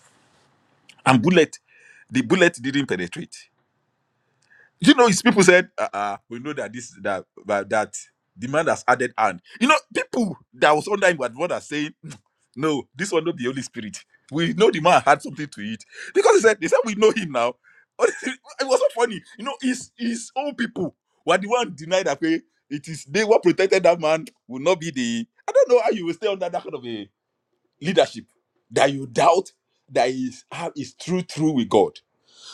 Speaker 2: And bullet, the bullet didn't penetrate you know, his people said, uh, uh we know that this that that, that the man has added hand. You know, people that was under him were the one that saying, "Hmm, no, this one not the Holy Spirit. We know the man had something to eat because he said they said we know him now. it was so funny, you know. His his own people were the one denied that okay, it is they were protected. That man will not be the. I don't know how you will stay under that kind of a leadership that you doubt that is how is true true with God.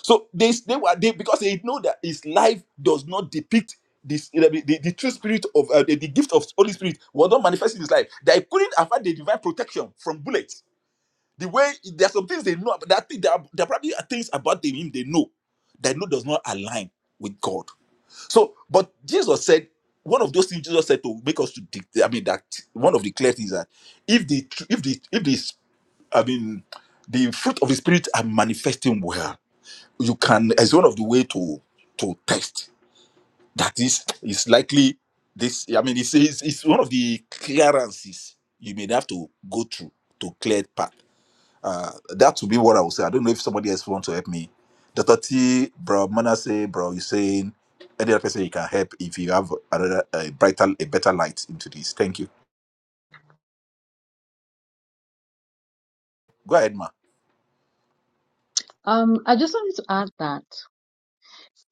Speaker 2: So they they were they because they know that his life does not depict this the, the, the true spirit of uh, the, the gift of Holy Spirit was not manifest in his life. They couldn't afford the divine protection from bullets. The way there are some things they know, but there are, thi- there are, there are probably are things about him they know that know does not align with God. So, but Jesus said one of those things Jesus said to make us to. de- I mean that one of the clear things that if the tr- if the if the I mean the fruit of the spirit are manifesting well you can as one of the way to to test that is is likely this i mean it's, it's it's one of the clearances you may have to go through to clear path uh that would be what i would say i don't know if somebody else wants to help me dr t bro say bro you saying any other person you can help if you have another a brighter a better light into this thank you go ahead ma
Speaker 5: Um, I just wanted to add that.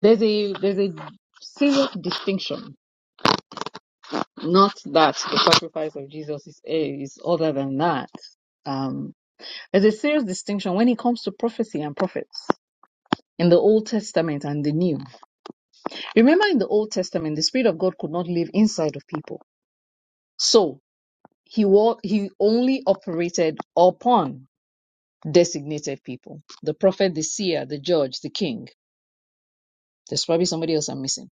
Speaker 5: There's a there's a serious distinction. Not that the sacrifice of Jesus is is other than that. Um, there's a serious distinction when it comes to prophecy and prophets in the Old Testament and the New. Remember, in the Old Testament, the Spirit of God could not live inside of people, so he wa- he only operated upon designated people: the prophet, the seer, the judge, the king. There's probably somebody else I'm missing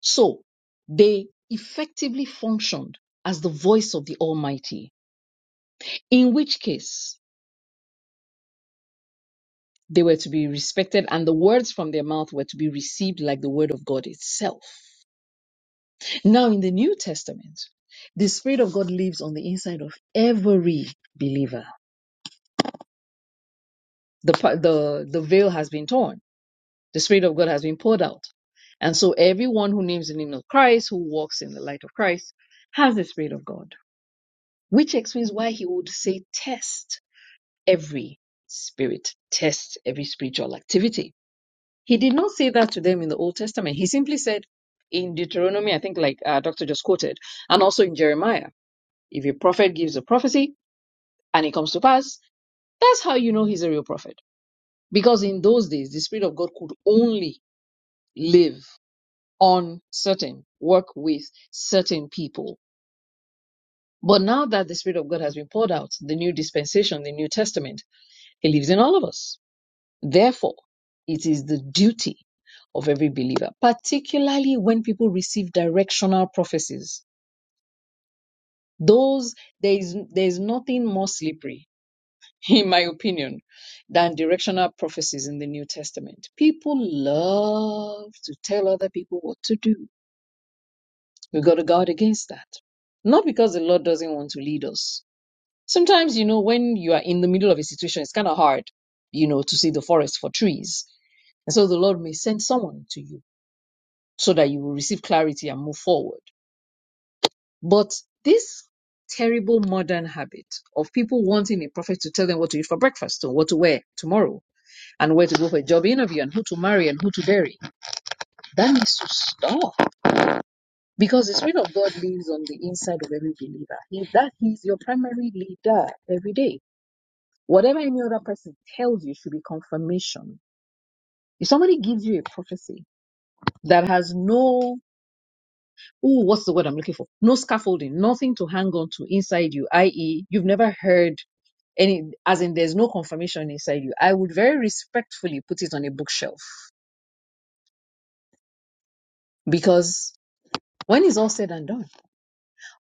Speaker 5: So they effectively functioned as the voice of the Almighty, in which case they were to be respected and the words from their mouth were to be received like the word of God itself. Now, in the New Testament, the Spirit of God lives on the inside of every believer. The, pa- the, the veil has been torn, the Spirit of God has been poured out. And so, everyone who names the name of Christ, who walks in the light of Christ, has the Spirit of God, which explains why he would say, Test every spirit, test every spiritual activity. He did not say that to them in the Old Testament. He simply said in Deuteronomy, I think, like uh, Doctor just quoted, and also in Jeremiah, if a prophet gives a prophecy and it comes to pass, that's how you know he's a real prophet. Because in those days, the Spirit of God could only live on certain, work with certain people. But now that the Spirit of God has been poured out, the new dispensation, the New Testament, He lives in all of us Therefore, it is the duty of every believer, particularly when people receive directional prophecies. Those there is there is nothing more slippery, in my opinion, than directional prophecies in the New Testament. People love to tell other people what to do. We've got to guard against that. Not because the Lord doesn't want to lead us. Sometimes, you know, when you are in the middle of a situation, it's kind of hard, you know, to see the forest for trees. And so the Lord may send someone to you so that you will receive clarity and move forward. But this terrible modern habit of people wanting a prophet to tell them what to eat for breakfast or what to wear tomorrow and where to go for a job interview and who to marry and who to bury, that needs to stop because the Spirit of God lives on the inside of every believer. He, that He's your primary leader every day. Whatever any other person tells you should be confirmation. If somebody gives you a prophecy that has no Ooh, what's the word I'm looking for? No scaffolding, nothing to hang on to inside you, i.e., you've never heard any, as in there's no confirmation inside you. I would very respectfully put it on a bookshelf because when it's all said and done,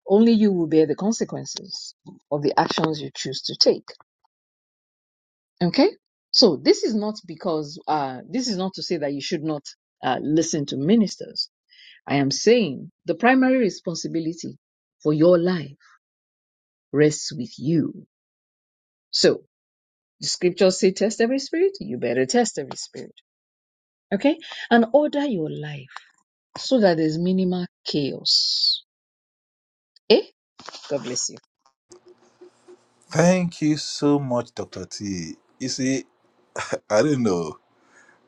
Speaker 5: only you will bear the consequences of the actions you choose to take. Okay? So this is not because, uh, this is not to say that you should not uh, listen to ministers. I am saying the primary responsibility for your life rests with you. So The scriptures say, test every spirit. You better test every spirit. Okay? And order your life so that there's minimal chaos. Eh? God bless you.
Speaker 2: thank you so much dr t you see i don't know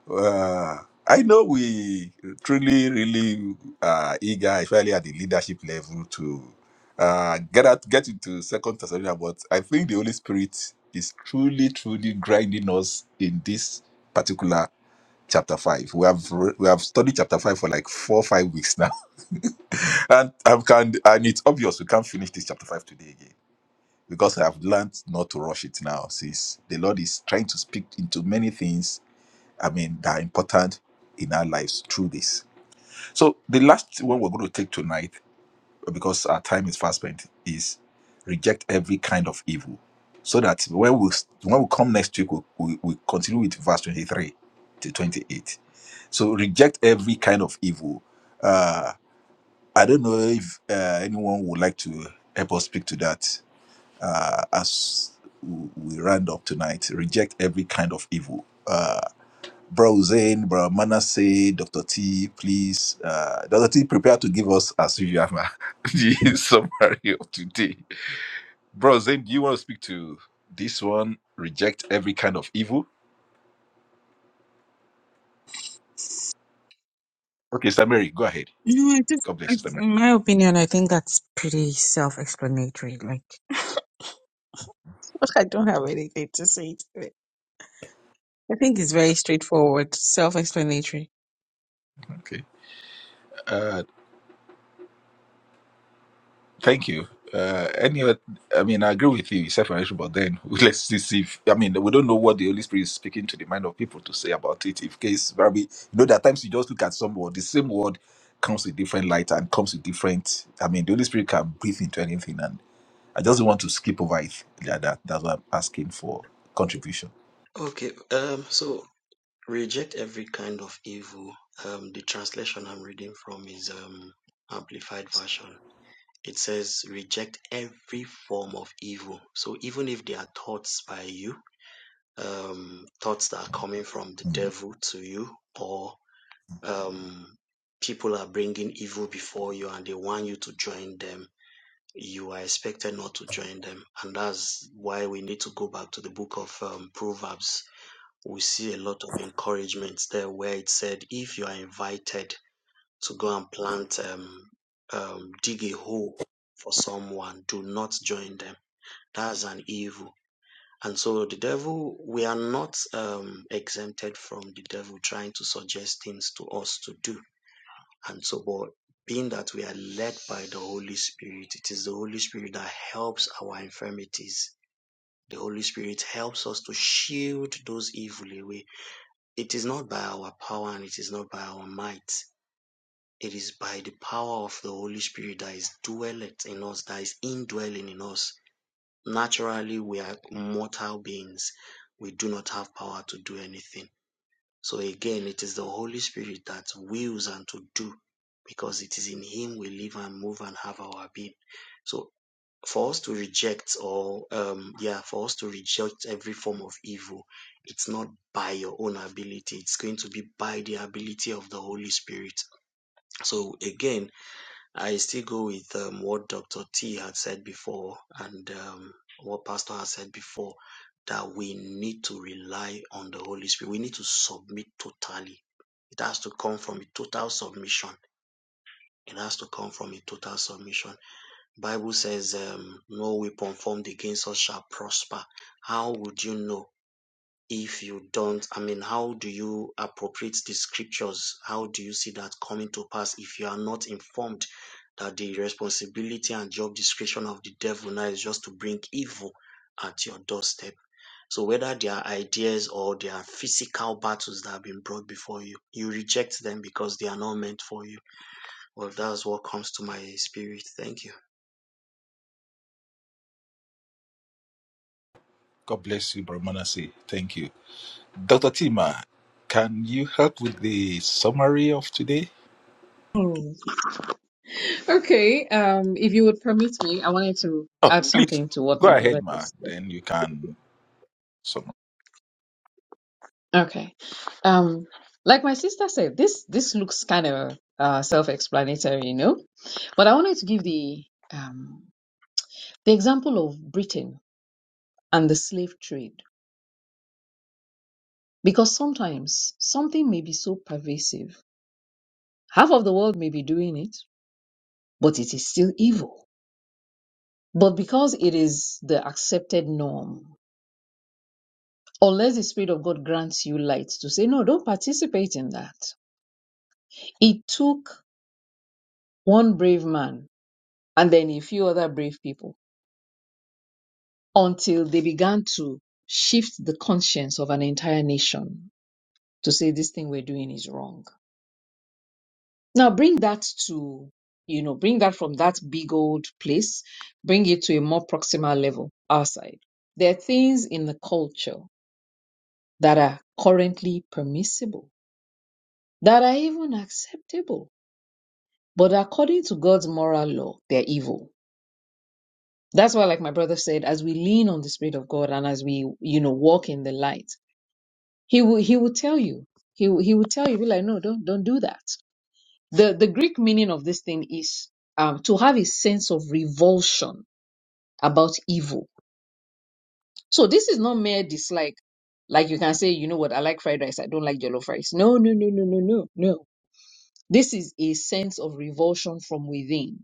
Speaker 2: Uh, I know we truly, really are eager, especially at the leadership level, to uh, get out, get into Second Thessalonians. But I think the Holy Spirit is truly, truly grinding us in this particular chapter five. We have re- we have studied chapter five for like four, five weeks now, and I can and it's obvious we can't finish this chapter five today again because I have learned not to rush it now, since the Lord is trying to speak into many things I mean, that are important in our lives through this. So the last one we're going to take tonight, because our time is fast spent, is reject every kind of evil. So that when we when we come next week, we we, we continue with verse twenty three to twenty eight. So reject every kind of evil. Uh, I don't know if uh, anyone would like to help us speak to that uh, as we we round up tonight. Reject every kind of evil. Uh, Bro Hussein, Bro Manasseh, Dr. T, please. Uh, Dr. T, prepare to give us, as usual, the summary of today. Bro Hussein, do you want to speak to this one? Reject every kind of evil? Okay, Sister Mary, go ahead.
Speaker 8: No, I just,
Speaker 2: God bless you,
Speaker 8: I,
Speaker 2: Sister
Speaker 8: in my opinion, I think that's pretty self-explanatory. Like, I don't have anything to say to it. I think it's very straightforward, self-explanatory.
Speaker 2: Mary. Okay. Thank you. Uh, any other, I mean, I agree with you, it's self-revelation, but then let's see see if, I mean, we don't know what the Holy Spirit is speaking to the mind of people to say about it. If case, probably, you know, there are times you just look at some word, the same word comes with different light and comes with different, I mean, the Holy Spirit can breathe into anything, and I just don't want to skip over it. Yeah, that, that's what I'm asking for
Speaker 6: Okay,
Speaker 2: contribution.
Speaker 6: Okay. um, so reject every kind of evil. Um, the translation I'm reading from is um, Amplified Version. It says, reject every form of evil. So even if they are thoughts by you, um, thoughts that are coming from the
Speaker 2: Mm.
Speaker 6: devil to you, or um, people are bringing evil before you and they want you to join them you are expected not to join them. And that's why we need to go back to the book of um, Proverbs. We see a lot of encouragements there where it said, if you are invited to go and plant, um, um, dig a hole for someone, do not join them. That's an evil. And so the devil, we are not um, exempted from the devil trying to suggest things to us to do and so, but being that we are led by the Holy Spirit, it is the Holy Spirit that helps our infirmities. The Holy Spirit helps us to shield those evil away. It is not by our power and it is not by our might. It is by the power of the Holy Spirit that is dwelleth in us, that is indwelling in us. Naturally, we are mortal beings. We do not have power to do anything so again, it is the Holy Spirit that wills and to do because it is in Him we live and move and have our being. So for us to reject or, um, yeah, for us to reject every form of evil, it's not by your own ability. It's going to be by the ability of the Holy Spirit. So again, I still go with um, what Dr. T had said before and um, what Pastor has said before that we need to rely on the Holy Spirit. We need to submit totally. It has to come from a total submission. It has to come from a total submission. Bible says, um, "No weapon formed against us shall prosper." How would you know? if you don't, I mean, how do you appropriate the scriptures? How do you see that coming to pass if you are not informed that the responsibility and job description of the devil now is just to bring evil at your doorstep? So whether they are ideas or they are physical battles that have been brought before you, you reject them because they are not meant for you. Well, that's what comes to my spirit. Thank you.
Speaker 2: God bless you, Bro Manasseh. Thank you. Dr. Tima, can you help with the summary of today?
Speaker 5: Oh, okay. Um, if you would permit me, I wanted to
Speaker 2: Oh,
Speaker 5: add
Speaker 2: please
Speaker 5: something to what
Speaker 2: go
Speaker 5: my
Speaker 2: ahead,
Speaker 5: brother
Speaker 2: ma.
Speaker 5: just said.
Speaker 2: Then you can. Some.
Speaker 5: Okay. Um, like my sister said, this this looks kind of uh self-explanatory, you know. But I wanted to give the um the example of Britain and the slave trade because sometimes something may be so pervasive Half of the world may be doing it, but it is still evil. But because it is the accepted norm, unless the Spirit of God grants you light to say, no, don't participate in that. It took one brave man and then a few other brave people until they began to shift the conscience of an entire nation to say this thing we're doing is wrong. Now bring that to, you know, bring that from that big old place, bring it to a more proximal level, our side. There are things in the culture that are currently permissible, that are even acceptable, but according to God's moral law, they're evil. That's why, like my brother said, as we lean on the Spirit of God and as we, you know, walk in the light, He will He will tell you. He will, He will tell you, be like, no, don't don't do that. The the Greek meaning of this thing is um, to have a sense of revulsion about evil. So this is not mere dislike. Like you can say, you know what, I like fried rice, I don't like jollof rice. No, no, no, no, no, no, no. This is a sense of revulsion from within.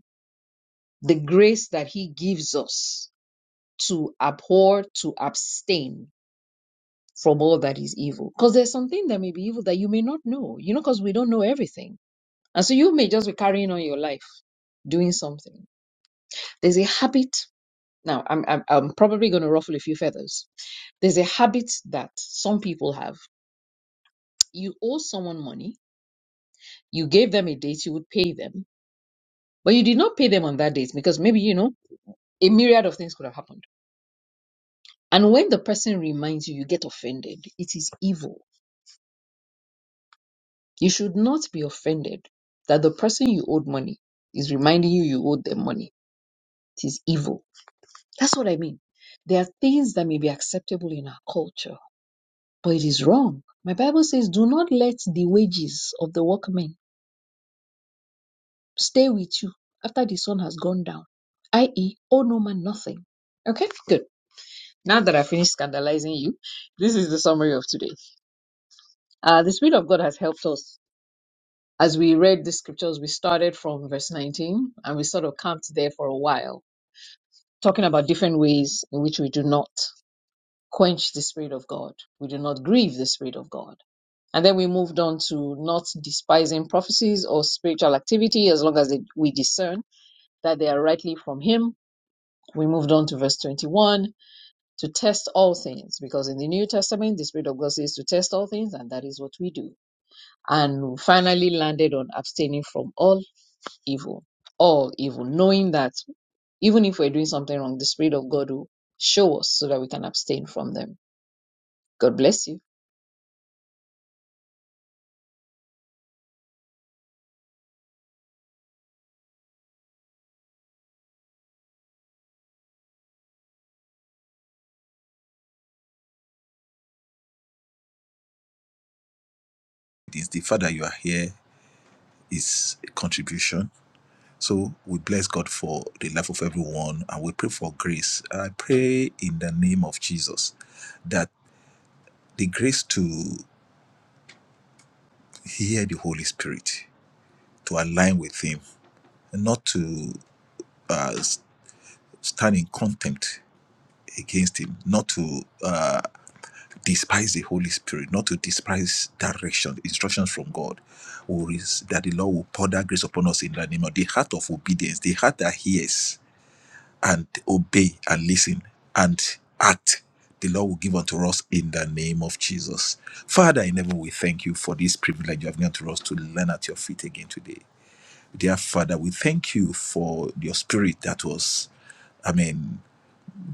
Speaker 5: The grace that he gives us to abhor, to abstain from all that is evil. Because there's something that may be evil that you may not know, you know, because we don't know everything. And so you may just be carrying on your life doing something. There's a habit. Now, I'm, I'm, I'm probably going to ruffle a few feathers There's a habit that some people have. You owe someone money, you gave them a date, you would pay them, but you did not pay them on that date because maybe, you know, a myriad of things could have happened. And when the person reminds you, you get offended. It is evil. You should not be offended that the person you owed money is reminding you you owed them money. It is evil. That's what I mean. There are things that may be acceptable in our culture, but it is wrong. My Bible says, do not let the wages of the workmen stay with you after the sun has gone down, i.e., owe no man nothing. Okay, good. Now that I finished scandalizing you, this is the summary of today. Uh, the Spirit of God has helped us as we read the scriptures. We started from verse 19 and we sort of camped there for a while, talking about different ways in which we do not quench the Spirit of God, we do not grieve the Spirit of God. And then we moved on to not despising prophecies or spiritual activity as long as they, we discern that they are rightly from Him We moved on to verse 21 to test all things, because in the New Testament, the Spirit of God says to test all things, and that is what we do. And we finally landed on abstaining from all evil, all evil, knowing that even if we're doing something wrong, the Spirit of God will show us so that we can abstain from them. God bless you.
Speaker 2: It is the fact that you are here is a contribution. So we bless God for the life of everyone and we pray for grace. I pray in the name of Jesus that the grace to hear the Holy Spirit, to align with Him, not to uh, s- stand in contempt against Him, not to. uh, despise the Holy Spirit, not to despise direction, instructions from God, or is that the Lord will pour that grace upon us in the name of the heart of obedience, the heart that hears and obey and listen and act. The Lord will give unto us in the name of Jesus. Father in heaven, we thank you for this privilege you have given to us to learn at your feet again today. Dear Father, we thank you for your spirit that was, Amen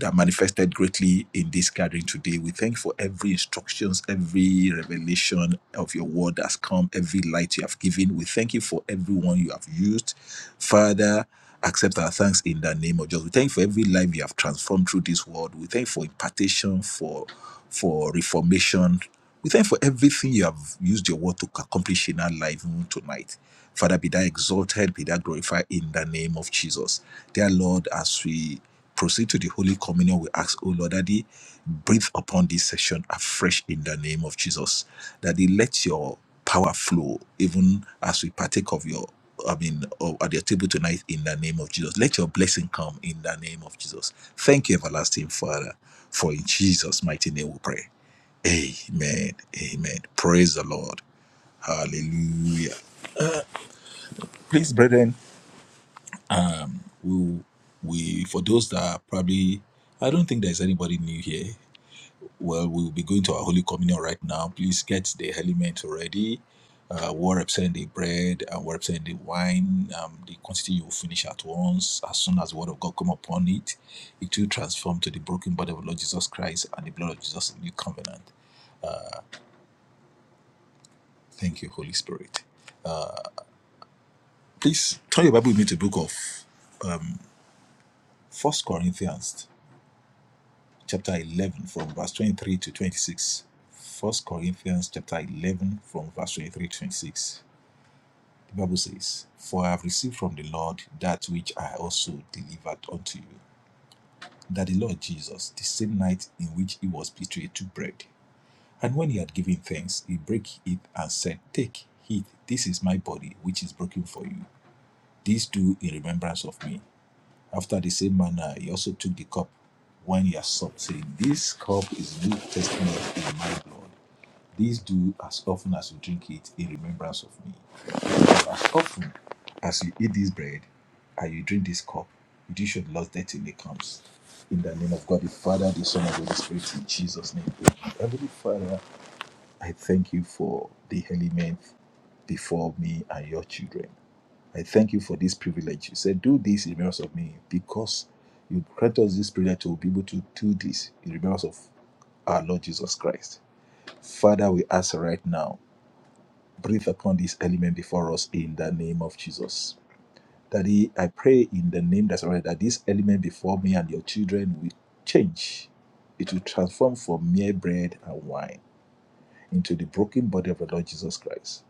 Speaker 2: that manifested greatly in this gathering today. We thank you for every instructions, every revelation of your word that's come, every light you have given. We thank you for everyone you have used. Father, accept our thanks in the name of Jesus. We thank you for every life you have transformed through this word. We thank you for impartation, for for reformation. We thank you for everything you have used your word to accomplish in our life even tonight. Father, be thou exalted, be thou glorified in the name of Jesus. Dear Lord, as we proceed to the Holy Communion, we ask, O Lord, Daddy, breathe upon this session afresh in the name of Jesus. that Daddy, let your power flow even as we partake of your. I mean, of- at your table tonight in the name of Jesus. Let your blessing come in the name of Jesus. Thank you, everlasting Father, for in Jesus' mighty name we pray. Amen. Amen. Praise the Lord. Hallelujah. Please, brethren, we we for those that are probably i don't think there's anybody new here well we'll be going to our holy communion right now please get the element ready uh what represent the bread and what represent the wine um the quantity you will finish at once as soon as the word of god come upon it it will transform to the broken body of the lord jesus christ and the blood of jesus in the new covenant thank you holy spirit please turn your bible with me to the book of first corinthians chapter 11 from verse 23 to 26. 1 Corinthians chapter 11 from verse 23 to 26. The Bible says, For I have received from the Lord that which I also delivered unto you, that the Lord Jesus, the same night in which he was betrayed, took bread. And when he had given thanks, he brake it and said, Take, eat, this is my body, which is broken for you. This do in remembrance of me. After the same manner, he also took the cup when he had supped, saying, This cup is New Testament in my blood. This do as often as you drink it in remembrance of me. For as often as you eat this bread and you drink this cup, you do show the Lord's death till he comes. In the name of God, the Father, the Son, and the Holy Spirit, in Jesus' name. Amen. Heavenly Father, I thank you for the element before me and your children. I thank you for this privilege. You said, Do this in remembrance of me because you grant us this privilege to be able to do this in remembrance of our Lord Jesus Christ. Father, we ask right now, breathe upon this element before us in the name of Jesus. Daddy, I pray in the name that's already that this element before me and your children will change. It will transform from mere bread and wine into the broken body of the Lord Jesus Christ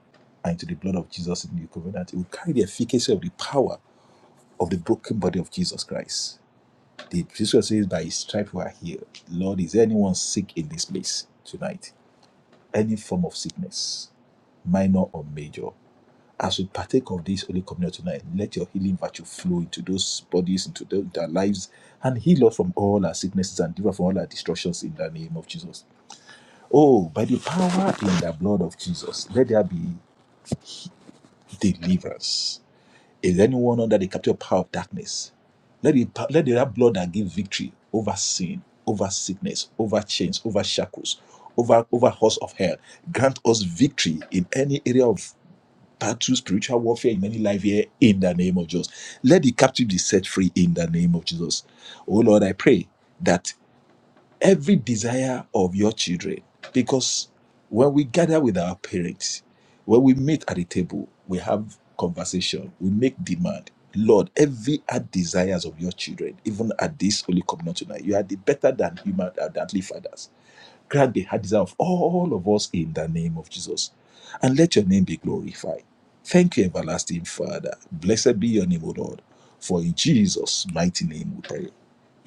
Speaker 2: and into the blood of Jesus in the new covenant. It will carry the efficacy of the power of the broken body of Jesus Christ. The scripture says, By his stripes we are healed. Lord, is there anyone sick in this place tonight? Any form of sickness, minor or major. As we partake of this Holy Communion tonight, let your healing virtue flow into those bodies, into, their into our lives, and heal us from all our sicknesses and deliver us from all our destructions in the name of Jesus. Oh, by the power in the blood of Jesus, let there be deliverance. Is anyone under the captive power of darkness? Let the, let the blood that gives victory over sin, over sickness, over chains, over shackles, over, over horse of hell, grant us victory in any area of battle, spiritual warfare in any life here in the name of Jesus. Let the captive be set free in the name of Jesus. Oh Lord, I pray that every desire of your children. Because when we gather with our parents, when we meet at the table, we have conversation, we make demand. Lord, every heart desires of your children, even at this holy communion tonight, you are the better than human than earthly fathers. Grant the heart desire of all of us in the name of Jesus. And let your name be glorified. Thank you, everlasting Father. Blessed be your name, O Lord. For in Jesus' mighty name we pray.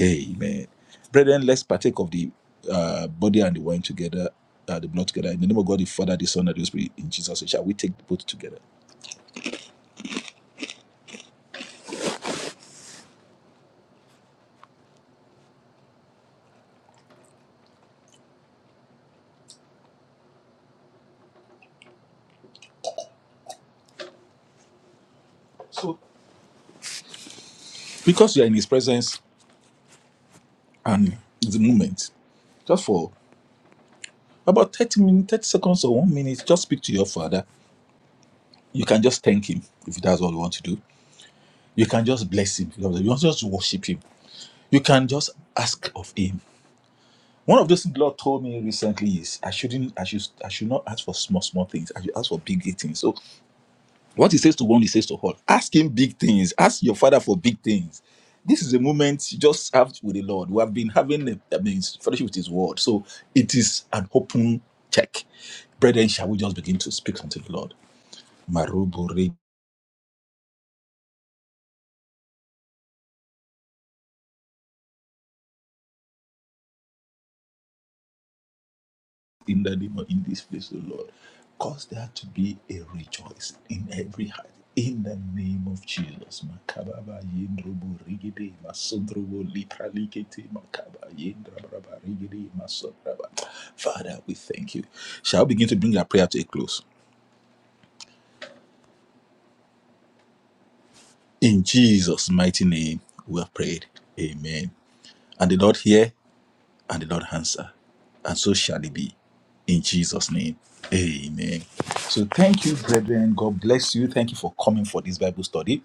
Speaker 2: Amen. Brethren, let's partake of the uh, body and the wine together, uh, the blood together. In the name of God, the Father, the Son, and the Holy Spirit, in Jesus' name, shall we take both together? So, because you are in His presence and the moment, just for about 30 minutes, 30 seconds or one minute, just speak to your Father You can just thank him if that's all you want to do. You can just bless him. You want just to worship him. You can just ask of him. One of those things the Lord told me recently is I shouldn't, I should, I should not ask for small, small things. I should ask for big big things. So what He says to one, He says to all. Ask Him big things. Ask your Father for big things. This is a moment you just have with the Lord. We have been having, a, I mean, fellowship with His Word. So it is an open check. Brethren, shall we just begin to speak unto the Lord? in the name of in this place, O Lord. Cause there to be a rejoicing in every heart. In the name of Jesus, Makababa Yendrobo Rigide, Masondrobo Lipra Likete, Makaba Yendrabraba Rigide, Masodraba. Father, we thank you. Shall we begin to bring our prayer to a close? In Jesus' mighty name, we have prayed. Amen. And the Lord hear. and the Lord answer. And so shall it be. In Jesus' name. Amen. So thank you, brethren. God bless you. Thank you for coming for this Bible study.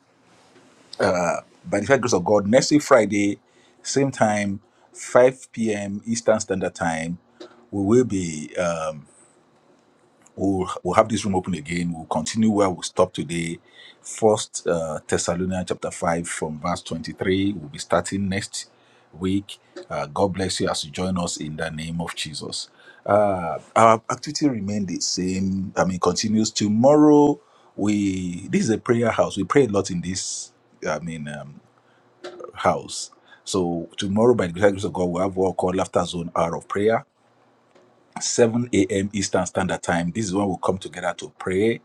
Speaker 2: By the grace of God, next week Friday, same time, 5 p.m. Eastern Standard Time, we will be. uh, We'll, we'll have this room open again. We'll continue where we stop today. First uh, Thessalonians chapter 5 from verse 23. We'll be starting next week. Uh, God bless you as you join us in the name of Jesus. Uh, our activity remained the same. I mean, continues tomorrow. We this is a prayer house. We pray a lot in this. I mean, um, house. So tomorrow, by the grace of God, we have what we call laughter zone hour of prayer 7 a.m. Eastern Standard Time. This is when we'll come together to pray.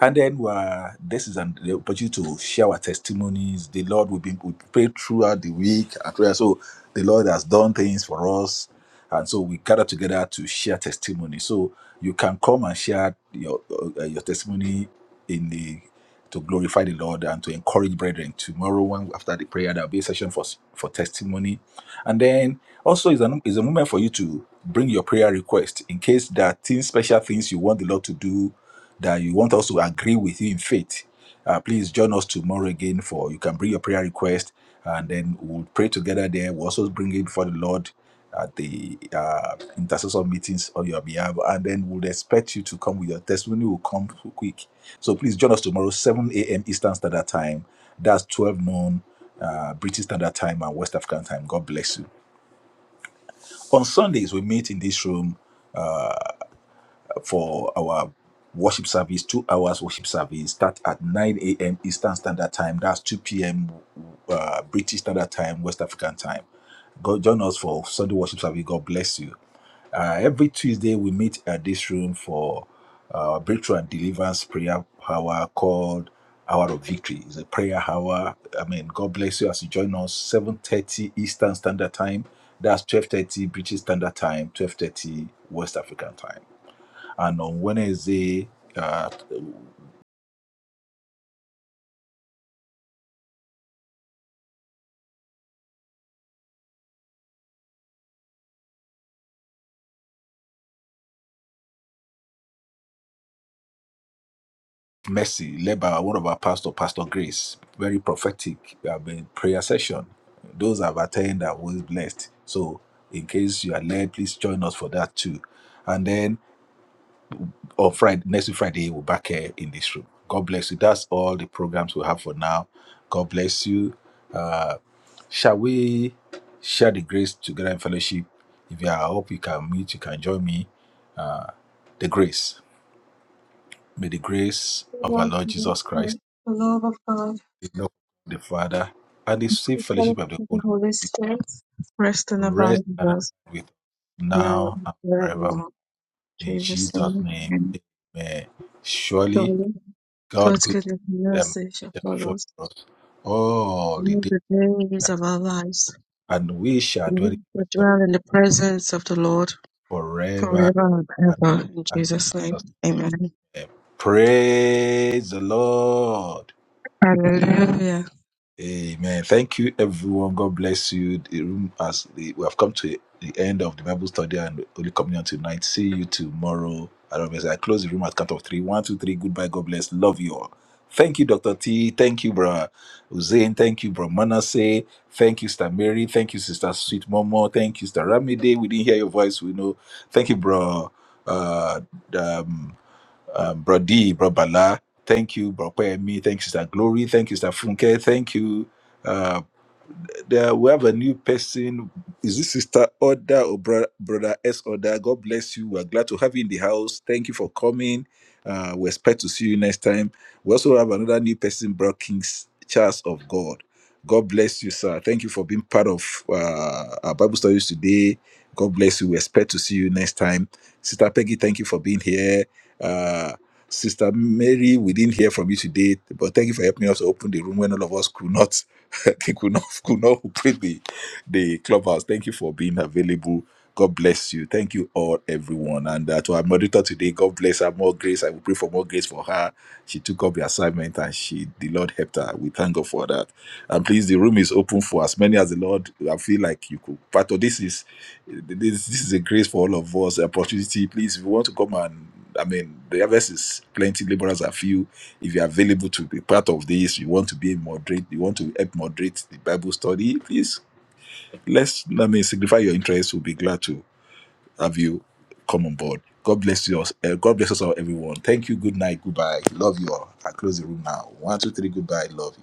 Speaker 2: And then we are, this is an the opportunity to share our testimonies. The Lord will be we pray throughout the week. and throughout- So the Lord has done things for us. And so we gather together to share testimony. So you can come and share your uh, your testimony in the to glorify the Lord and to encourage brethren. Tomorrow, one after the prayer, there'll be a session for for testimony and then also is a is a moment for you to bring your prayer request in case there are things, special things you want the Lord to do that you want us to agree with you in faith. Uh, please join us tomorrow again for you can bring your prayer request and then we'll pray together there. We'll also bring it before the Lord at the uh, intercessor meetings on your behalf, and then we'll expect you to come with your testimony. Will come quick, so please join us tomorrow, 7 a.m. Eastern Standard Time. That's 12 noon uh, British Standard Time and West African Time. God bless you. On Sundays, we meet in this room for our worship service, two hours worship service. Start at 9 a.m. Eastern Standard Time. That's 2 p.m. Uh, British Standard Time, West African Time. Go join us for Sunday worship service. God bless you. Uh, every Tuesday, we meet at this room for uh, breakthrough and deliverance prayer hour called Hour of Victory. It's a prayer hour. I mean, God bless you as you join us. 7.30 Eastern Standard Time. That's 12.30 British Standard Time, 12.30 West African Time and on Wednesday, uh, Mercy, led by one of our pastor, Pastor Grace, very prophetic uh, been prayer session. Those have attended are always blessed. So, in case you are led, please join us for that too. And then on Friday, next week Friday, we're back here in this room. God bless you. That's all the programs we have for now. God bless you. Uh, shall we share the grace together in fellowship? If you are up, you can meet, you can join me. The grace. May the grace of our Lord Jesus Christ, the love of the Father, and the sweet
Speaker 8: The
Speaker 2: fellowship of
Speaker 8: fellowship
Speaker 2: the
Speaker 8: of the
Speaker 2: Holy
Speaker 8: Holy
Speaker 2: Spirit
Speaker 8: Spirit rest and abide
Speaker 2: rest
Speaker 8: with
Speaker 2: and
Speaker 8: us
Speaker 2: abide with us
Speaker 8: now
Speaker 2: now
Speaker 8: and
Speaker 2: and forevermore.
Speaker 8: forevermore. In
Speaker 2: In
Speaker 8: Jesus'
Speaker 2: Jesus'
Speaker 8: name,
Speaker 2: name,
Speaker 8: amen.
Speaker 2: amen. Surely,
Speaker 8: Surely,
Speaker 2: God
Speaker 8: God's
Speaker 2: good
Speaker 8: goodness and
Speaker 2: and
Speaker 8: mercy shall
Speaker 2: mercy shall
Speaker 8: follow
Speaker 2: follow
Speaker 8: us
Speaker 2: us all
Speaker 8: in
Speaker 2: the
Speaker 8: all
Speaker 2: days,
Speaker 8: the days of our lives,
Speaker 2: and we shall
Speaker 8: and we
Speaker 2: dwell in the
Speaker 8: shall
Speaker 2: presence of
Speaker 8: dwell in the presence of the Lord
Speaker 2: the forever
Speaker 8: forever and
Speaker 2: and
Speaker 8: ever. In
Speaker 2: ever. In
Speaker 8: Jesus' name,
Speaker 2: Jesus'
Speaker 8: amen.
Speaker 2: name, amen. Praise the Lord.
Speaker 8: Hallelujah.
Speaker 2: Amen. Thank you, everyone. God bless you. The room as the, we have come to the end of the Bible study and Holy Communion tonight. See you tomorrow. I don't know, I close the room at count of three. One, two, three. Goodbye. God bless. Love you all. Thank you, Doctor T. Thank you, Bro Hussein. Thank you, Bro Manasseh. Thank you, Sister Mary. Thank you, Sister Sweet Momo. Thank you, Sister Ramide. We didn't hear your voice. We know. Thank you, Bro. Uh, um, um, Bro D, Bro Bala. Thank you, Bro Kwemi. Thank you, Sister Glory. Thank you, Sister Funke. Thank you, Um, there we have a new person. Is this sister Oda or bro- brother S Oda? God bless you. We're glad to have you in the house. Thank you for coming. Uh, we expect to see you next time. We also have another new person, Bro Kings Charles of God. God bless you, sir. Thank you for being part of uh, our Bible studies today. God bless you. We expect to see you next time. Sister Peggy, thank you for being here. Uh, Sister Mary, we didn't hear from you today, but thank you for helping us open the room when all of us could not. I think we know we know who played the the clubhouse. Thank you for being available. God bless you. Thank you all, everyone. And uh, to our moderator today, God bless her. More grace. I will pray for more grace for her. She took up the assignment and she the Lord helped her. We thank God for that. And please, the room is open for as many as the Lord. I feel like you could. But this is this this is a grace for all of us. Opportunity. Please, if you want to come and I mean, the harvest is plenty, laborers are few if you're available to be part of this, you want to be a moderate, you want to help moderate the Bible study, please let's let me signify your interest. We'll be glad to have you come on board. God bless you. all- Uh, God bless us all, everyone. Thank you. Good night. Goodbye. Love you all. I close the room now. One, two, three. Goodbye. Love you.